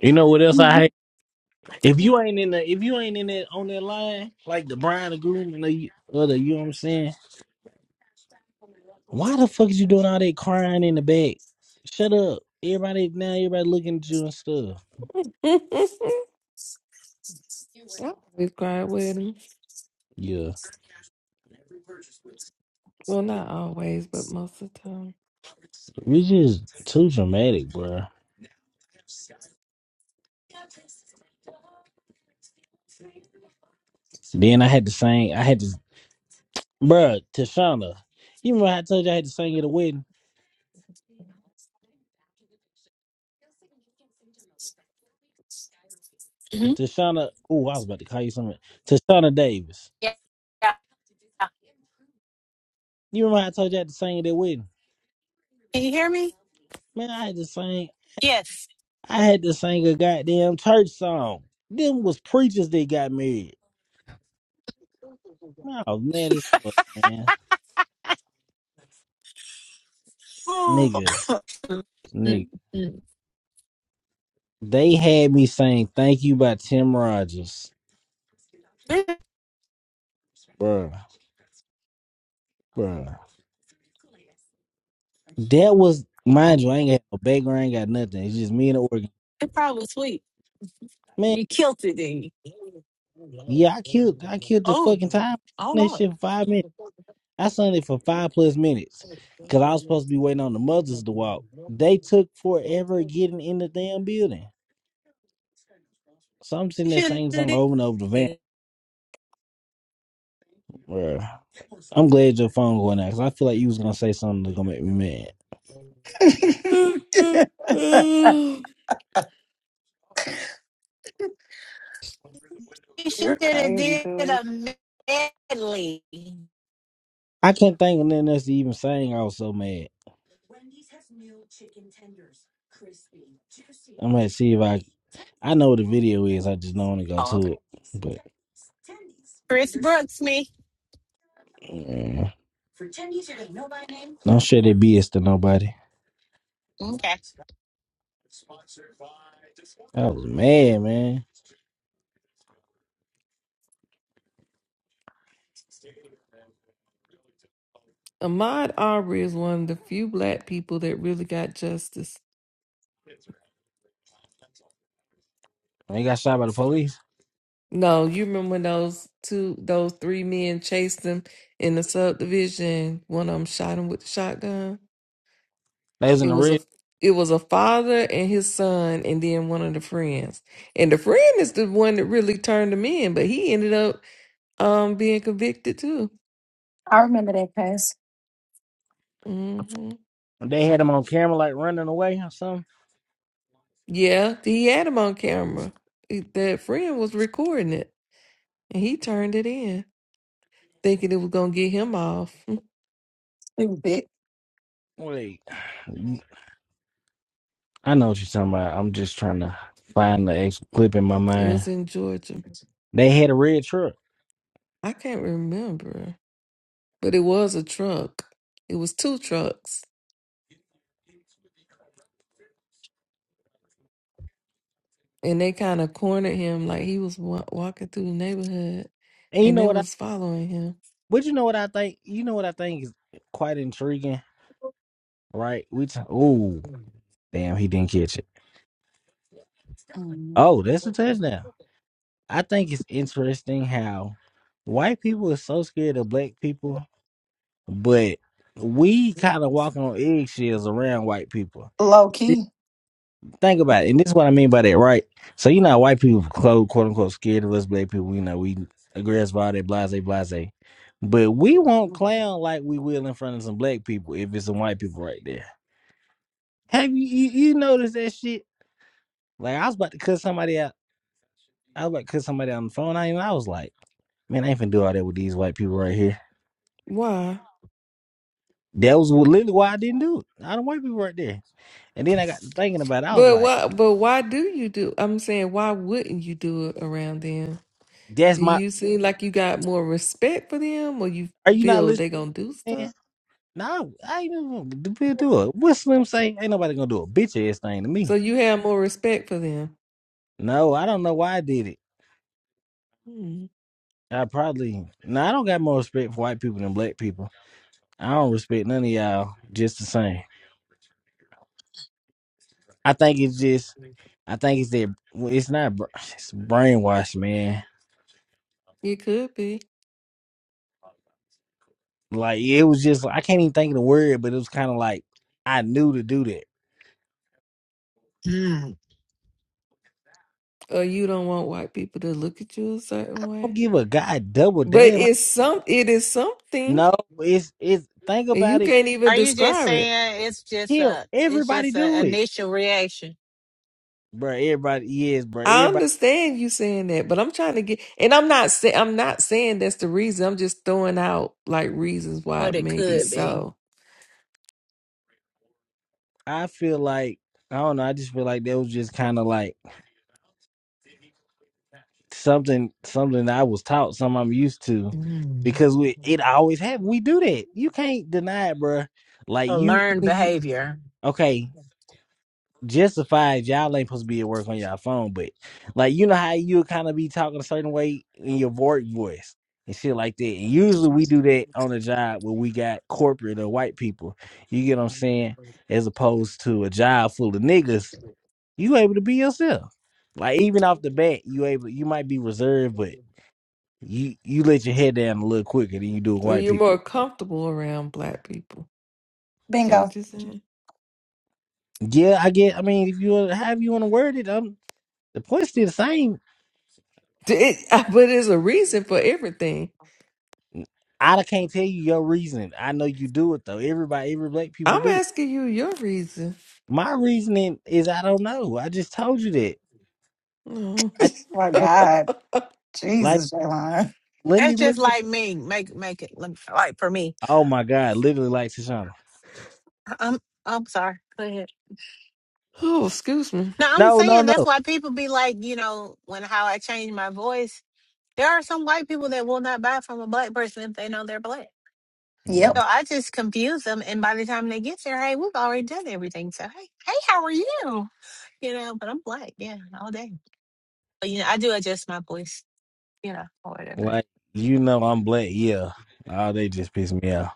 You know what else I hate? If you ain't in the if you ain't in that on that line, like the Brian the Groom and the other, you know what I'm saying? Why the fuck is you doing all that crying in the back? Shut up. Everybody now everybody looking at you and stuff. I always cry at weddings. Yeah. Well, not always, but most of the time. It's just too dramatic, bro. Then I had to sing I had Bruh, Tashana. You remember I told you I had to sing at a wedding? hmm Tashana. Oh, I was about to call you something. Tashana Davis. Yeah. yeah. You remember I told you I had to sing at that wedding? Can you hear me? Man, I had to sing. Yes. I had to sing a goddamn church song. Them was preachers that got married. Man, I was mad as fuck, man. Oh. Nigga, Mm, nigga. mm. They had me saying "Thank You" by Tim Rogers. That was, mind Oh, you, I ain't got no background, I ain't got nothing. It's just me and the organ. It probably sweet. Man, You killed it, didn't you? yeah, I killed, I killed the Oh, fucking time. I don't That shit for five minutes. I sung it for five plus minutes because I was supposed to be waiting on the mothers to walk. They took forever getting in the damn building. So I'm sitting You there should singing have song did. over and over the van. You Bruh. your phone going out because I feel like you was gonna say something that's gonna make me mad. should You're have crazy, did dude. a medley. I can not think of nothing else to even sing. I was so mad. Let's see I know what want to go Oh, okay. Chris Brooks, me. to. Mm, Don't share that BS to nobody. Okay. I was mad, man. Ahmaud Arbery is one of the few black people that really got justice. they got shot by the police, No, you remember when those two, those three men chased him in the subdivision? One of them shot him with the shotgun. they was in It the was red. a, it was a father and his son, and then one of the friends. And the friend is the one that really turned him in, but he ended up um being convicted too. I remember that case. hmm They had them on camera, like running away or something. Yeah, he had him on camera. He- That friend was recording it, and he turned it in, thinking it was gonna get him off. Stupid. Wait. I know what you're talking about. I'm just trying to find the ex- clip in my It mind. was in Georgia. They had a red truck. I can't remember. but it was a truck. It was two trucks, and they kind of cornered him like he was wa- walking through the neighborhood, And you and know they what I was following him. but you know what I think you know what I think is quite intriguing, right? We t- oh damn he didn't catch it. Mm. Oh, that's a touchdown. I think it's interesting how white people are so scared of black people, but we kind of walking on eggshells around white people. Low key. Think about it, and this is what I mean by that, right? So you know, how white people quote, quote unquote scared of us black people. You know, we aggressive all that blase blase, but we won't clown like we will in front of some black people if it's some white people right there. Have you you, you noticed that shit? Like I was about to cut somebody out. I was about to cut somebody out on the phone. I, and I was like, man, I ain't finna do all that with these white people right here. Why? That was literally why I didn't do it. I do Not white people right there. And then I got to thinking about it. I was But like, why? But why do you do? I'm saying, why wouldn't you do it around them? that's Do my. you seem like you got more respect for them, or you Are you not feel they listening? gonna do stuff? No, I ain't even gonna do do- do it. What Slim say? Ain't nobody gonna do a bitch ass thing to me. So you have more respect for them. No, I don't know why I did it. Hmm. I probably no, I don't got more respect for white people than black people. I don't respect none of y'all just the same. I think it's just, I think it's that well, it's not br- it's brainwashed, man. It could be, Like it was just I can't even think of the word, but it was kind of like I knew to do that Mm. or you don't want white people to look at you a certain don't way. give a god double But damn. it's some. It is something. No, it's it's think And you about it. can't even Are you just describe it. saying it's just Hell, a it's everybody just do an it, initial reaction? bro. Everybody yes, bro. I Everybody. understand you saying that, but I'm trying to get and I'm not saying I'm not saying that's the reason. I'm just throwing out like reasons why What it it may be could be. so. I feel like I don't know. I just feel like that was just kind of like something something that I was taught, something I'm used to, Mm. because we it always happen. We do that. You can't deny it, bro. Like A you, learned you behavior. okay? justified y'all ain't supposed to be at work on your phone, but like you know how you kind of be talking a certain way in your vo- voice and shit like that. And usually we do that on a job where we got corporate or white people. You get what I'm saying? As opposed to a job full of niggas, you able to be yourself. Like even off the bat, you able you might be reserved, but you you let your head down a little quicker than you do with So white you're people. more comfortable around black people. Is that Bingo. what you're saying? Yeah, I get. I mean, if you wanna- however you want to word it, um, the point's still the same D- it- but there's a reason for everything. I can't tell you your reason. I know you do it though. Everybody, every black people I'm do it. asking you your reason. My reasoning is I don't know. I just told you that. No. my I God. like. Jesus, Jaylon. Let me That's look just at. like me. Make make it look like for me. Oh my God! Literally like Tashana. I'm I'm sorry. Go ahead. oh, excuse me. No, I'm No, no, saying that's no. why people be like, you know, when how I change my voice. There are some white people that will not buy from a black person if they know they're black. Mm, Yep. So I just confuse them, and by the time they get there, hey, we've already done everything. So hey, hey, how are you? You know, but I'm black, yeah, all day. But you know, I do adjust my voice, you know, or whatever. Like you know, I'm black. Yeah. Oh, they just piss me off.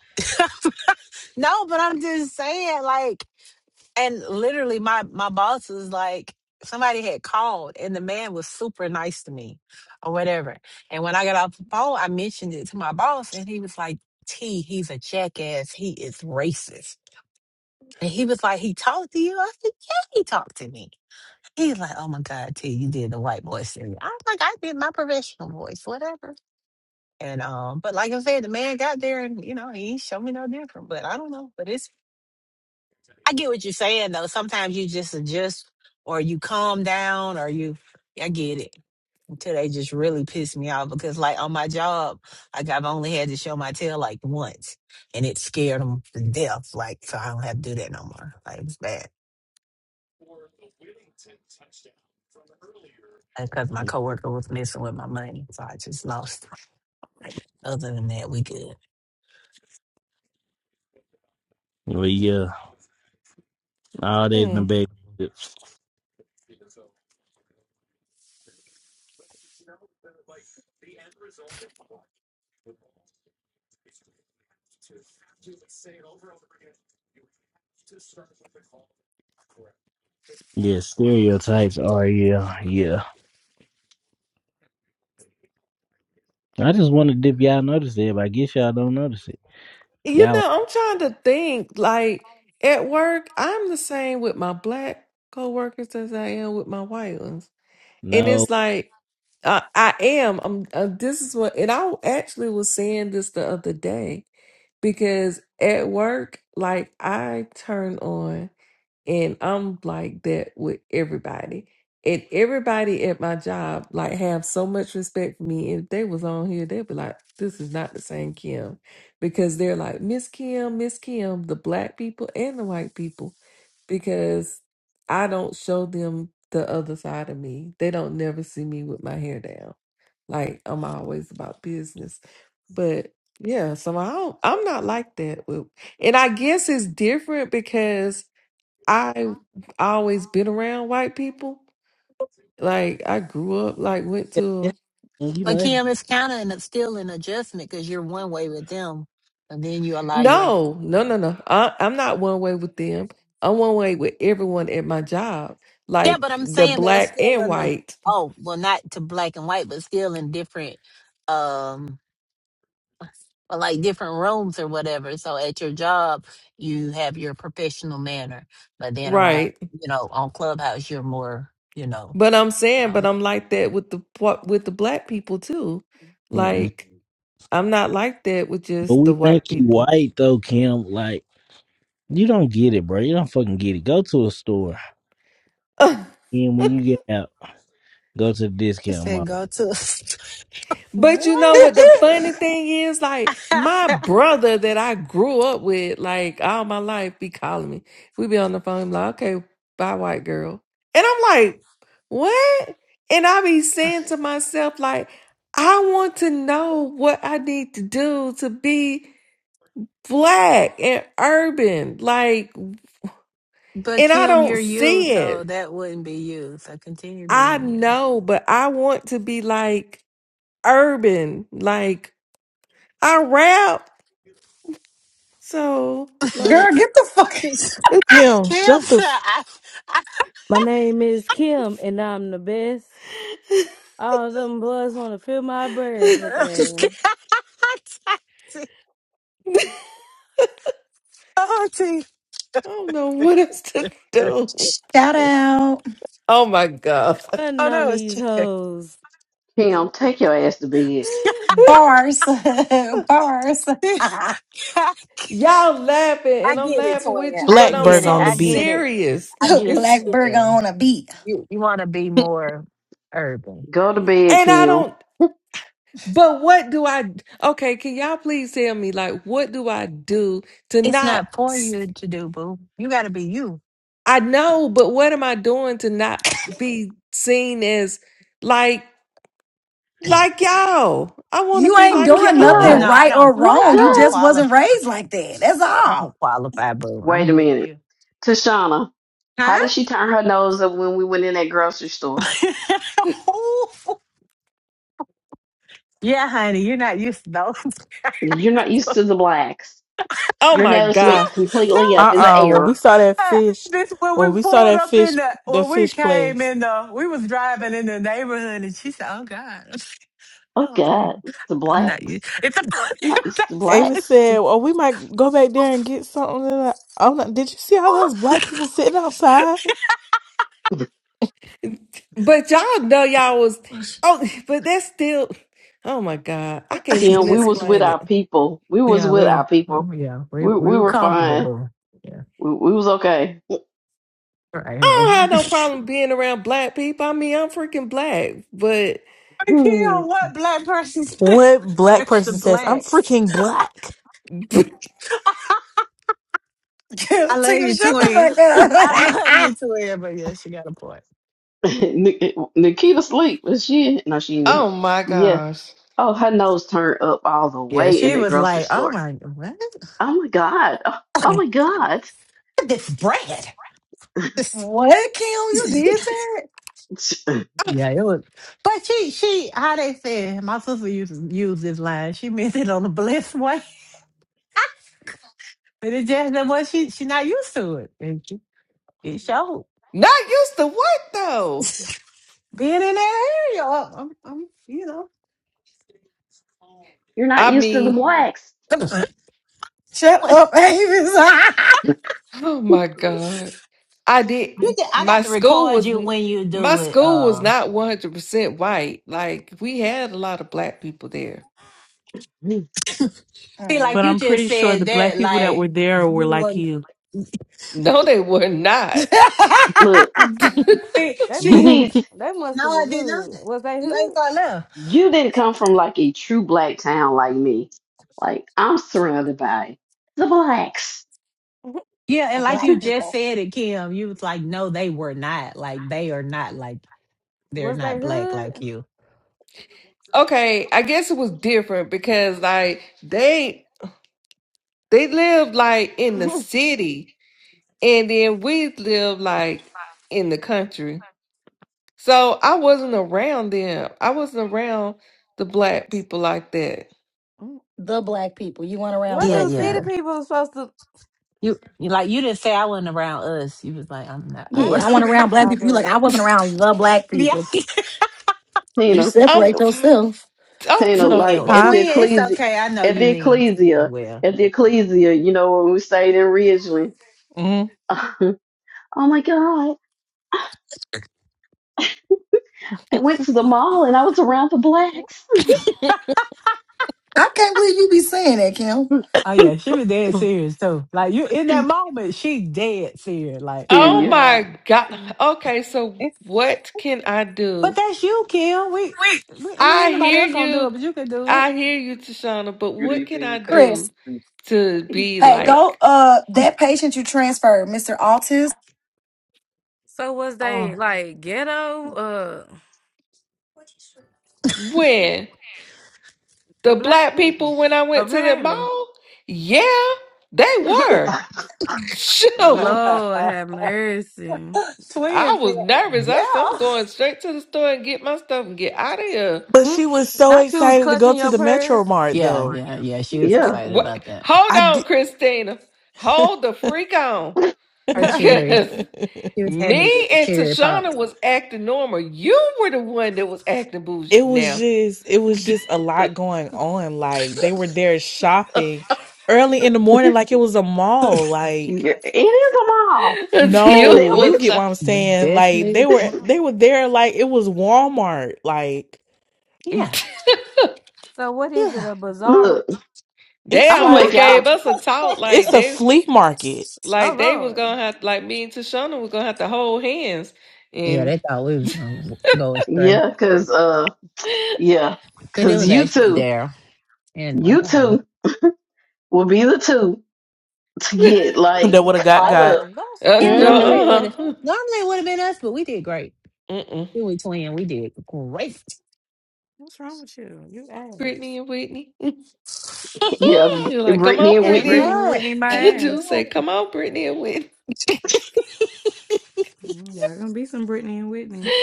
No, but I'm just saying, like, and literally, my my boss was like, somebody had called, and the man was super nice to me, or whatever. And when I got off the phone, I mentioned it to my boss, and he was like, "T, he's a jackass. He is racist." And he was like, "He talked to you?" I said, "Yeah, he talked to me." He's like, oh my God, T, you did the white boy singing. I was like, I did my professional voice, whatever. And um, but like I said, the man got there and you know, he showed me no different. But I don't know. But it's I get what you're saying though. Sometimes you just adjust or you calm down or you I get it. Until they just really piss me off because like on my job, like I've only had to show my tail like once and it scared them to death. Like, so I don't have to do that no more. Like it's bad. Because my coworker was messing with my money. So I just lost But other than that, we good. Well, yeah. All that in the Hmm. back. Yeah, stereotypes are yeah, yeah. I just want to dip y'all notice it, but I guess y'all don't notice it. You Y'all like know, I'm trying to think like at work, I'm the same with my black coworkers as I am with my white ones. and no. it's like uh, I am. I'm. Uh, this is what, and I actually was saying this the other day because at work, like I turn on. And I'm like that with everybody. And everybody at my job like have so much respect for me. And If they was on here, they'd be like, this is not the same Kim. Because they're like, Miss Kim, Miss Kim, the black people and the white people. Because I don't show them the other side of me. They don't never see me with my hair down. Like I'm always about business. But yeah, so I don't, I'm not like that. with- And I guess it's different because I always been around white people. Like I grew up, like went Yeah, to You know, But that's Kim, it's kind of an, still an adjustment because you're one way with them, and then you allow your no, no, no, no. I, I'm not one way with them. I'm one way with everyone at my job, yeah. like But I'm the saying, but that's black still and in a white, oh well, not to black and white, but still in different um, but like different rooms or whatever. So at your job, you have your professional manner, but then around right? you know on Clubhouse, you're more you know. But I'm You saying, know. but I'm like that with the wh- with the black people too. Mm-mm. Like I'm not like that with But just we the white think you people. white though, Kim. Like you don't get it, bro. You don't fucking get it. Go to a store, and when you get out. Go to the You discount said go mall. to. But you know What? what the Girl, funny thing is? Like my brother that I grew up with, like all my life, be calling me. We be on the phone, like, okay, bye, white girl. And I'm like, what? And I be saying to myself, like, I want to know what I need to do to be black and urban. Like, But and I Kim, don't you're you, see so it. that wouldn't be you. So continue I being you. know, but I want to be like urban. Like, I rap. So, like, get the fuck. Kim, Kim, shut the f- I, I, My name is Kim, and I'm the best. All them boys want to fill my breast. I Look at that. oh, gee. don't know what else to do. Shout out. Oh my God. Putting oh, on no, it's these chair. hoes. Kim, take your ass to bed. Bars. Bars. Y'all laughing I and I'm get it, laughing twin. with you, I but I'm get Blackberg it. on so the I beat. get it. serious. I get it, It's, Black burger twin. on a beat. You you want to be more urban. Go to bed, and I Kim. don't, but what do I, okay, can y'all please tell me, like, what do I do to It's not, not for you to do, boo. You got to be you. I know, but what am I doing to not be seen as like, like y'all? I want to You be ain't Oh like my doing Oh, you God. nothing know y'all. I right don't. or I wrong. You don't Like just us. qualify. wasn't I raised like that. That's all. don't qualify, boo. I'm Wait a with minute. you. Tashana, Huh? how did she turn her nose up when we went in that grocery store? yeah, honey, you're not used to those. You're not yeah, used to the blacks. Oh Your my nose went God. no. completely up Uh in the uh When we air. saw that uh, fish, This when when we we saw pulled that up fish, in the that when we fish came place, in the we was driving in the neighborhood and she said, "Oh God, Oh oh, I, God, it's the I'm not blacks. used." It's a I'm not used to Ava blacks. said, "Well, we might go back there and get something." And I- I'm like, "Did you see all those black people sitting outside?" But y'all know y'all was oh, but that's still oh my god, I can't Kim, even we was with explain our it. people. We was yeah, with we our were- people. we- yeah we We we we were were comfortable, fine. boy. Yeah, We, we was okay. I right. don't have no problem being around black people. I mean, I'm freaking black, but Kill what black person's What black There's the person says, "I'm blacks. freaking black," I Just take love the you, too, shut twin. I the fuck love up. you, too, twin. But yeah, she got a point. Nik- Nikita sleep, but she no, she didn't. oh my Yeah. gosh, Oh, her nose turned up all the Yeah, way in she that was grocery like, "Oh store. my, what? Oh my god. Oh, oh my god. this bread?" This- what, Kim? You did that? yeah, it was. But she, she, how they said, my sister used to use this line. She meant it on a blessed way, but it just that what she she not used to it, and she it showed not used to what though? being in that area. I'm, I'm you know. You're not I used to the mean, blacks. Shut What- up, Avis. oh my god, I did. You ju- I My got to school record was you when you my do it. school was Uh, not 100 percent white. Like we had a lot of black people there. see, like But Mm. you I'm just pretty sure said the that, black people that like. were there were you like were. you. No, they were not. Look, See, They you must see, have. need They must no, have I was did not. know hood. that. Was they You ain't hood? got love. you didn't come from like a true black town like me. Like I'm surrounded by the blacks. Yeah, and like you just said it, Kim, you was like, no, they were not. Like they are not like they're Was they not black like hood? you. Okay, I guess it was different because like they they lived like in the city and then we lived like in the country. So I wasn't around them. I wasn't around the black people like that. the black people. You went around what Yeah, do black city people. yeah. people supposed to? You, you like you didn't say I wasn't around us. You was like, I'm not I How do Yeah, I want wasn't city around people black around people. You like, operate? I wasn't around the black Yeah. people. You Tina, I'm separate t- yourself. I'm Tina, you t- like mean but- at huh? the twin, it's ecclesia, okay. I know at you the mean mean ecclesia, well. at the ecclesia, you know, when we stayed in Ridgeland. hmm oh my God. I went to the mall and I was around the blacks. I can't believe you be saying that, Kim. Oh yeah, she was dead serious too. Like you in that moment, she dead serious. Like oh Showing Serious. out. my God. Okay, so it's- what can I do? but that's you, Kim. We, we I mean I ain't nobody hear else gonna do you. it, but you can do it. I hear you, Tashana, but Good what can evening. I Chris, do to be hey, go like uh that patient you transferred, Mr. Altis. So was they Oh. like ghetto? Uh, when the the black black people people when I went to the apparently. mall? Yeah, they were. Shoot, Lord have mercy. I Twin said, was nervous. I said, I'm yeah. going straight to the store and get my stuff and get out of here. But Mm, she was so Not you was excited to go clutching to your the Metro purse. Mart, Yeah, though. yeah, yeah. She was Yeah. excited What? about that. Hold I on, did. Christina. Hold the freak on. Her cherry. Because She was happy to get me her and cherry Tashana popped. was acting normal. You were the one that was acting bougie it was now. just it was just a lot going on like they were there shopping early in the morning like it was a mall like Yeah, It is a mall. It's a you no you was get what the damn i'm saying like Definitely they is a were image. mom. they were there like it was walmart like Yeah, So what is it? yeah. A bazaar? Look, they it's I'm gonna make almost like gave y'all us a talk like it's a they flea market Oh like they was Lord. gonna have like me and Tashana was gonna have to hold hands Yeah, and they thought we was gonna go astray, yeah, cause uh yeah, but it cause was you actually two, Daryl and uh, you Darren. two will be the two to get like that would have got caught got. up. No, that's uh, Yeah, that's no my hmm shit normally it would like have that. uh normally it would have been us, but we did great. Mm-mm. We were twin. We did great. What's wrong with you? You ass. Brittany and Whitney Yeah, you're like come Brittany on and Better not. Better Whitney. Brittany Brittany and not. Whitney my the ass. dude say come on Brittany and Whitney Mm, Y'all gonna be some Brittany and Whitney's.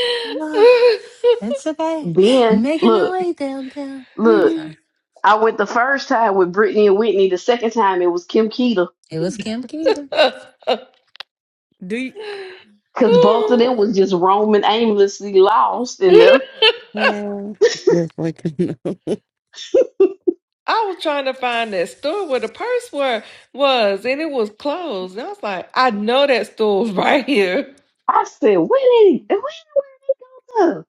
It's okay. Then Making my look, way downtown. I'm look, sorry. I went the first time with Brittany and Whitney. The second time it was Kim Keita. It was Kim Keaton. Do you Because both of them was just roaming aimlessly lost in there. Man, just waking up. I was trying to find that store where the purse were, was, and it was closed. And I was like, I know that store right here. I said, wait, wait, wait.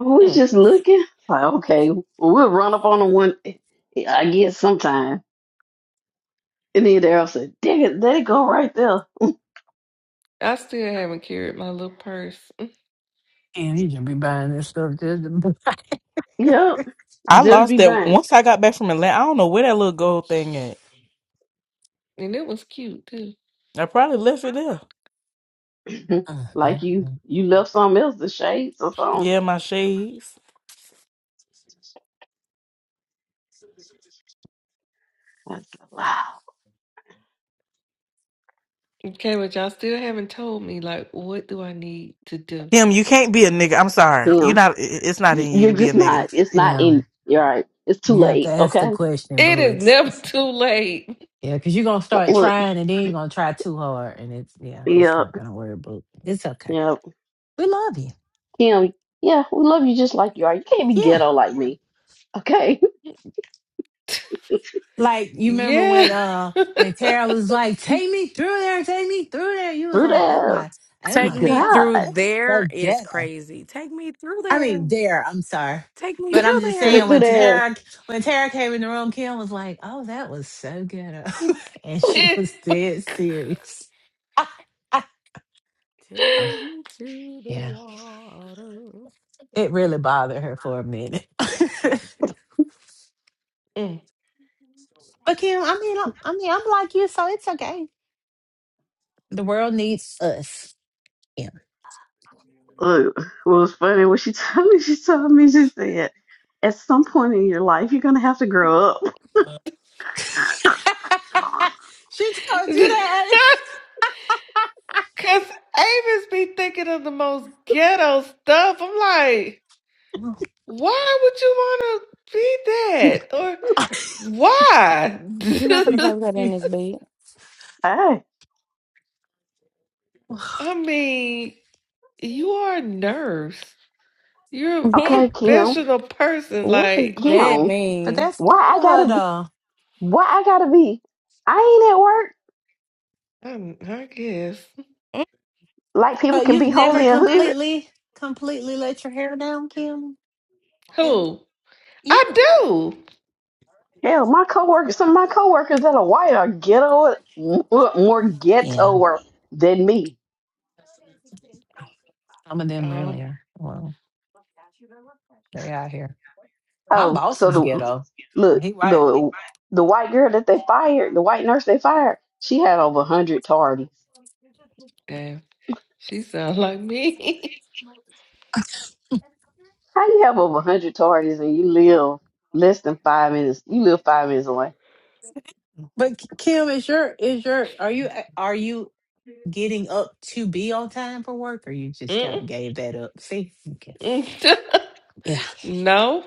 We was Mm. just looking. Like, okay, well, we'll run up on the one, I guess, sometime. And then Daryl said, dang it, let it go right there. I still haven't carried my little purse, Mm. And you should be buying this stuff. Just Yep, I just lost be that buying. once I got back from Atlanta. I don't know where that little gold thing at. and it was cute too. I probably left it there. Uh, uh, uh. like you, you left something else, the shades or something. Yeah, my shades. I said, wow, Okay, but y'all still haven't told me like what do I need to do? Him, you can't be a nigga. I'm sorry. You damn, not. i- It's not y- in you you're to be just a nigga. not, it's not Yeah, in, you're right. It's too you have to late, ask the okay? question, It boo. is It's, never it's too late. yeah, because you're gonna start Look, trying, and then you're gonna try too hard, and it's yeah, it's yep, not gonna work. But it's okay. yep. We love you. Kim, yeah, we love you just like you are. You can't be yeah, ghetto like me. Okay. like you remember when Yeah. uh when Tara was like, "Take me through there, take me through there." You was Through like, "Oh there. my, oh take my me God, God. through there that's so is crazy. Take me through I there. mean, dare. I'm sorry, Take me but through I'm just Tell me there. saying through when there. Tara when Tara came in the room, Kim was like, "Oh, that was so good," and she was dead serious. Oh, Take me to the yeah, water. it really bothered her for a minute. but Mm. Kim, I mean, I'm, I mean, I'm like you, so it's okay. The world needs us. Yeah. Look, what was funny when she told me, she told me, she said, at some point in your life, you're going to have to grow up. she told you that. Cause Avis be thinking of the most ghetto stuff. I'm like, why would you wanna be that? Or Why? You're not gonna play with that in this Hey. I mean, you are a nurse. You're a bed. Okay, Kim. professional person. what does Like, that Kim, but mean? that's why part I of her, gotta be, though. why I gotta be, I ain't at work. I, I guess. Like people Oh, can you've be never holy and hood. completely, completely let your hair down, Kim? And- Who? I Yeah. do. Hell, my coworkers, some of my coworkers that are white are ghetto, more more Yeah. ghettoer than me. Some of them Oh, really are. Well, they out here. My Oh, boss so is the ghetto. look He right. the the white girl that they fired, the white nurse they fired, she had over hundred tardies. damn. She sounds like me. How you have over hundred tardies and you live less than five minutes? You live five minutes away. But Kim, is your is your are you are you getting up to be on time for work or you just Mm, kind of gave that up? See? Okay. mm. Yeah. no,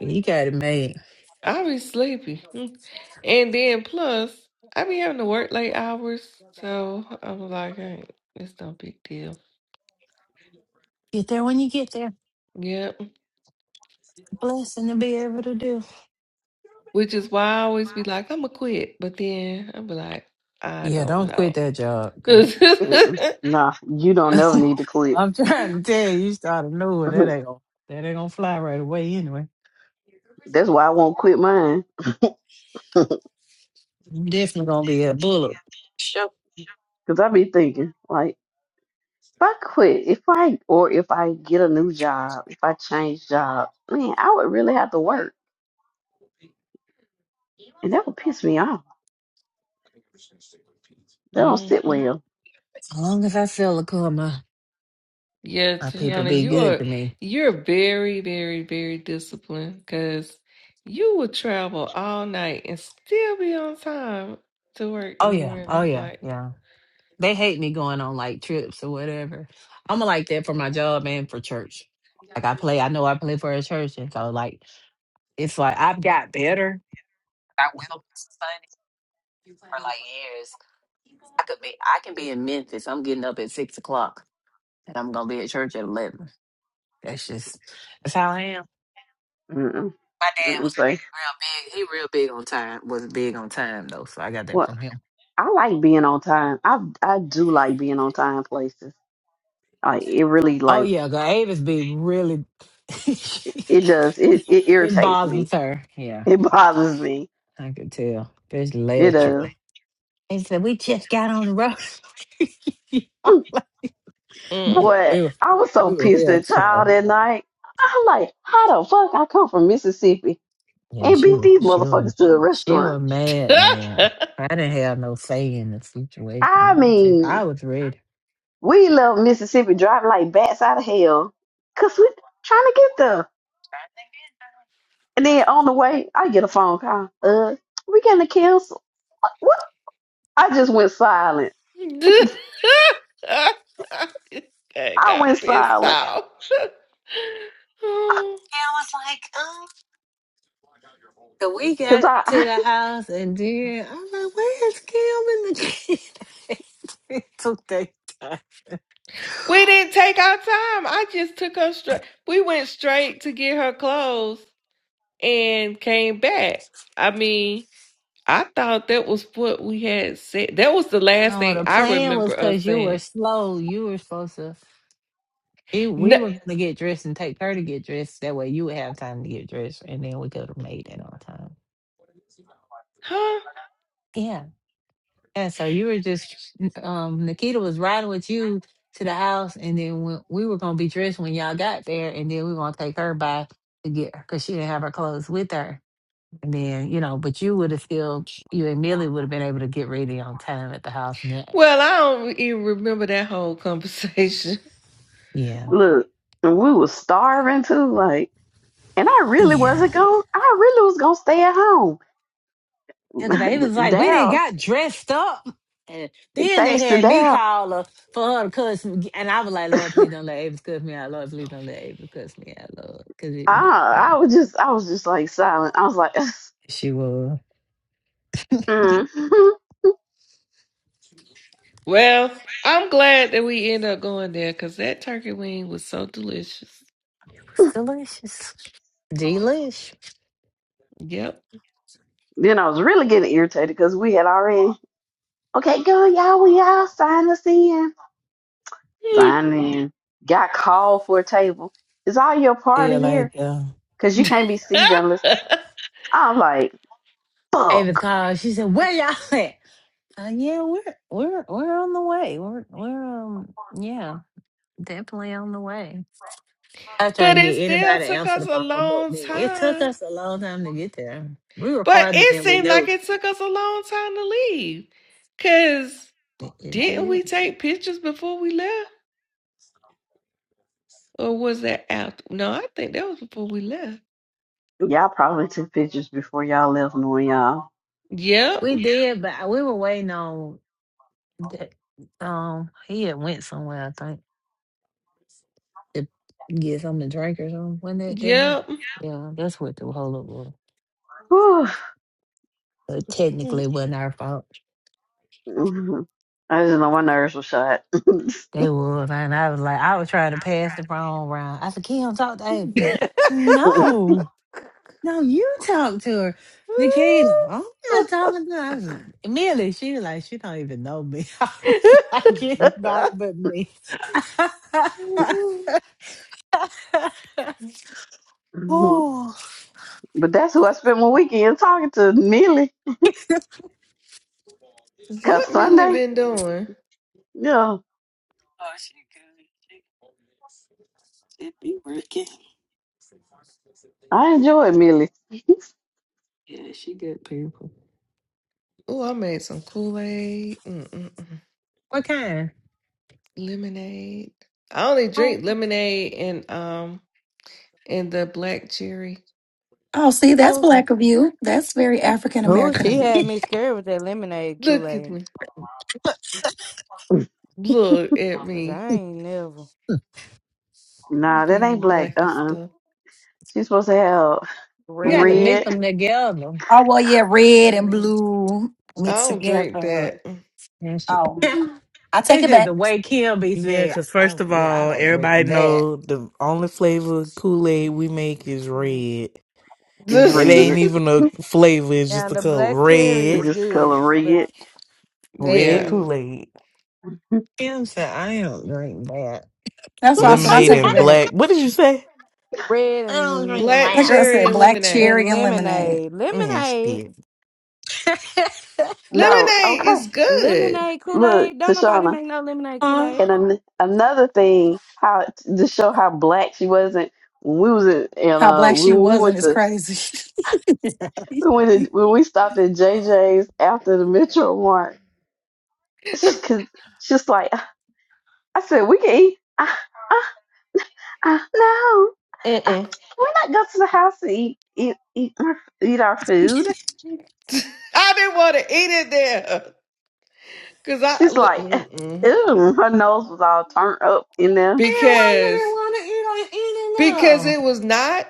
You got it made. I be sleepy. Mm. And then plus, I be having to work late hours. So I'm like, hey, it's no big deal. Get there when you get there. Yep. Blessing to be able to do. Which is why I always be like, I'm gonna quit, but then I'll be like, I Yeah, don't don't quit know. that hmm job. Mm-mm. Nah, you don't never need to quit. I'm trying to tell you, you started nowhere. That ain't gonna that ain't gonna fly right away anyway. That's why I won't quit mine. I'm definitely gonna be a bullet. Sure. Cause I be thinking like, if I quit, if I or if I get a new job, if I change job, man, I would really have to work, and that would piss me off. That don't sit well. As long as I feel the karma, Yeah, my people Tashana, be you good are to me. you're very, very, very disciplined because you would travel all night and still be on time to work Oh in the yeah, oh morning. yeah, Like, yeah. They hate me going on like trips or whatever. I'm like that for my job and for church. Like I play, I know I play for a church, and so like it's like I've got better. I will miss Sunday for like years. I could be, I can be in Memphis. I'm getting up at six o'clock, and I'm gonna be at church at eleven. That's just that's how I am. Mm-mm. My dad Mm-mm. was Say real big. He real big on time. Was big on time though, so I got that what? from him. I like being on time. I I do like being on time places. Like it really Oh like yeah, girl, Avis be really it it does. It it irritates me. bothers her. Yeah, It bothers me. I could tell. Especially It last trip. does. He said, We just got on the road. yeah, mm. Boy, we were I was so we were pissed real at child slow. that night. I'm like, how the fuck I come from Mississippi Yeah, and she beat was these she was motherfuckers to a she restaurant? was mad, man. I didn't have no say in the situation. I I was just mean, I was ready. we left Mississippi driving like bats out of hell because we trying to get there. And then on the way, I get a phone call. Uh, we getting to cancel. I just went silent. I I went got pissed silent off. Oh. And I was like, oh. So we because got to I the house and then I'm like, where's Kim and the kid? took that time. We didn't take our time. I just took her straight. We went straight to get her clothes and came back. I mean, I thought that was what we had said. That was the last No, thing the I plan was remember us because you were saying. slow. You were supposed to, it, we No, were going to get dressed and take her to get dressed. That way you would have time to get dressed and then we could have made it on time. huh? Yeah. Yeah. So you were just, um, Nikita was riding with you to the house and then when, we were going to be dressed when y'all got there and then we were going to take her by to get her because she didn't have her clothes with her And then, you know, but you would have still, you and Millie would have been able to get ready on time at the house. And that, Well, I don't even remember that whole conversation. yeah. look, and we was starving too. Like, and I really Yeah. wasn't going. I really was gonna stay at home. Because they was like, we didn't Daryl, got dressed up. And then they thanks to had me Daryl, call her for her to cuss me. And I was like, Lord, please don't let Avis cuss me out. Lord, please don't let Avis cuss me out, Lord. Because it was, I yeah. I was just I was just like silent. I was like, She was. mm. Well, I'm glad that we ended up going there because that turkey wing was so delicious. It was delicious. Delish. Yep. then I was really getting irritated because we had already okay, go y'all, we all sign us in, but sign in. Got called for a table. Is all your party Still here? ain't there. Cause you can't be seated unless I'm like, Avis fuck. called. She said, where y'all at? Uh, yeah, we're, we're, we're on the way. We're, we're, um, yeah. Definitely on the way. I try and it get still anybody to took answer us the a phone, but long man, it took time. us a long time to get there. We were But farther it than we seemed like knew. it took us a long time to leave. Cause It, it didn't did. we take pictures before we left? Or was that after? No, I think that was before we left. Y'all probably took pictures before y'all left knowing y'all. Yep. We did, but I- we were waiting on that, um He had went somewhere, I think. to get something to drink or something. Wasn't that that night? Yep. Yeah, that's what the whole up was. Whew. But technically, it wasn't our fault. Mhm. I just know my nerves were shot. They was, and I was like, I was trying to pass the phone around. I said, Kim, talk to Ava. No. No, you talk to her, Nikita. oh, I'm not talking to her. I was, immediately, she was like, she don't even know me. I was like, but anybody but me. oh, that's who I spent my weekend talking to, Millie. Cause what Millie Sunday, been doing? yeah, Oh, she good. She, she be working. I enjoyed Millie. Yeah, she good people. Oh, I made some Kool-Aid, Mm-mm-mm. what kind? lemonade. I only Oh, drink lemonade and um and the black cherry. Oh, see, that's oh, black of you. That's very African Ooh, American of she you. had okay. me scared with that lemonade Look at Kool-Aid. me. Look at Cause me. I ain't never. nah, that ain't Being black. Uh black and Uh-uh. uh. stuff. She's supposed to have you had to Red. mix red. them together. Oh well yeah, red and Mm, blue I mixed don't drink together. that. And she, Oh. I take it's it just back. the way Kim be Yeah, saying, because oh, first of yeah, I all, don't everybody drink that. know the only flavor Kool Aid we make is mm. red. It's It ain't red. even a flavor. It's Now just a the color. black cherry It's Red, is just good, color but red. that's red yeah. red. Kool Aid. Kim said, I don't drink that. That's why I said I Lemonade take I it and back. black. What did you say? Red don't and drink black That that. girl cherry said and black lemonade. and cherry and lemonade. lemonade. Man, Lemonade. shit. No, Lemonade okay. is good. Lemonade Look, Kool-Aid. Don't nobody Tashana. make no lemonade Uh, Kool-Aid. And an- another thing, how to show how black she wasn't. when We was in, and How uh, black she we we wasn't went is to crazy. And we went to, when we stopped at J J's after the Metro Mart. she- Cause she's like, I said we can eat. Uh, uh, uh, no, uh, Mm-mm. we're not going to the house to eat eat eat our, eat our food. I didn't want to eat it there because I She's l- like, mm-mm. ew, her nose was all turned up in there. why you didn't because want to eat because on eating though? it was not.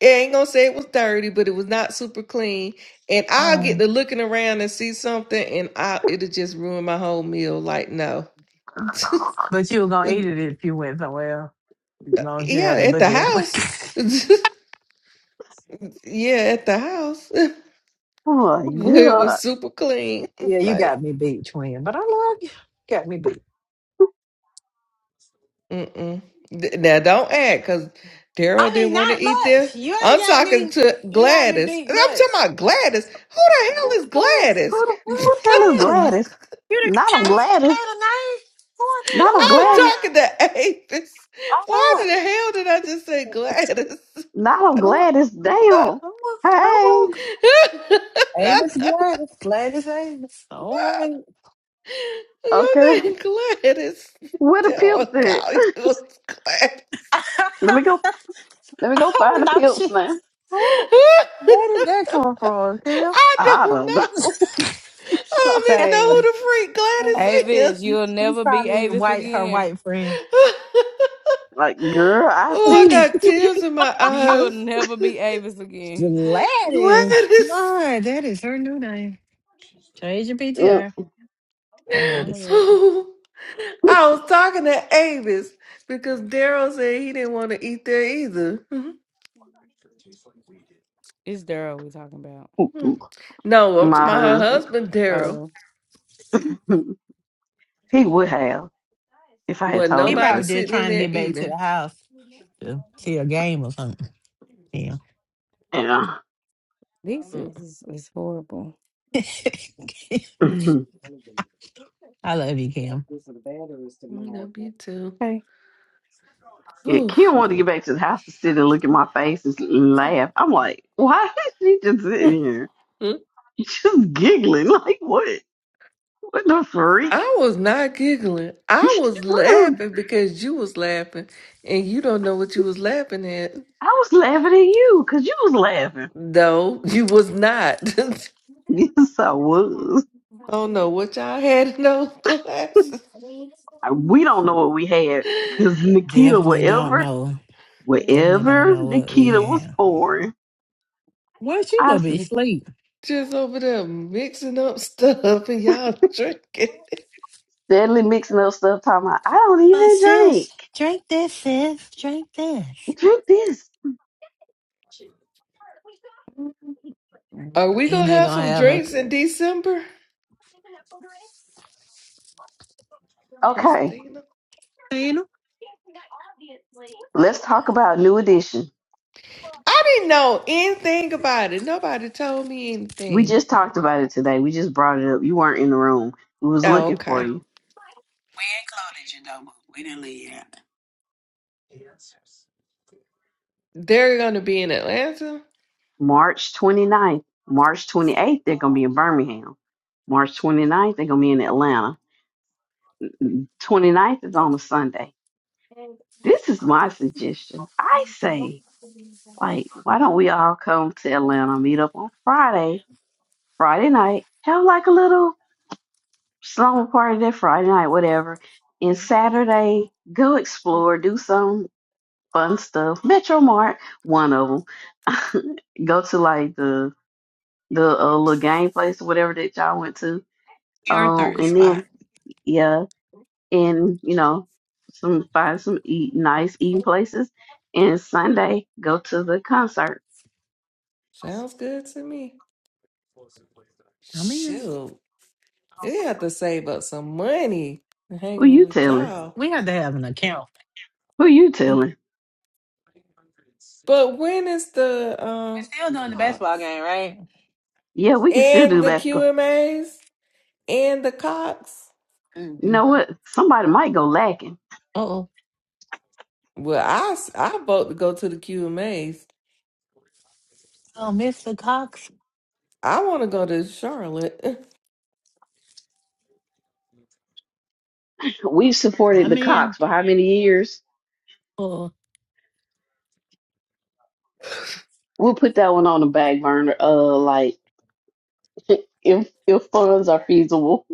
I ain't gonna say it was dirty, but it was not super clean. And I'll get oh, to looking around and see something, and I it'll just ruin my whole meal. Like no, but you were gonna yeah, eat it if you went somewhere. As long as you had to at the look at it. house. Yeah, at the house Oh my where it was god, super clean. yeah, you Like, got me beat, twin. But I love you. Got me beat. mm-mm. Th- Now don't act because Daryl I didn't mean, want to not eat there. much. You ain't I'm got talking me. to You got me Gladys. beat I'm talking much. about Gladys. Who the hell is What's playing? Gladys? who the, who the What's hell is playing? Gladys? You the Not a change the Gladys. eight or nine? What's Not on I'm Gladys. what talking to Avis. All Why the right. hell did I just say I'm, Gladys? Not on a, Gladys. Damn. I'm, a, I'm Hey. wrong. Avis Gladys. Gladys Avis. All right. Your Okay. name Gladys. Where the pimps Daryl at? call you Gladys. Let me go. Let me go I find the thought pimps she. now. Who? where did that come from, Kim? I I don't don't know. know. Say, I don't even know who the Avis, freak Gladys you'll She's never be probably your Avis white, her again. white friend. is. Like, girl, I oh, I see. got tears in my You'll eyes. never be Avis again. Gladys. Gladys. My, that is her new name. Change your Mm, PTR. Oh, Gladys. yeah. Oh, I was talking to Avis because Daryl said he didn't want to eat there either. It's Daryl we talking about. no, I'm talking My about her husband. husband, Daryl. Oh, He would have if I had Wasn't told He him nobody probably to. did sitting in trying to there get back to eating. the house to see a game or something. Yeah. Yeah. this Mm, is is horrible. I love you, Kim. W2. Okay. yeah. Kim Oof. wanted to get back to the house to sit and look at my face and laugh. I'm like, why is she just sitting here? Just giggling. Like, what? What the freak? I was not giggling. I was What laughing because you was laughing and you don't know what you was laughing at. I was laughing at you because you was laughing. No, you was not. I Yes, I was. don't know what y'all had in those glasses. I- We don't know what we had because Nikita, Definitely don't whatever, know. Definitely don't whatever know what we Nikita was have. pouring, Where she I gonna s- be asleep? Just over there mixing up stuff and y'all drinking. steadily mixing up stuff. Talking about, I don't My even sis, drink. drink this, sis. Drink this. Drink this. Are we And gonna they have gonna some have a drinks in December? Okay, Christina? casino. let's talk about New Edition. I didn't know anything about it. Nobody told me We anything. just talked about it today. We just brought it up. You weren't in the room. We was Oh, looking for okay. you. We included you though, but we didn't leave you out. They're gonna be in Atlanta. March 29th, March 28th, they're gonna be in Birmingham. March 29th, they're gonna be in Atlanta. Twenty ninth is on a Sunday. This is my suggestion. I say, like, why don't we all come to Atlanta, meet up on Friday, Friday night, have like a little slumber party that Friday night, whatever. And Saturday, go explore, do some fun stuff. Metro Mart, one of them. go to like the the uh, little game place or whatever that y'all went to. Your Um, third and spot. then yeah. and you know some find some eat nice eating places and sunday go to the concert Sounds good to me. I mean, Shoot, you have to save up some money hanging who you with telling y'all. we have to have an account. who you Mm, telling But when is the um We're still doing the basketball Cox game, right? yeah we can still and do the basketball QMAs and the Cox? you Mm-hmm. know what somebody might go lacking Oh, Well, I s- I vote to go to the QMAs. oh, Mr. Cox. I want to go to Charlotte. we've supported I'm the in cox for how many years for we'll put that one on the back burner uh like if if funds are feasible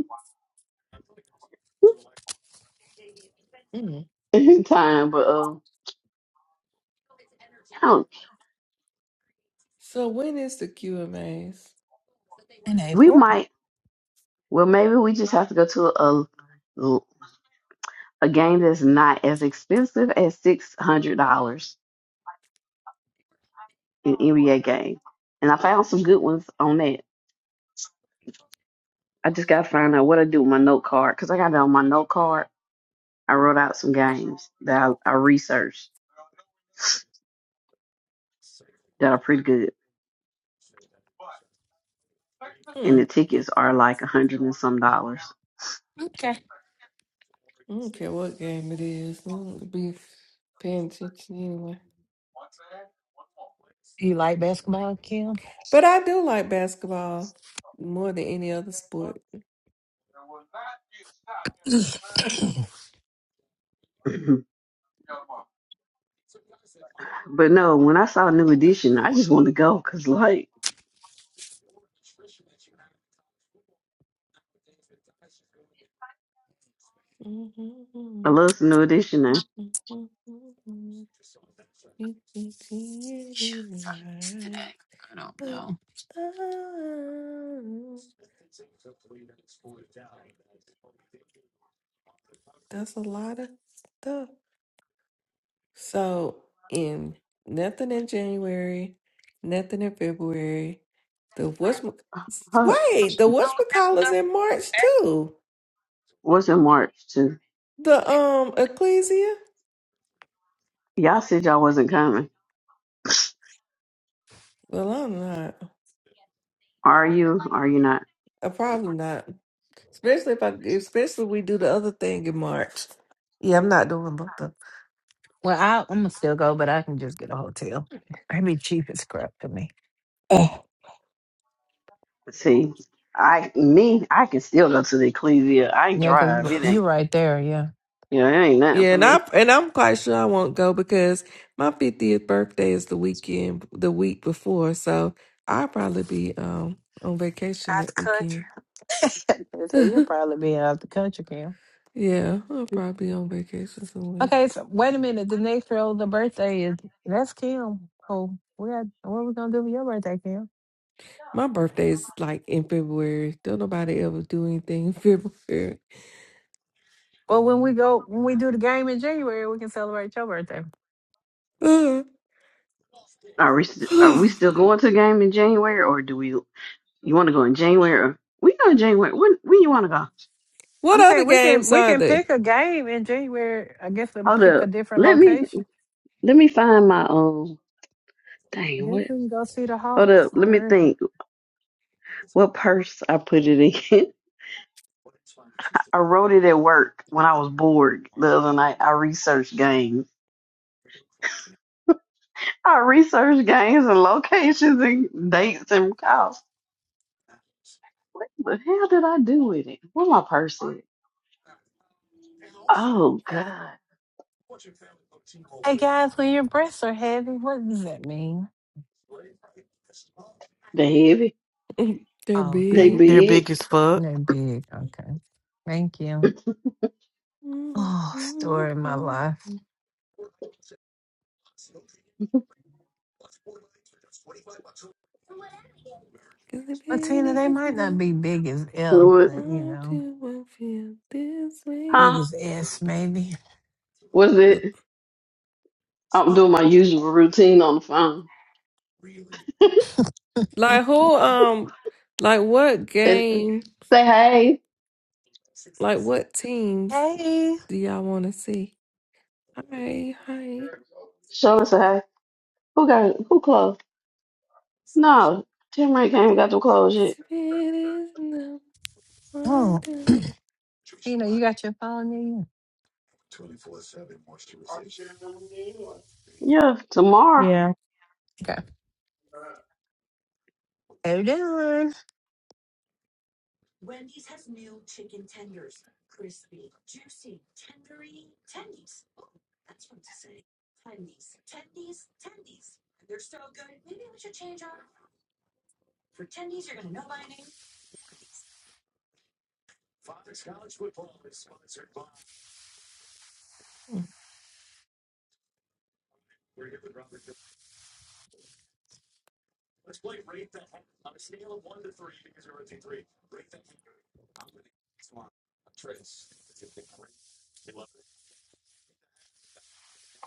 Mm. in time but um I don't, So when is the QMAs? in we April. might well maybe we just have to go to a a game that's not as expensive as six hundred dollars in NBA game. And I found some good ones on that. I just gotta find out what I do with my note card because I got it on my note card. I wrote out some games that I, I researched that are pretty good, and Mm. I the tickets are like a hundred and some dollars. Okay. don't care what game it is. I don't be paying attention anyway. Do you like basketball, Kim? But I do like basketball more than any other sport. but no, when I saw New Edition, I just wanted to go because like Mhm, I mhm, love some New Edition and mhm, mhm. You can see it in Shots your on this today. eyes. I don't know. Oh, No, oh. That's a lot of stuff. So, in nothing in January, nothing in February. The what's huh, wait the we just go what's to in March too. what's in March too. The um ecclesia. Y'all said y'all wasn't coming. Well, I'm not. Are you? Are you not? Uh, probably not. Especially if I, especially if we do the other thing in March. Yeah, I'm not doing both of them. Batman. Well, I, I'm gonna still go, but I can just get a hotel. That'd be cheap as crap to me. Oh, See, I me, I can still go to the Ecclesia. I Yeah, cause drive. r- It you ain't right there. Yeah, you know, it ain't nothing Yeah, for and I me. and I'm quite sure I won't go because my 50th birthday is the weekend, the week before, so I'll probably be um on vacation out that the weekend. country. so you'll probably be out the country, Kim. yeah, I'll probably be on vacation somewhere. Okay, so wait a minute. The next row, the birthday is that's Kim. Oh, we got what are we gonna do for your birthday, Kim? My birthday is like in February. Don't nobody ever do anything in February. Well, when we go, when we do the game in January, we can celebrate your birthday. Are we st- are we still going to the game in January or do we you wanna go in January or we go in January. When when you wanna go? what I'm other saying we can games we are can there? pick a game in January. I guess we Hold pick a up. different Let me location. let me find my um I dang guess what we can go see the hold Hawks. up, All let me right. think what purse I put it in. I wrote it at work when I was bored the other night. I researched games. I researched games and locations and dates and costs. What the hell did I do with it? Where my purse at? Oh God, Hey guys, when your breasts are heavy, what does that mean? they heavy. They're Oh, okay. They big. They're big. big as fuck. They're big. Okay. Thank you. Mm, Oh, mm, story of my mm, life. mm. Cause the pain Latina, they is might not enough be big as L, What? but you I know, do to feel this way. big Huh? as S maybe. What's L- it? I'm doing my usual routine on the phone. Like who um like what And game say hey. like what teams Hey. do y'all wanna see? Hi, hi. Show us a hey. Who got who closed? No, Tim Ray ain't got to close Cause yet. the pain is enough hard Oh, to- Tina, you got your phone in you? Yeah, tomorrow. Yeah. Okay. Hold on.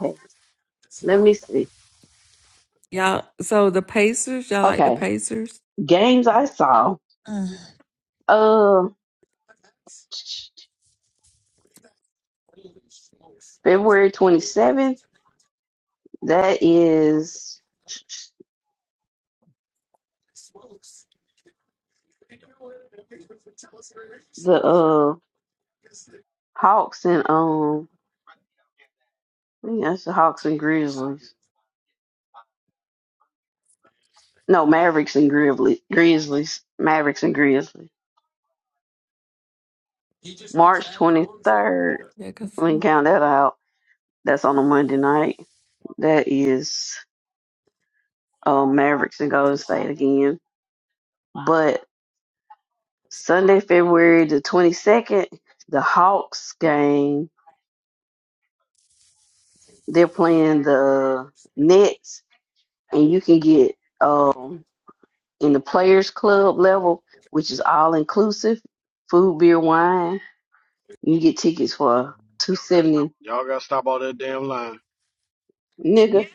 Okay, let me see. Y'all so the Pacers, y'all like the Okay, Pacers? Games I saw. Uh, Uh, February 27th. That is the uh Hawks and um. I think that's the Hawks and Grizzlies. No, Mavericks and Grizzlies. Grizzlies. Mavericks and Grizzlies. March 23rd. Yeah, cause We can um, count that out. That's on a Monday night. That is um Mavericks and Golden State again. But Sunday, February the 22nd, the Hawks game They're playing the Nets, and you can get um, in the Players Club level, which is all inclusive, food, beer, wine. You can get tickets for two seventy, Y'all gotta stop all that damn lying. nigga.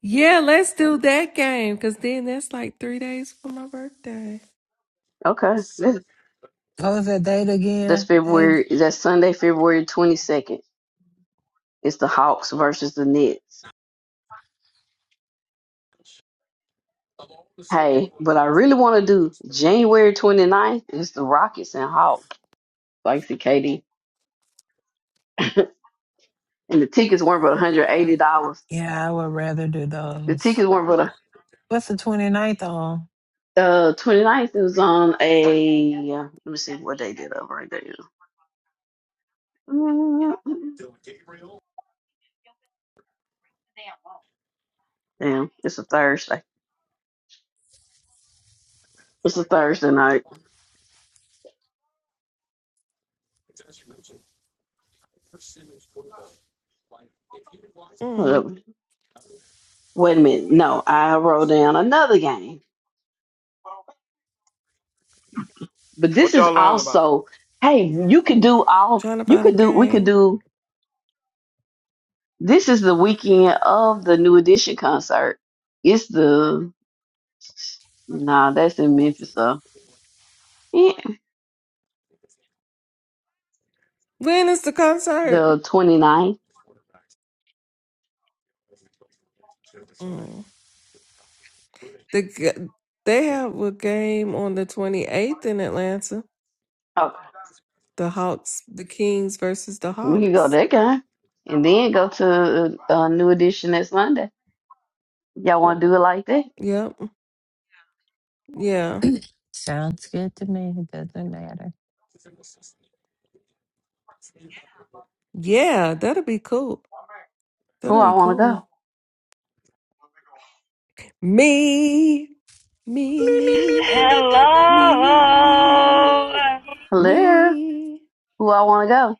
yeah, let's do that game. Cause then that's like three days for my birthday. Okay, that's, What was that date that's again? Dave? February. That's Sunday, February twenty second. It's the Hawks versus the Nets. Hey, but I really want to do January 29th. It's the Rockets and Hawks. Thanks to KD. and the tickets weren't but $180. Yeah, I would rather do The those. tickets weren't but What's the twenty ninth, on? The 29th it was on a let me see what day did I right there. Damn, it's a Thursday. It's a Thursday night. Hold Mm. up. Wait a minute. No, I wrote down another game. But this What is y'all lying about? also hey, you could do all Trying to you find a could do we could game. do this is the weekend of the new edition concert. It's the nah, that's in Memphis, so yeah, When is the concert? the 29th. Mm. The g- they have a game on the 28th in Atlanta. Okay. The Hawks, the Kings versus the We can go Hawks. that kind, and then go to a, uh new edition next Monday. Y'all want to do it like that? Yep. Yeah. Sounds good to me. It doesn't matter. Yeah, that'll be cool. Who That'll I be want to cool. go? Me, Me, me, me, me, me, me, me, me, me, me, me, me, me, me, me, me, me, Hello. me, Hello, me. who I want to go?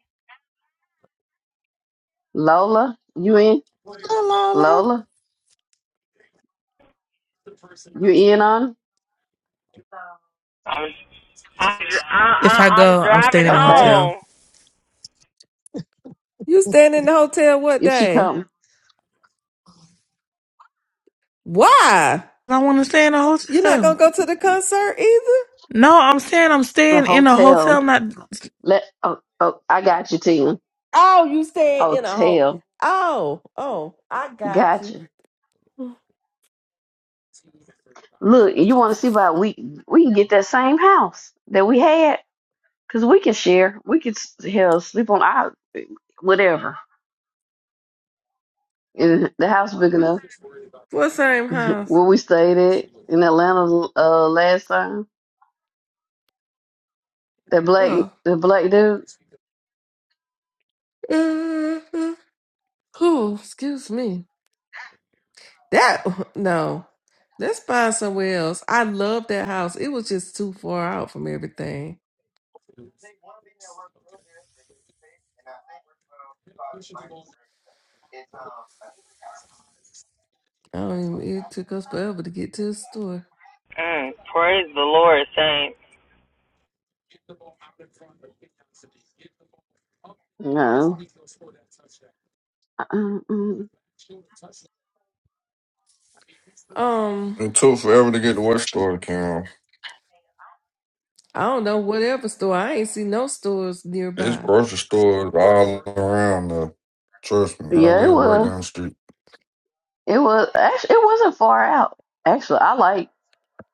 Lola, you in? Oh, Lala, Lola, you in on? it? I'm I'm I, I, If I I'm go, I'm staying driving in a Okay, hotel. home. You staying in the hotel what if she day? come Why? I want to stay in a You're not hotel. gonna go to the concert either? No, I'm saying I'm the staying in a hotel, hotel. Not. let oh, oh I got you, team. Oh, you staying in a whole. Hotel, Oh, oh, I got you. gotcha. Look, you want to see about we we can get that same house that we had because we can share. We could s- hell sleep on our whatever. And the house big enough. What same house? where we stayed at in Atlanta uh, last time. That black, Oh, the black dude. hmm Who? Excuse me. That no. Let's find somewhere else. I love that house. It was just too far out from everything. I don't even, it took us forever to get to the store. Mm, praise the Lord, saints. No. Mm-mm. Um, It took forever to get to what store to Cam. I don't know whatever store. I ain't see no stores It's nearby. grocery stores all around the trust me, I Yeah, it live right down was. the street. It was. Actually, it wasn't far out. Actually, I like.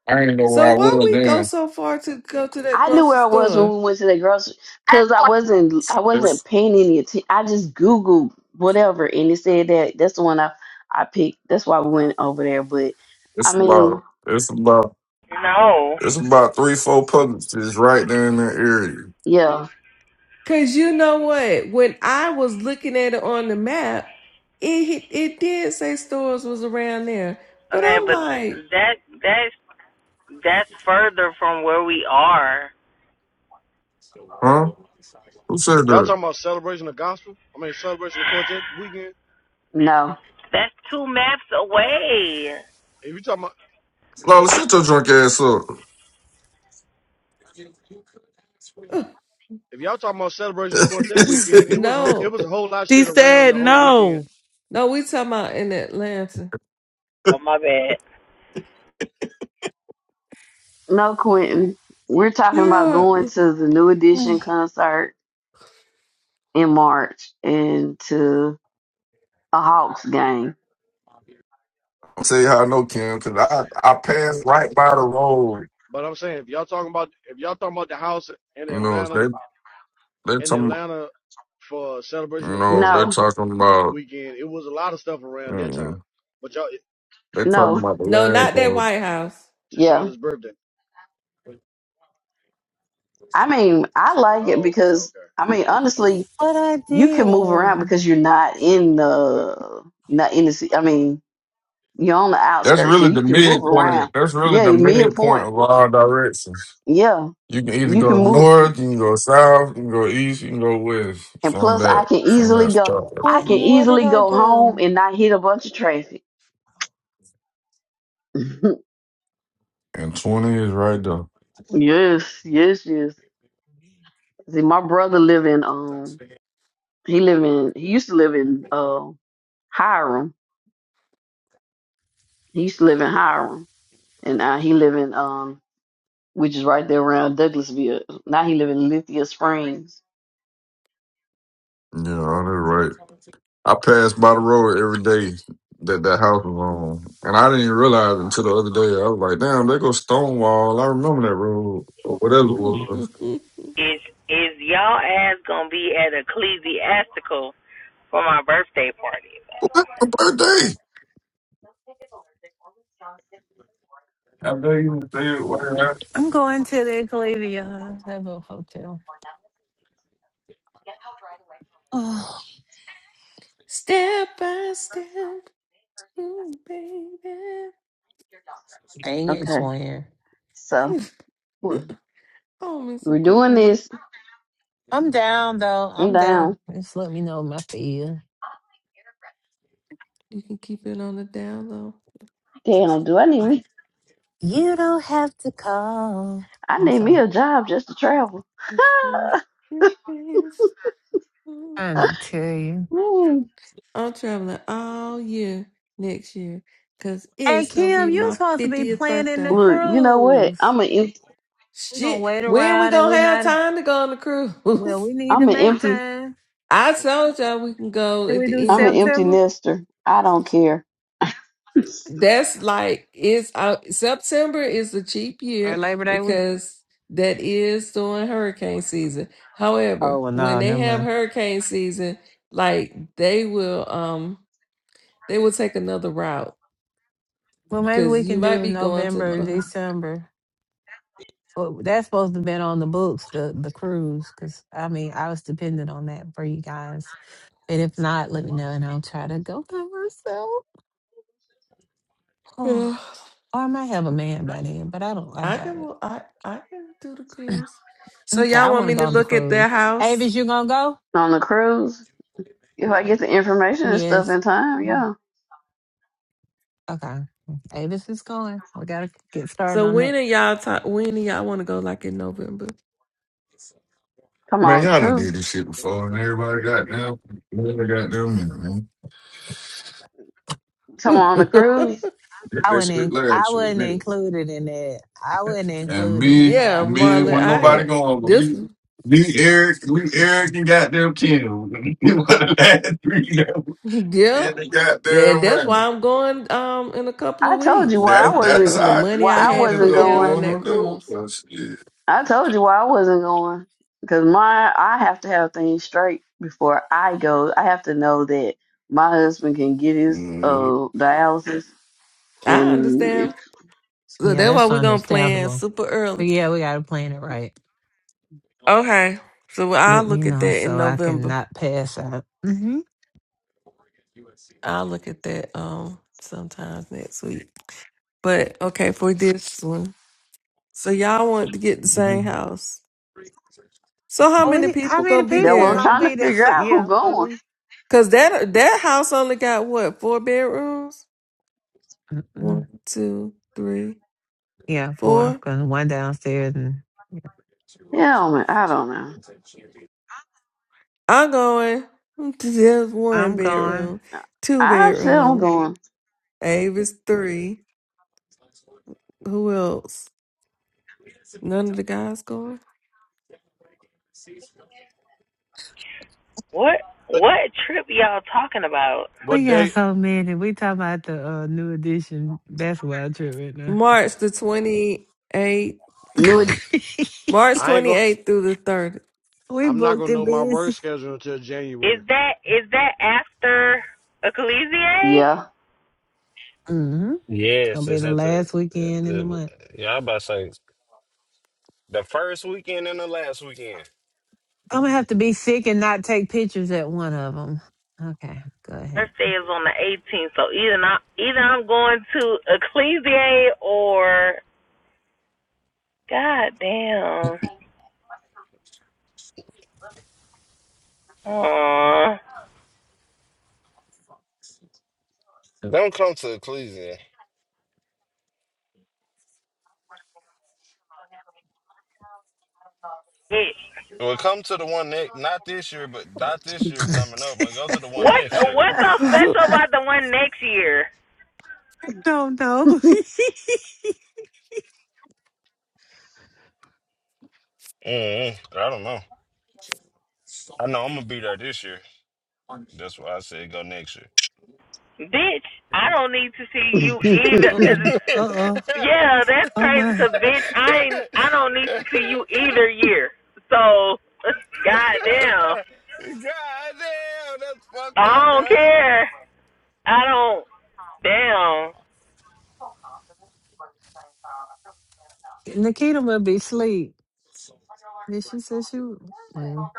I ain't know where So I why was we go then. so far to go to that I knew grocery where I was store? when we went to the grocery because I wasn't. I wasn't It's paying any attention. I just Googled whatever, and it said that that's the one I I picked. That's why we went over there. But I it's mean, about it's about No, it's about three, four publics right there in that area. yeah, Cause you know what? When I was looking at it on the map, it hit- it did say stores was around there, but okay, I'm but like, that that's that's further from where we are. Huh? Who said Y'all that? talking about celebration of gospel? I mean celebration of quartet weekend. no, That's two maps away. If you talking about Lola, shut your drunk ass if y'all talking about celebration of quartet weekend, up. it was a it no, was a whole lot of She shit around said the whole weekend. no. no, we talking about in Atlanta. Oh my bad. no, Quentin. We're talking about Yeah. going to the New Edition concert in March into a Hawks game. I'll tell you how I know Kim, cause I I passed right by the road. But I'm saying if y'all talking about if y'all talking about the house in You know Atlanta they they in talking Atlanta for you celebration of know they quartet No, talking about weekend, it was a lot of stuff around that time. mm, But y'all they talking no, about the No, last not that road. White House. to yeah. Shonda's birthday. I mean, I like it Oh, okay, because okay. I mean, honestly, What I you can move around did. because you're not in the not in the. I mean, you're on the That's outskirts really and you the can move midpoint. around. That's really Yeah, the me a point. midpoint of all directions. Yeah, You can either you go can move, north, you can go south, you can go east, you can go west and from plus, I that can from easily that go. start. I What, can what did easily I go home do? and not hit a bunch of traffic. And twenty is right there. yes, yes, yes. See, my brother live in um He live in he used to live in uh Hiram. He used to live in Hiram. And now he live in um which is right there around Douglasville. Now he live in Lithia Springs. Yeah, all that right. I passed by the road every day that that house was on, and I didn't even realize it until the other day. I was like, "Damn, they go Stonewall." I remember that road or whatever it was. Is is y'all ass gonna be at ecclesiastical for my birthday party? What a birthday! I know you was there. whatever. I'm going to the Eclavia. I Have a Hotel. Oh, step by step, ooh, baby. dang it, Okay. twin. So we're Oh, me some we're Kool doing Aid. this. I'm down, though. I'm I'm down. down. Just let me know my feel. You can keep it on the down low. Damn, do I need me You don't have to call. I I'm need me sorry. a job just to travel. That's me. Trying to tell you. Mm. I'm traveling all year next year because Hey, it's gonna be Kim, you my supposed to be 50th planning the birthday. Look, you know what? cruise. I'm an empty We're going to Shit, wait when we around and gonna we're have not. time to go on the Well, cruise? we need I'm to an make empty time. I told y'all we can go Can at we do the end I'm of an the year. empty September nester. I don't care. That's like it's uh, September is the cheap or year Labor Day week? because that is during hurricane season. Oh, However, well, when no, they never have mind. hurricane season, like they will um they will take another route Well, maybe we because you can might do be going to the November, Bahamas. December. Well, that's supposed to have been on the books, the the cruise, because I mean, I was dependent on that for you guys. And if not, let me know, and I'll try to go by myself. Oh, Yeah. or I might have a man by then, but I don't. I I doubt it. can I I can do the cruise. So Okay, I y'all want want to me go to on the look at their cruise. house? Avis, you gonna go? On the cruise. If I get the information and stuff Yes. in time, Come on. yeah. Okay. Avis is going. We gotta get started So on that when are y'all talk, when do y'all want to go like in November? Come Man, on, y'all done cruise. did this shit before, and everybody got them. Everybody got them, in it, man. Come on the cruise. Did I That wouldn't. shit In, I last year, wouldn't nigga. include it in that. I wouldn't And include it, me, so yeah, I can't me, Marlon, wasn't speak to I that. nobody had going, but this me, me, Eric, me, Eric, and goddamn Kim. We were the last three that were in yep. the Then goddamn that's running. why I'm going um in a couple of I told you weeks why I That that's wasn't from the how money why I I I had ended wasn't put up down going. on going that on those cruise. ones. Yeah. I told you why I wasn't going because my I have to have things straight before I go. I have to know that my husband can get his Mhm. uh dialysis, I and if understand. So Yeah, that's why that's we're gonna plan understandable. super early. But yeah, we gotta plan it right. Okay. So I'll Let me look at know that in so I can November. not pass out. hmm I'll look at that um sometimes next week. But okay, for this one. So y'all want to get the same house. So how Oh, we many need, how people many gonna be that's what people I'm gonna there? trying to be there? figure out who yeah, but going. we. Cause that that house only got what, four bedrooms? One, Mm-mm. two, three, Yeah, four. four. Cause one downstairs and Yeah, man, I don't know. I'm going to there's one I'm gone. bedroom, two I'm still bedrooms, going. Avis three. Who else? None of the guys going? What what trip y'all talking about? What We got day? so many. We talking about the uh, new edition basketball trip right now. March the twenty eighth. New, March I ain't twenty gonna eighth through the thirtieth. we I'm not booked gonna it know my busy. work schedule until Is January. that is that after Ecclesiae? yeah. Mm-hmm. Gonna Yes, be it's the at the. last Uh, weekend in the uh, month. yeah, i about to say the first weekend and the last weekend. I'm gonna have to be sick and not take pictures at one of them. Okay, go ahead. birthday is on the 18th, so either not, either I'm going to Ecclesia or God damn. Aww. Don't come to Ecclesia. It, Well, come to the one next, not this year, but not this year coming up. But go to the one what's next year. what's so special about the one next year, Don't know. mm I don't know. I know I'm gonna be there this year. That's why I said go next year. bitch? I don't need to see you uh either. oh. Uh oh. Yeah, that's Oh crazy, my. cause bitch, I ain't, I don't need to see you either year. So, goddamn, God damn, that's fucked up, I don't bruh. care. I don't. Damn. Nikita must be asleep. Did she say she? w- Well,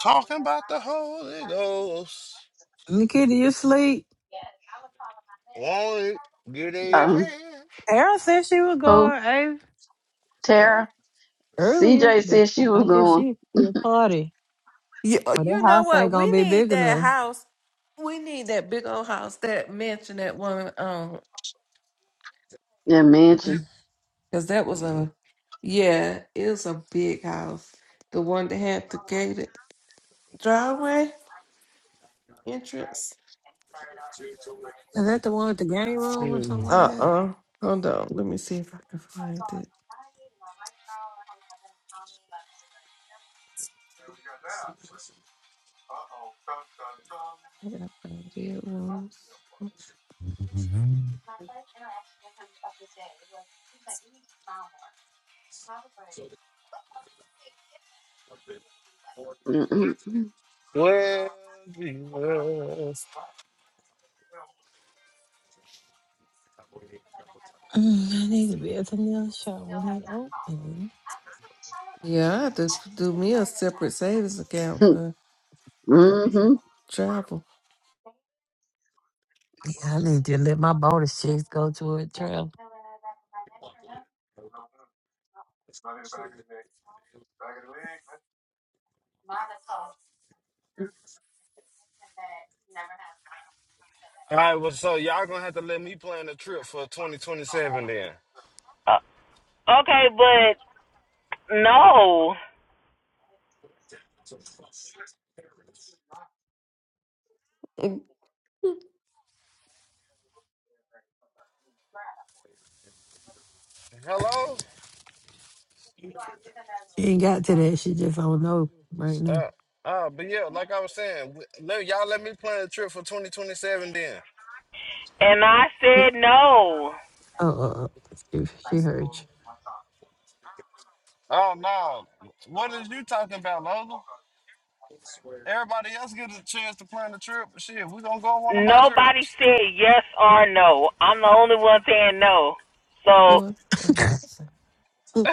Talking about the Holy Ghost. Nikita, you sleep? Want it, get in your Um, hand. Errol said she was who? going eh, Tara? earlier, CJ but said she was I guess going. she be a party. You, uh, Well, that you know house ain't what? We gonna be need big that enough. house. We need that big old house, that mansion, that one. Um, Yeah, Mm. mansion. because that was a, yeah, it was a big house. The one that had the gated driveway entrance. Is that the one with the game room or Hmm. something like Uh that? uh Hold on. Let me see if I can find it. Where did I find it rooms. Mm-hmm. Well, Jesus. Mm, I need to be at the nail shop when they open. Yeah, I have to do me a separate savings account for Mm-hmm. travel. I need to let my bonus checks go to a trial. All right, well, so y'all gonna have to let me plan the trip for 2027 then. Uh, okay, but no. Hello? She ain't got to that. She just don't know right now. Uh, uh, but yeah, like I was saying, w- let, y'all let me plan the trip for 2027 then. And I said no. Oh, uh, uh, she, she hurt Oh, no. What is you talking about, Lola? Everybody else gets a chance to plan the trip. Shit, we gonna go on one of my Nobody trips. said yes or no. I'm the only one saying no. So, Oh, you.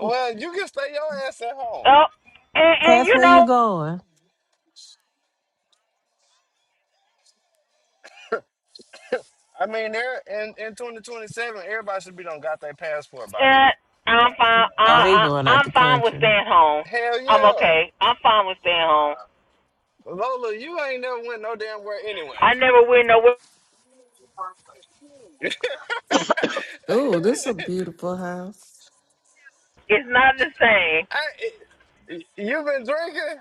Well, you can stay your ass at home. oh, and, and Cass, you where you know, going? I mean, there in, in 2027, everybody should be done got their passport by then. eh, I'm fine. Oh, he I, going I, out I'm the fine with country. staying home. Hell I'm yeah. okay. I'm fine with staying home. Lola, you ain't never went no damn where anyway. I never went nowhere. this is a beautiful house. It's not the same. I, it, you been drinking?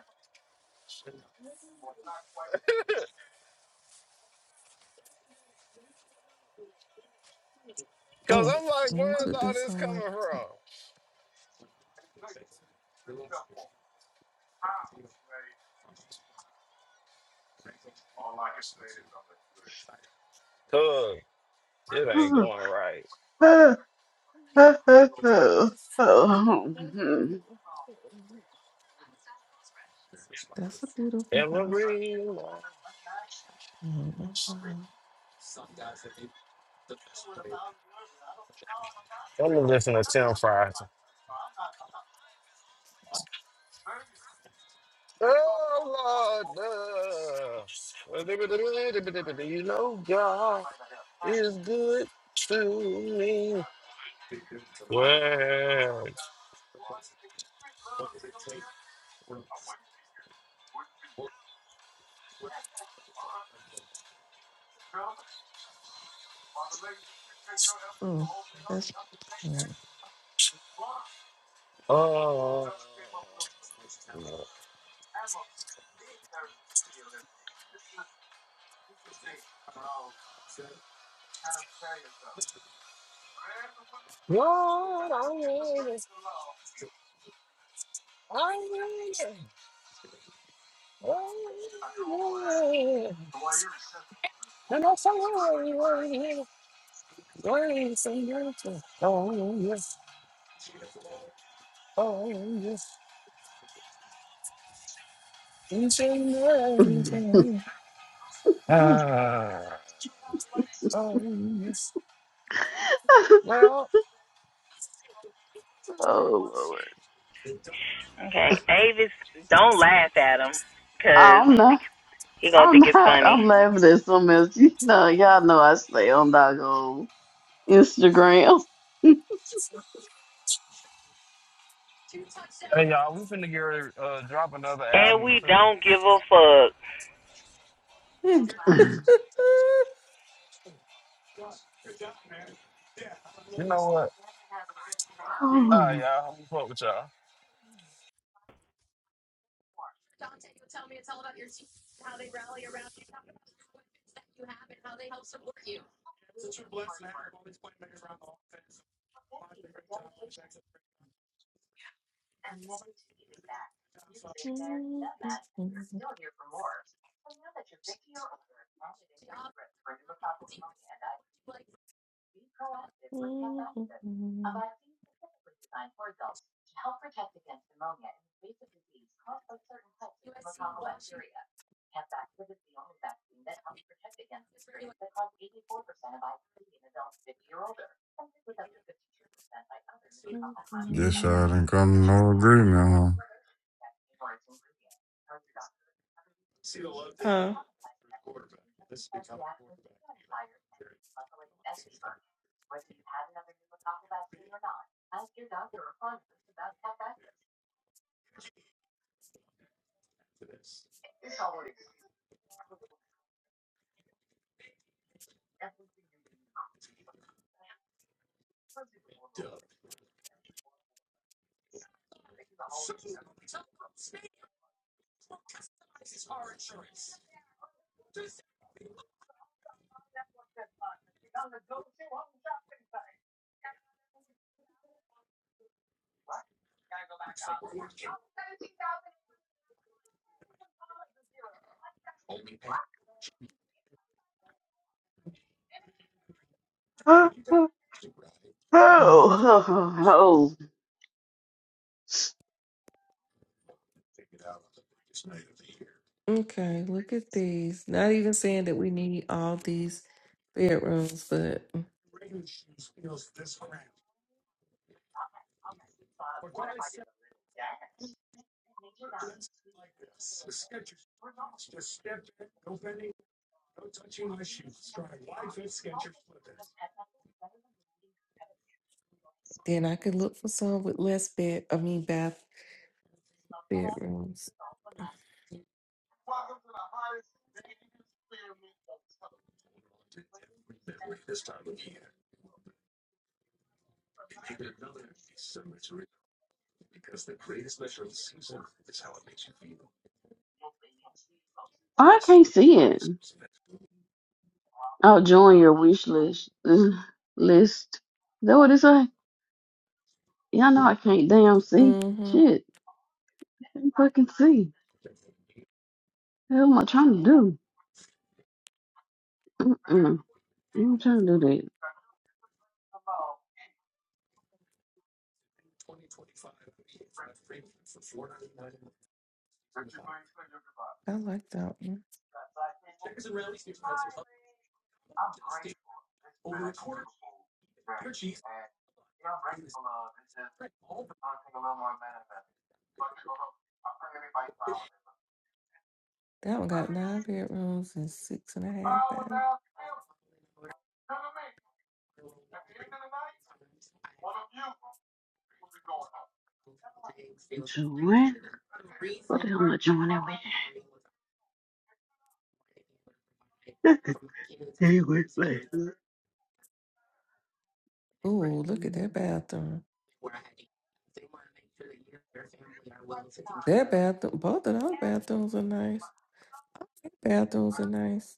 Cause Mm. I'm like, Let me where's put all this this on my coming from? Cause it ain't going right. That's a beautiful Every house. morning. Mm, oh, wow. I'm gonna listen to Tim Fries. Oh Lord, uh, you know God is good to me. Well, Mm, that's mm, oh, Lord, I will, I will, and I say, oh, grace and mercy. Oh yes, oh yes, each and every day. mm, Ah, oh, well, Oh, Lord. Okay, Avis, don't laugh at him, cause I'm not. he gonna I'm think it's not. funny. I'm laughing at something else. You know, y'all know I stay on doggone Instagram. hey y'all, we finna get ready, to uh, drop another And album we too. don't give a fuck. mm. You know what? All right, oh, y'all, I'm gonna fuck with y'all. Mm, mm, mm, mm, mm, mm, Guess I mm. didn't come to no agreement, huh? huh. oh, Mm. oh, oh. Okay, look at these. Not even saying that we need all these bedrooms, but mm, then I could look for some with less bed, I mean bath bedrooms. I can't see it. I'll join your wish list. List. That what it say? Y'all know I can't damn see. Mm-hmm. Shit. I can't fucking see. The hell am I trying to do? Mm-mm. I ain't trying to do that. I like that one. That one got nine bedrooms and six and a half baths. Join? What the hell am I joining with? Ooh, look at that bathroom. That bathroom, both of those bathrooms are nice. Bathrooms are nice.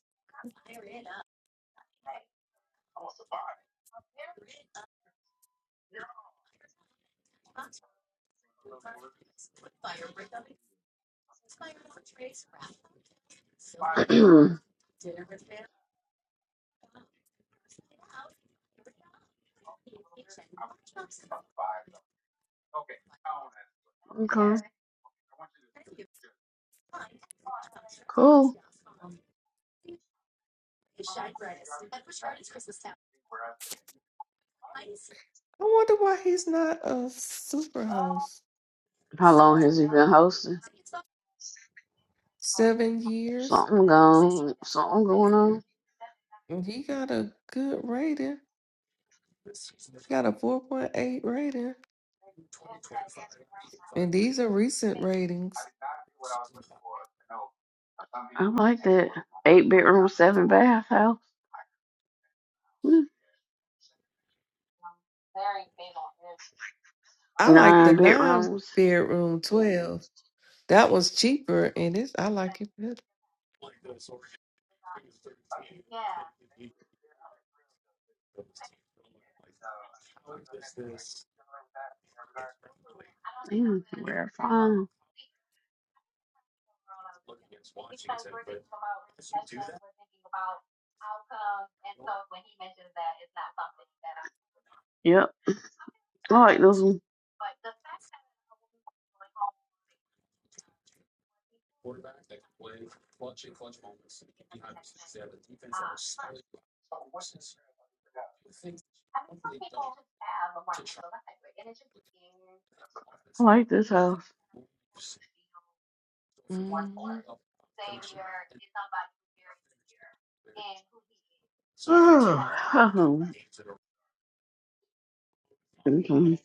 Mm. okay. Cool. I wonder why he's not a super house. How long has he been hosting? Seven years. Something going, something going on. and He got a good rating. Got a 4.8 rating. And these are recent ratings. I like that. Eight bedroom, seven bath house. Mm. I like the Nine nine bedrooms. bedroom 12. That was cheaper and it's I like it better. Damn, where I'm from? Yep, I like this one. I like this house. Mm-hmm. Okay.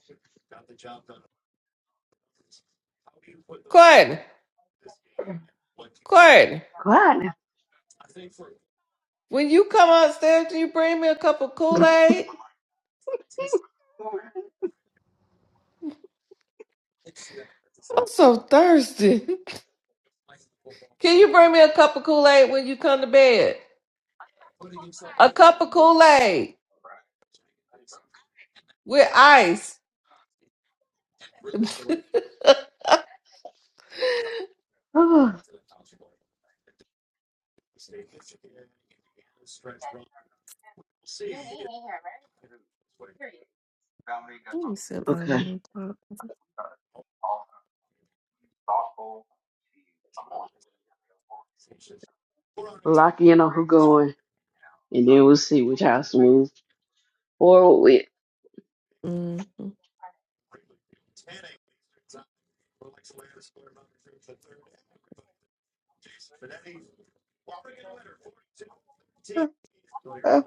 Courtney, Courtney. Glad. When you come upstairs, can you bring me a cup of now. Kool-Aid? I'm so thirsty. Can you bring me a cup of Kool-Aid when you come to bed? A cup of Kool-Aid with ice. Let me set my okay, alarm clock. lock in on who going, and then we'll see which house moves forward with. Mhm.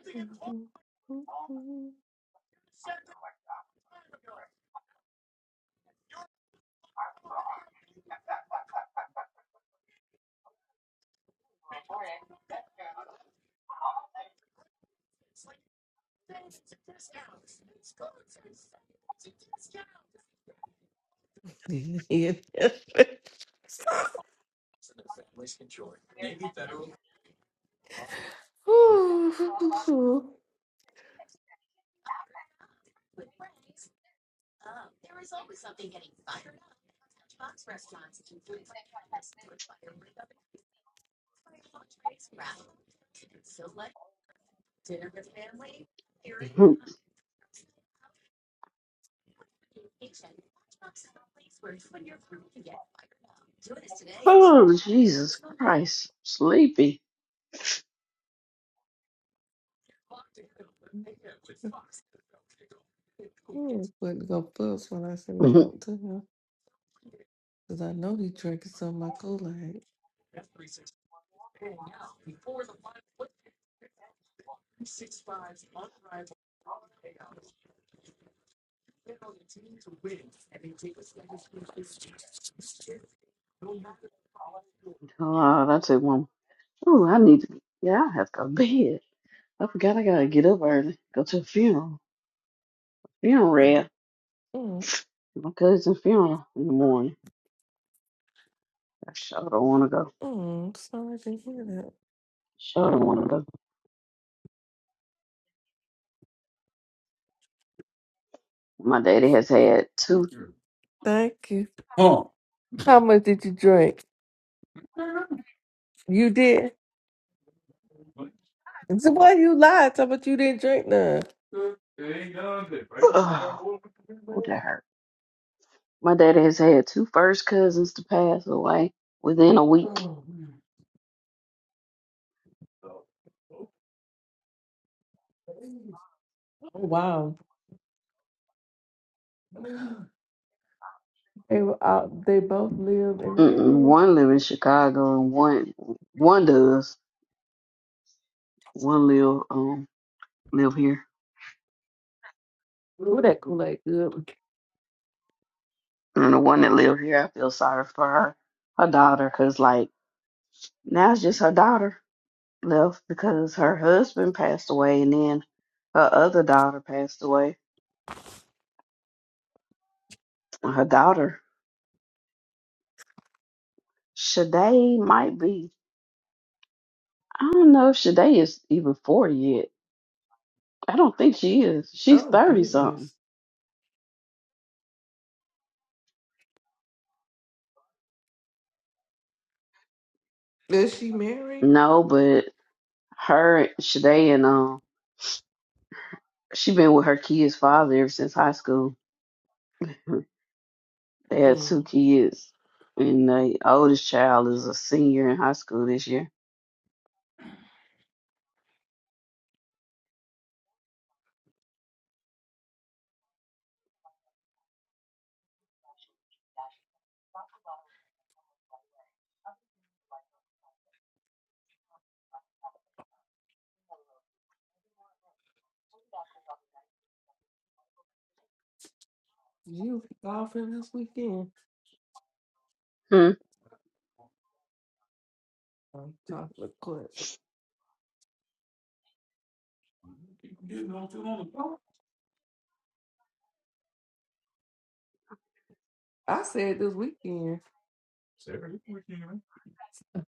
Yeah. Ooh. oh, Jesus Christ, sleepy. Ooh, Wasn't gonna fuss when I said oh, something to him because I know he drinking some of my Kool-Aid. that's it, one. Oh, I need to. Yeah, I have to go to bed. I forgot I gotta get up early, go to a funeral. Funeral, rap. Mm, my cousin's funeral in the morning. I sure don't want to go. mm, sorry to hear that. Sure don't want to go. My daddy has had two. Thank you. How much did you drink? You did. So why you lied? How about you didn't drink none? Oh, that hurt. My daddy has had two first cousins to pass away within a week. Oh wow. They were out. They both live in the Mm-mm. area. One live in Chicago, and one one does. One live um live here, Ooh, that Kool Aid good. and the one that live here, I feel sorry for her, her daughter, cause like now it's just her daughter left because her husband passed away, and then her other daughter passed away. Her daughter Shade might be. I don't know if Shade is even 40 yet. I don't think she is. She's Oh 30 something. goodness. Is she married? No, but her, Shade, and um, she been with her kids' father ever since high school. They had two Mm. kids, and the oldest child is a senior in high school this year. You golfing this weekend? Hmm. I'm talking to Clint. I said this weekend,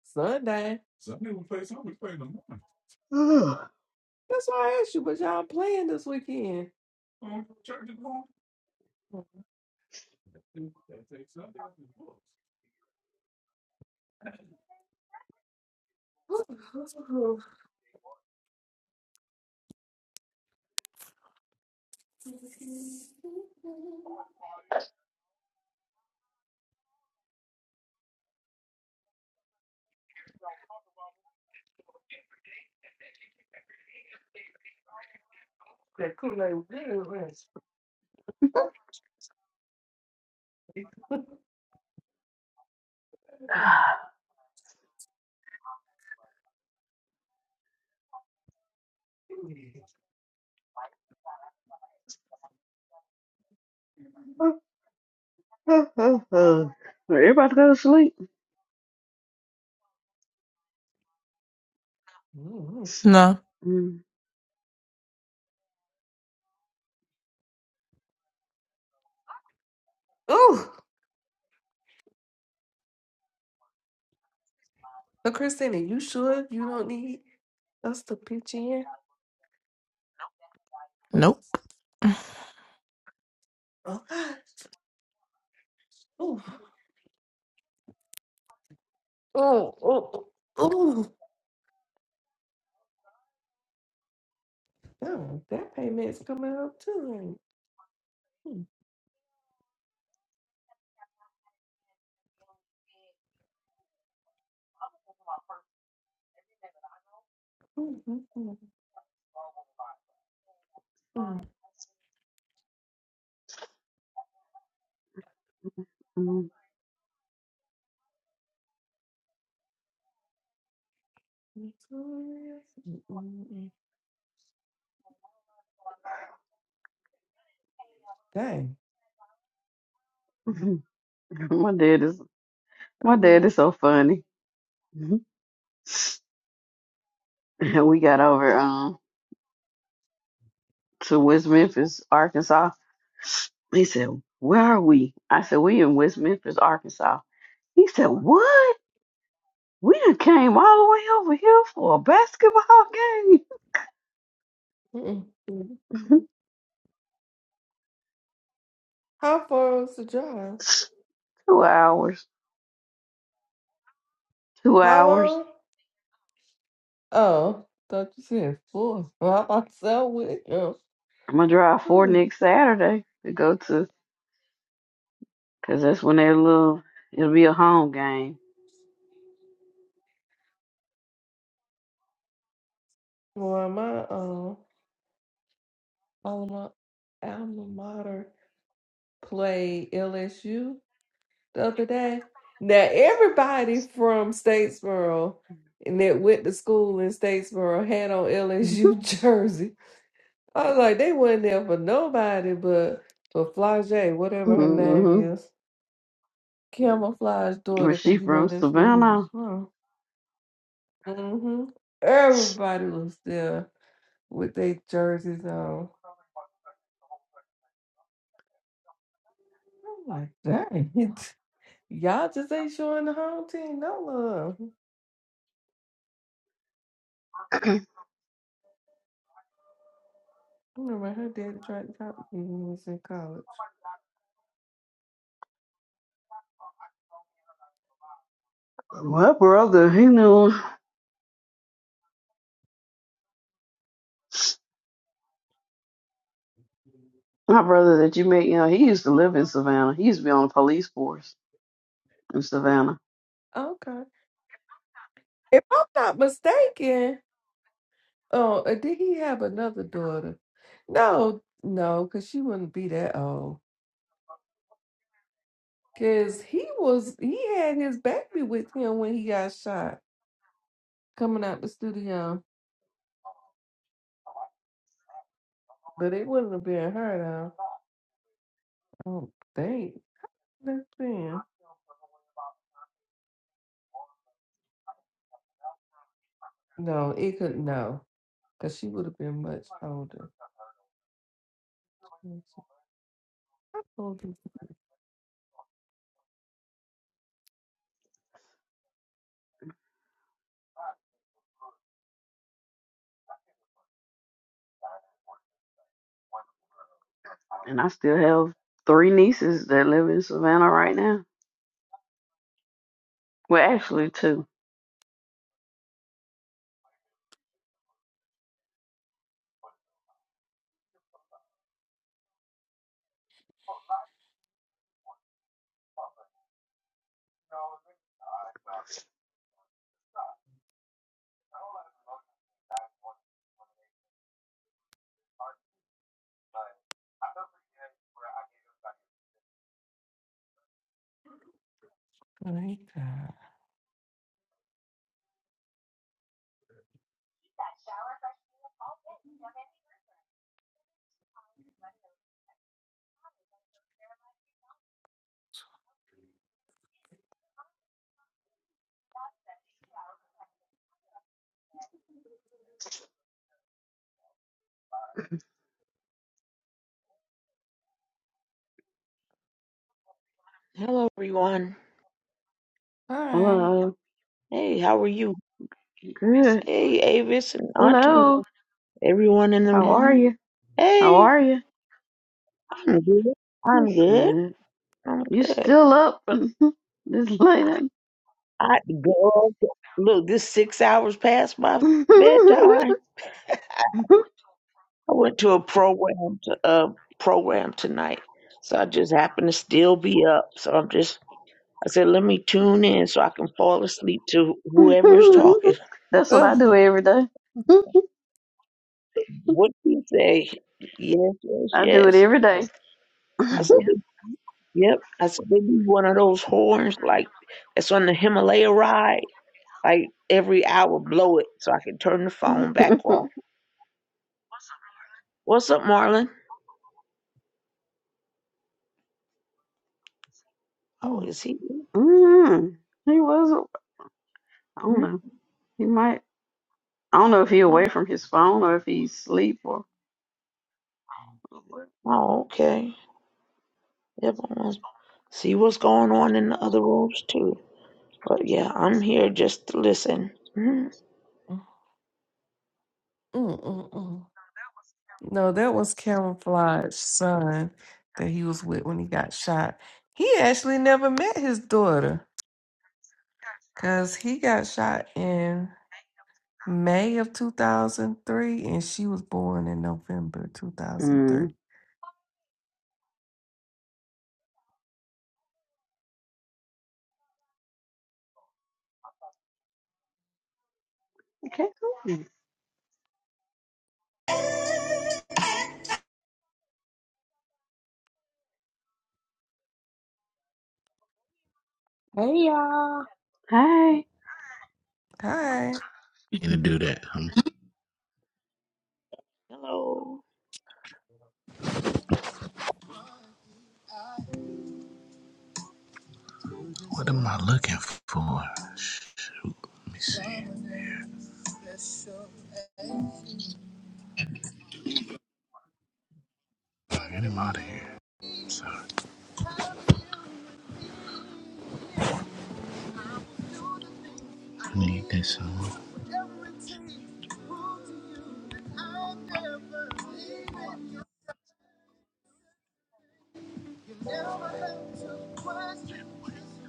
Sunday. That's why I asked you. But y'all playing this weekend? That Kool-Aid was good, Everybody go to sleep. was No. Mm, Oh, but Christina, you sure you don't need us to pitch in? Oh, Nope. oh, oh, oh, oh. Oh, that payment's coming up too. ain't it? Mm, mm, mm, mm, mm. mm, mm, mm, mm. Dang. mm. my dad is I my dad will. is so funny. we got over um to West Memphis, Arkansas He said, Where are we? I said, We in West Memphis, Arkansas. He said, What? We done came all the way over here for a basketball Mm, mm, mm. game. How far is the drive? two hours. Two How hours. long? Oh, thought you said four. Well, I thought so. with it. I'm gonna drive four Hmm. next Saturday to go to, cause that's when their little it'll be a home game. Well, my um alma alma mater played LSU the other day. Now everybody from Statesboro and that went to school in Statesboro had on LSU jersey. I was like, they wasn't there for nobody but for Flage, whatever her name hmm is, Camouflage Where daughter, she because you know from? that's where he was Savannah. from. hmm Everybody was there with their jerseys on. I'm like, dang. Y'all just ain't showing the home team no love. I remember her dad tried to talk to me when we was in college. My brother, he knew my brother that you met. You know, he used to live in Savannah. He used to be on the police force in Savannah Okay. If I'm not mistaken, oh, uh, did he have another daughter? No, no, because she wouldn't be that old. Because he was, he had his baby with him when he got shot coming out the studio. But it wouldn't have been her, though. I don't think. That's been. No, it could, no, because she would have been much older. And I still have three nieces that live in Savannah right now. Well, actually, two. I like that. Hello, everyone. All right. Hello. Hey, how are you? Good. Hey, Avis and Auntie, Hello. everyone in the How are room. you? How Hey, are you? I'm good. I'm What's good. good? I'm You good. still up and this late? I girl, look, this six hours past my bedtime. I went to a program to a program tonight, so I just happened to still be up. So I'm just. I said, let me tune in so I can fall asleep to whoever's talking. That's what I do Ugh. every day. What do you say? Yes, yes, I do it yes. every day. I Mm, said, Yep. I said they need one of those horns like that's on the Himalaya ride. Like every hour blow it so I can turn the phone back off. What's up, Marlon? Oh, mm. is he? Mm, he was, I don't Hmm? know. He might, I don't know if he away Oh, from his phone or if he's asleep or. oh, okay. Yep, I must see what's going on in the other rooms too. But yeah, I'm here just to listen. Mhm. Mm, mm, mm. No, that was Camouflage's son that he was with when he got shot. He actually never met his daughter because he got shot in May of 2003 and she was born in November Mm. 2003. Okay, cool. Hey y'all. Hey. Hi. to do that. huh? Hello. What am I looking for? Let me see. Get him out of here. I need this song.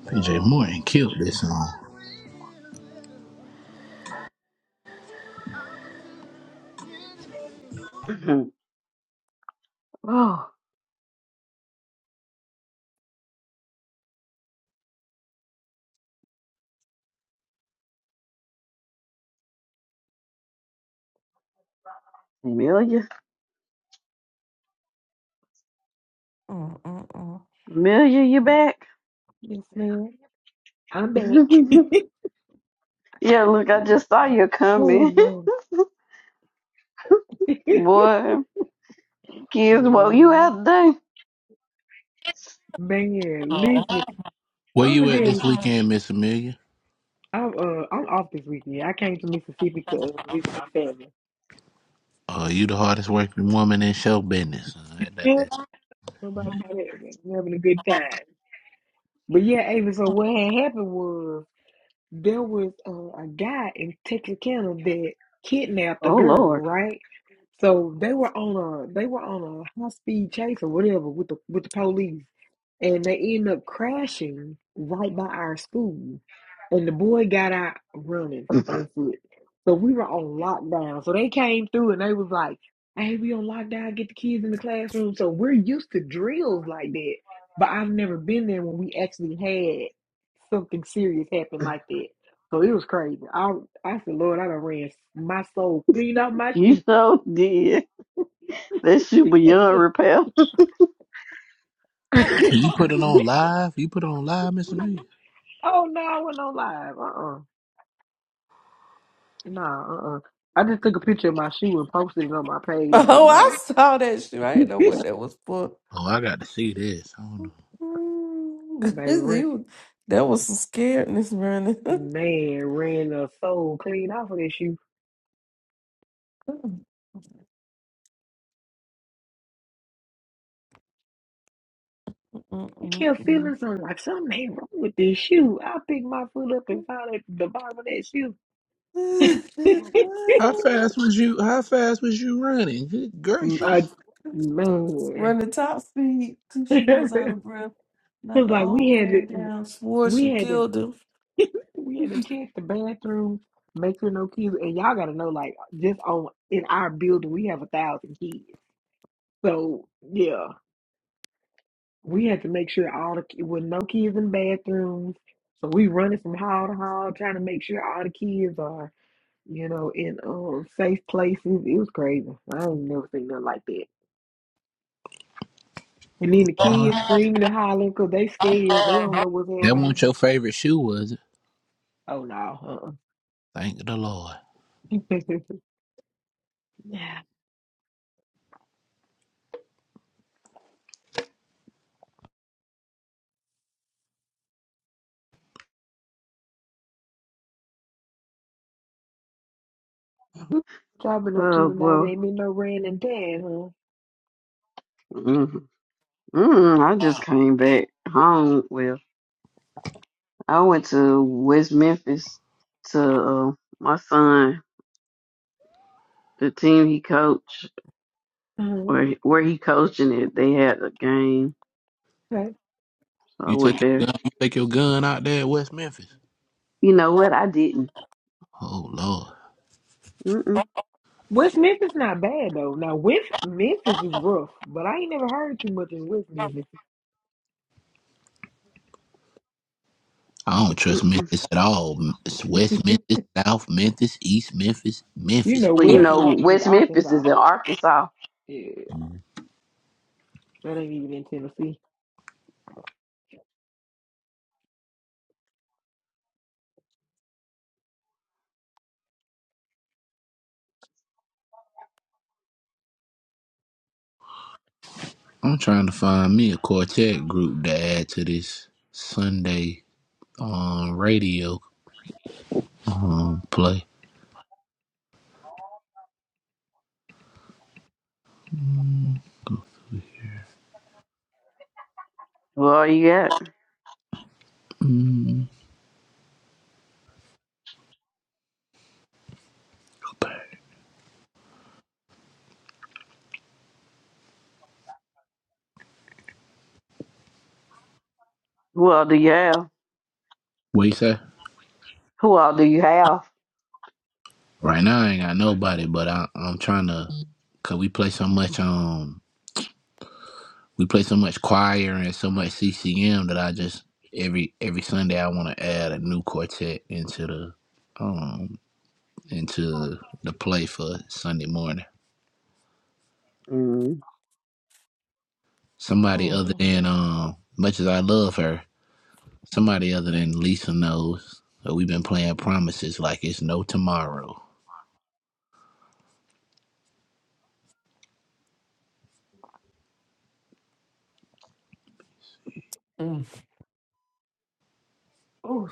PJ Morton killed this song. Mhm. oh, Amelia, Mm-mm-mm. Amelia, you back? Yes, man. I'm back. yeah, look, I just saw you oh coming. Lord. Boy, kids, well, you Mm, out there? Man, listen. Where I'm a you at this day. weekend, Miss Amelia? I'm uh I'm off this weekend. I came to Mississippi to uh, visit my family. Are you the hardest working woman in show business? Yeah, nobody out there, man. I'm having a good time. But yeah, Ava, so what had happened was there was uh, a guy in Texarkana that kidnapped a Oh, girl, Lord. right? So they were on a they were on a high speed chase or whatever with the with the police, and they end up crashing right by our school, and the boy got out running on foot. So we were on lockdown. So they came through and they was like, "Hey, we on lockdown. Get the kids in the classroom." So we're used to drills like that, but I've never been there when we actually something serious happened like that. So it was crazy. I I said, Lord, I done ran my soul clean out my You shoe. so did. That shit was young repair. Did oh you put it on live? You put it on live, Mr. Amelia? no, I went on live. Uh uh Nah, uh uh I just took a picture of my shoe and posted it on my page, but Oh, I no. saw that shit. I didn't know Baby what that was for. Oh, I got to see this. I don't He know. ran was- that was some scaredness running. man ran the soul clean off of this shoe. I kept feeling something like something ain't wrong with this shoe. I picked my foot up and found it at the bottom of that shoe. How fast was you? How fast was you running? Good I gracious! man. running top speed till she was out of breath, It like was an like we old had man to, down. Swore we she had to, killed him. we had to check the bathrooms, make sure no kids. And y'all gotta know, like, just on in our building, we have a thousand kids. So yeah, we had to make sure all the ki- with no kids in bathrooms. So we running from hall to hall, trying to make sure all the kids are, you know, in um safe places. It was crazy. I ain't never seen nothing like that. And then the Lord, kids screaming and hollering because they scared. They don't know what's that happening. wasn't your favorite shoe, was it? Oh no. Thank the Lord. Uh-uh. Yeah. What y'all been up to Oh, tonight? boy. Ain't been no rain and tan, huh? Mm-hmm. Mm, I just came back home. Well, I went to West Memphis to uh, my son, the team he coached, Uh-huh. or where he coaching it. They had a game, Okay. so I You take went there. your gun. You take your gun out there in West Memphis. You know what? I didn't. Oh Lord, Mm-mm, West Memphis not bad though. Now West Memphis is rough, but I ain't never heard too much in West Memphis. I don't trust mm-mm. Memphis at all. It's West Memphis, South Memphis, East Memphis, You Memphis. know, Well, you West Period. know, Memphis is West Memphis Arkansas. is in Arkansas. Yeah, that ain't even in Tennessee. I'm trying to find me a quartet group to add to this Sunday um radio um play. Who all you got? Mm, Who all do you have? what you say? Who all do you have? Right now, I ain't got nobody, but I, I'm trying to, cause we play so much um, we play so much choir and so much CCM that I just every every Sunday I want to add a new quartet into the um into the play for Sunday morning. Somebody other than um, much as I love her, somebody other than Lisa knows. that We've been playing promises like it's no tomorrow. Mm. Ooh.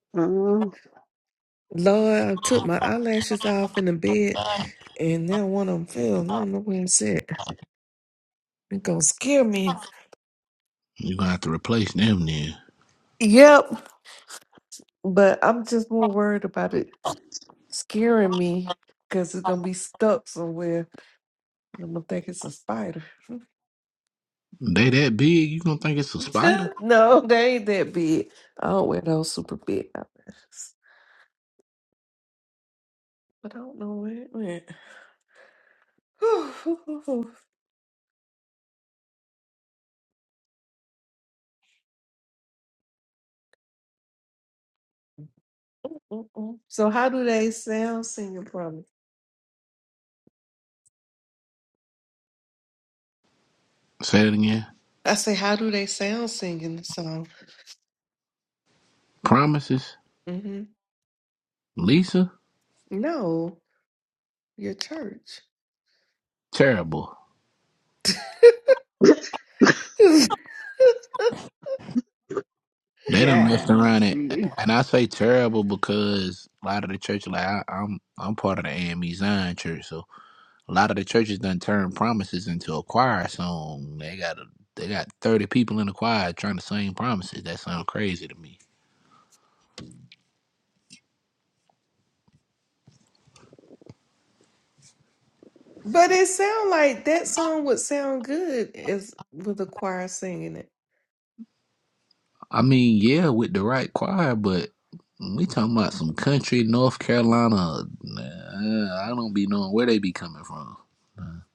Mm-mm. Lord, I took my eyelashes off in the bed, and now one of them fell. I don't know where it's at. It gonna scare me. You're gonna have to replace them then. Yep, but I'm just more worried about it scaring me because it's gonna be stuck somewhere, and I'm gonna think it's a spider. They that big, you gonna think it's a spider? no, they ain't that big. I don't wear those super big eyelashes, but I don't know where it went. Mm-mm. so how do they sound singing from? it? Say it again. I say, how do they sound singing the song? Promises. hmm Lisa? No, your church. Terrible. They done messed Yeah. around it. And I say terrible because a lot of the church, like I, I'm I'm part of the AME Zion church, so a lot of the churches done turned promises into a choir song. They got a, they got thirty people in the choir trying to sing promises. That sounds crazy to me. but it sound like that song would sound good as with the choir singing it. I mean, yeah, with the right choir, but we talking about some country North Carolina. Nah, I don't be knowing where they be coming from.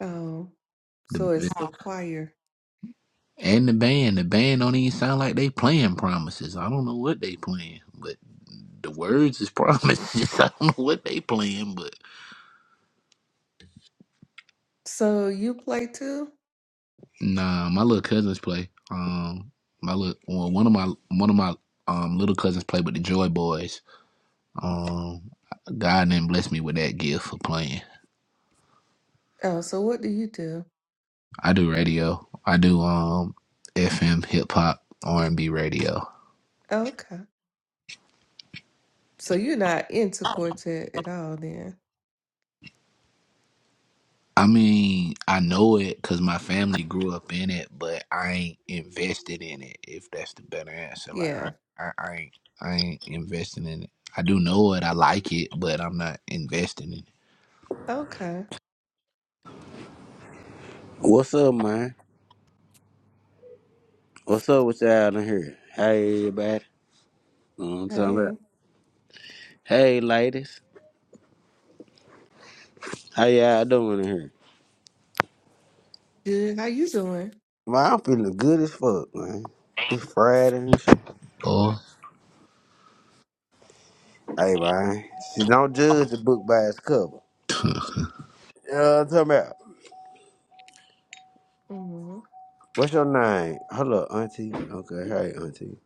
Oh, so The it's the choir. and the band, the band don't even sound like they playing promises. I don't know what they playing, but the words is promises. I don't know what they playing, but So you play too? nah, my little cousins play. Um, my little well, one of my one of my um little cousins play with the Joy Boys. Um, God didn't bless me with that gift for playing. Oh, so what do you do? I do radio. I do um FM, hip hop, R and B radio. Okay. So you're not into quartet at all then? I mean, I know it because my family grew up in it, but I ain't invested in it. If that's the better answer, like Yeah. I, I, I ain't, I ain't investing in it. I do know it. I like it, but I'm not investing in it. Okay. What's up, man? What's up with y'all in here? Hey, everybody. Know what I'm talking about? Hey. Hey, ladies. How y'all doing in here? Good. How you doing? Man, I'm feeling good as fuck, man. This Friday and shit. Oh, Hey, man. See, don't judge the book by its cover. You know what I'm talking about? Mm-hmm. What's your name? Hello, auntie. Okay, hey, auntie.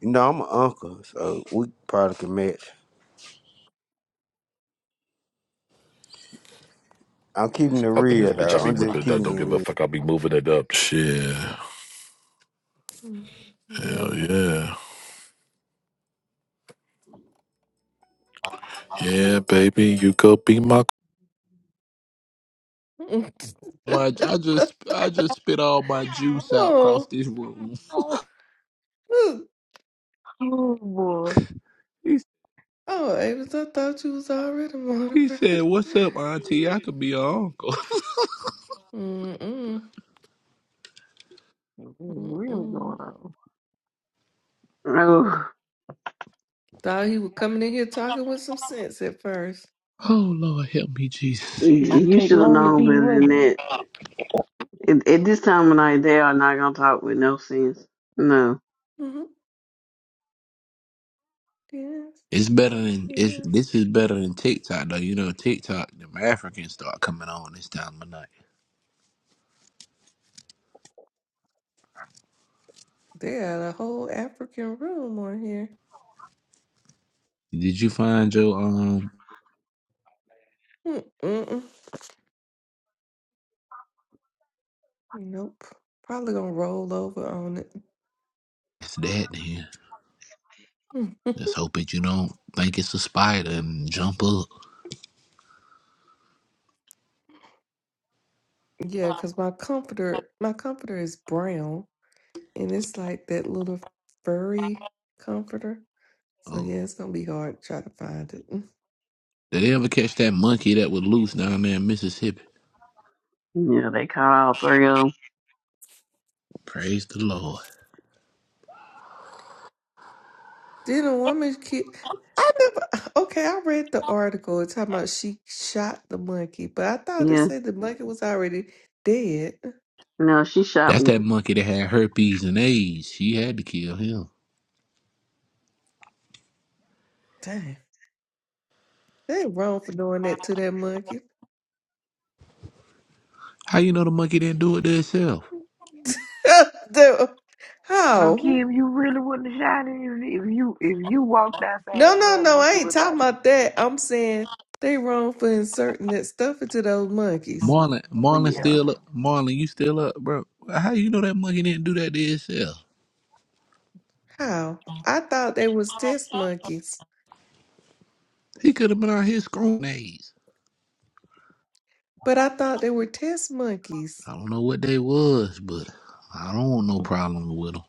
You know, I'm an uncle, so we probably can match. I'm keeping it Shit, Up in this real, bitch, though. I be I'm just ripping it up. keeping Don't it give real. a fuck. I be moving it up. Shit. Hell Yep. yeah. Yeah, baby. You could be my my! I just, I just spit all my juice out across oh. this room. Oh, oh, boy. He, Oh, Avis, I thought you was already he said, monobraid. "What's up, Auntie? I could be your uncle." Mm-mm. What's really going Mm-mm. on? Oh, Thought he was coming in here talking with some sense at 1st Oh Lord, help me, Jesus. you It didn't you take should have long to see known you better than wasn't. that. At, at this time of night, they are not gonna talk with no sense. No, Mm-hmm. Yes, It's better than it's, yes. this is better than TikTok though. You know, TikTok, them Africans start coming on this time of night. They had a whole African room on here. Did you find your um? Mm-mm. Nope. Probably gonna roll over on It's that then. it. Let's hope that you don't think it's a spider and jump up. yeah, because my comforter, my comforter is brown, and it's like that little furry comforter. So yeah, Oh, it's gonna be hard to try to find it. did they ever catch that monkey that was loose down there in Mississippi? yeah, they caught all three of Praise the Lord. Did a woman kill? I never. Okay, I read the article talking about she shot the monkey, but I them. thought it Yeah, said the monkey was already dead. no, she shot That's that one. monkey that had herpes and AIDS. She had to kill him. Dang, they wrong for doing that to that monkey. How you know the monkey didn't do it to itself? Dude, No, How? Kim, you really wouldn't have shot it if if you if you walked outside No, and no, that no. I monkey ain't was talking out there. about that. I'm saying they wrong for inserting that stuff into those monkeys. Marlon, Oh Marlon yeah. still up. Marlon, you still up, bro? How you know that monkey didn't do that to itself? How? I thought they was test monkeys, He could have been out here screwing AIDS. but I thought they were test monkeys. I don't know what they was, but I don't want no problem with 'em.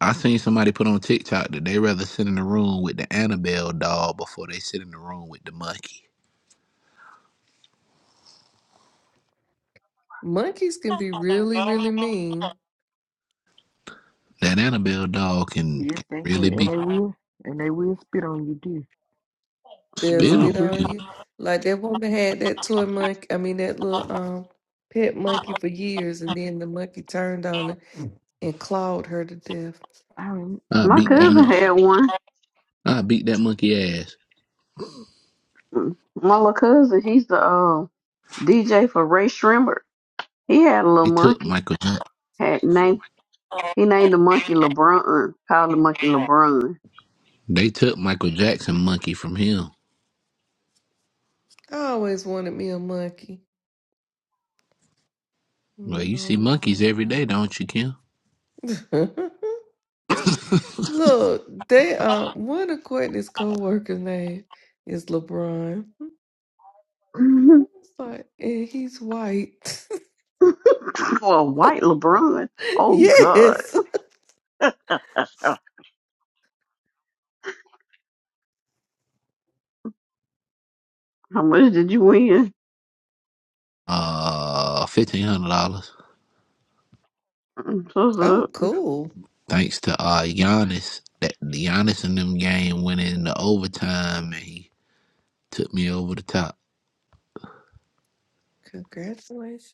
I seen somebody put on TikTok that they rather sit in the room with the Annabelle doll before they sit in the room with the monkey. Monkeys can be really, really mean. That Annabelle doll can, Yes, can thank you. really And be they will. And they will spit on you, too. They'll spit hmm on. spit on you. Like that woman had that toy monkey, I mean that little um pet monkey for years and then the monkey turned on her and clawed her to death. I, rem- I I My beat that remember cousin that. monkey. had one. I beat that monkey ass. My little cousin, he's the uh, DJ for Ray Shrimber. He had a little They took monkey. Michael. Jack- Had named he named the monkey LeBron. Called the monkey LeBron. They took Michael Jackson monkey from him. I always wanted me a monkey. Mm, I Well, you see always monkeys did. every day, don't you, Kim? Look, they uh one of Courtney's co-workers name is LeBron. It's like and he's white. For A white LeBron. Oh God. yes. How much did you win? uh, fifteen hundred dollars. I'm so sorry. Oh, cool. Thanks to uh Giannis, that Giannis in them game went in the overtime and he took me over the top. Congratulations.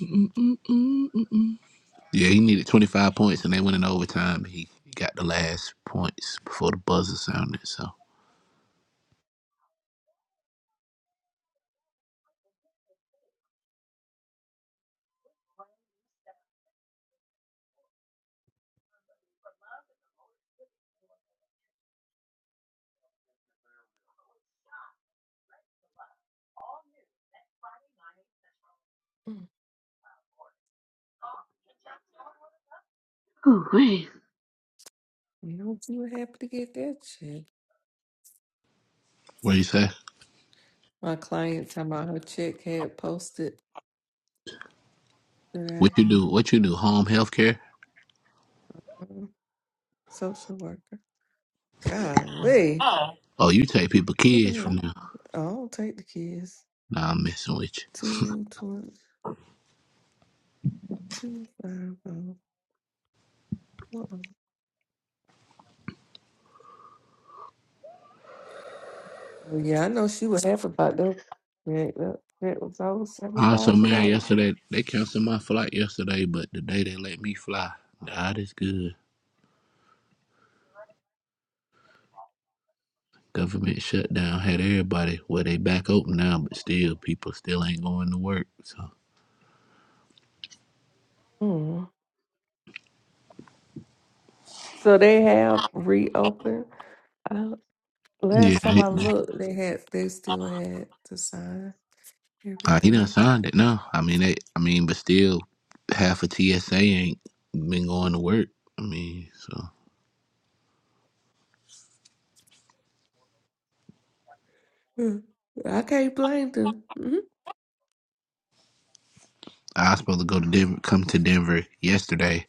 Mm-mm-mm-mm-mm. Yeah, he needed 25 points and they went in overtime. He got the last points before the buzzer sounded. So, Mm, Oh, wait. You don't see what happened to get that shit. what you say? My client talking about her chick had posted What today. you do? What you do? Home health care? Mm, Social worker. Golly. Oh, you take people Two kids from percent. now. I don't take the kids. Nah, I'm messing with you. Two twenty two five oh. Uh-uh. Oh yeah, I know she was half about that. That, that, that was over seven I also thousand married dollars. yesterday. They canceled my flight yesterday, but the day they let me fly, God is good. Government shutdown had everybody where they back open now, but still people still ain't going to work. So Mm. So they have reopened. Uh, last time I yeah, looked, they had they still had to sign Uh, he done everything. signed it. No, I mean, they, I mean, but still, half of TSA ain't been going to work. I mean, so Mm. I can't blame them. I was supposed to go to Denver, come to Denver yesterday,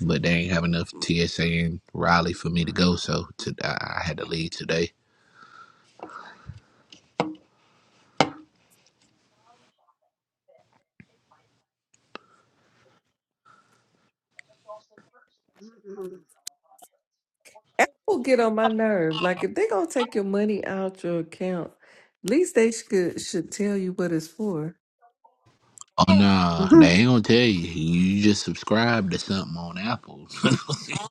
but they ain't have enough TSA in Raleigh for me to go. So to, I I had to leave today. Apple get on my nerve. Like if they gonna take your money out your account, at least they should should tell you what it's for. Oh no, they ain't gonna tell you. You just subscribe to something on Apple.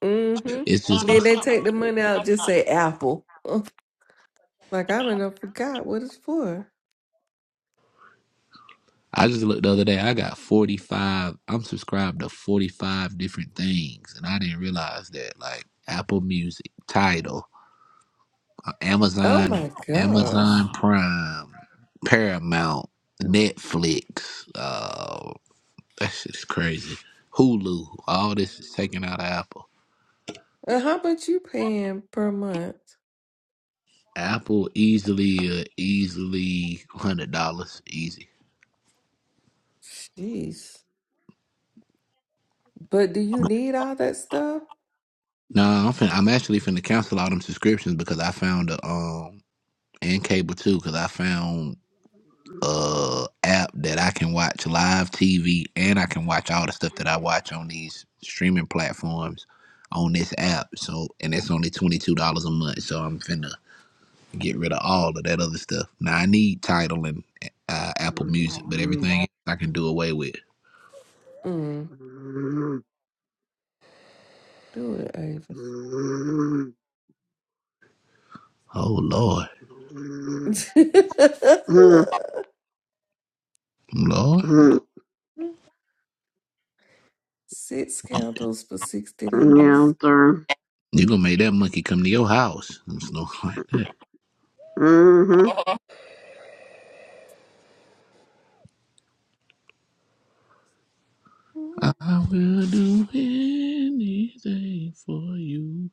Mm-hmm. it's just Then they take the money out, just say Apple. Ugh, Like I mean, I forgot what it's for. I just looked the other day. I got forty five. I'm subscribed to forty five different things, and I didn't realize that. Like Apple Music, Tidal. Oh Amazon, my gosh. Amazon Prime, Paramount, Netflix. Uh, that shit is crazy. Hulu. All this is taken out of Apple. And how much you paying per month? Apple easily, uh, easily hundred dollars, easy. Jeez. But do you need all that stuff? No, I'm fin- I'm actually finna cancel all them subscriptions because I found a um and cable too because I found uh app that I can watch live TV and I can watch all the stuff that I watch on these streaming platforms on this app. So and it's only twenty two dollars a month. So I'm finna get rid of all of that other stuff. Now I need Title and uh, Apple Music, but everything else I can do away with. Mm, do it, Avis. Oh Lord, Lord, Six candles for sixty Yeah, dollars. I'm through. you gonna make that monkey come to your house? It's no like that. hmm Mm-hmm. I will do anything for you.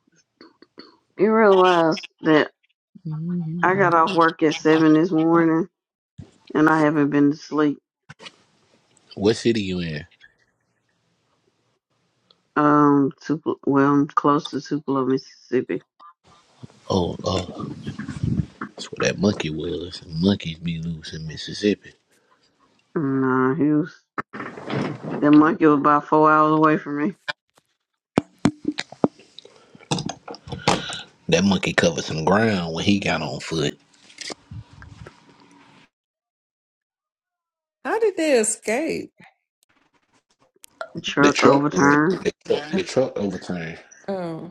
You realize that I Mhm. got off work at seven this morning, and I haven't been to sleep. What city you in? Um, Tupelo, well, I'm close to Tupelo, Mississippi. Oh, uh, that's where that monkey was. Monkeys be loose in Mississippi. Nah, he was. That monkey was about four hours away from me. That monkey covered some ground when he got on foot. How did they escape? The The truck truck ran, overturned. the truck, the truck overturned. Oh,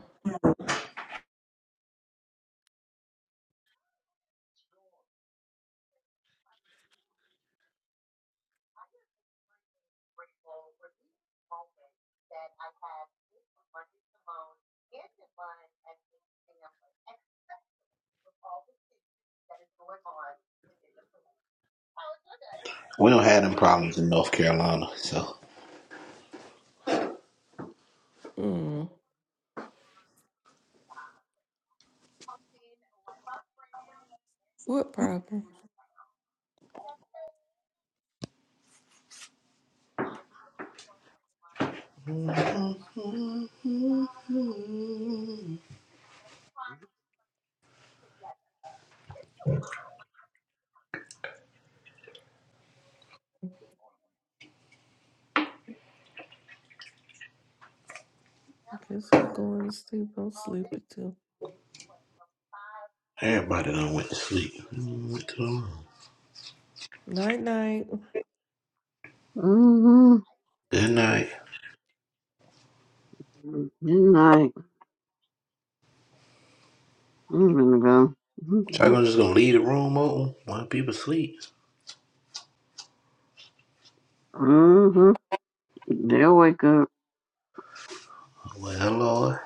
We don't have them problems in North Carolina, so mm, what problem? I guess I'm going to sleep. I'm sleepy too. everybody done went to sleep. Mm, Went to the Night night. Mm-hmm. Good night. Midnight. I'm gonna go. Mm-hmm. So I'm just gonna leave the room open while people sleep. So, Mm-hmm. They'll wake up. well, hello.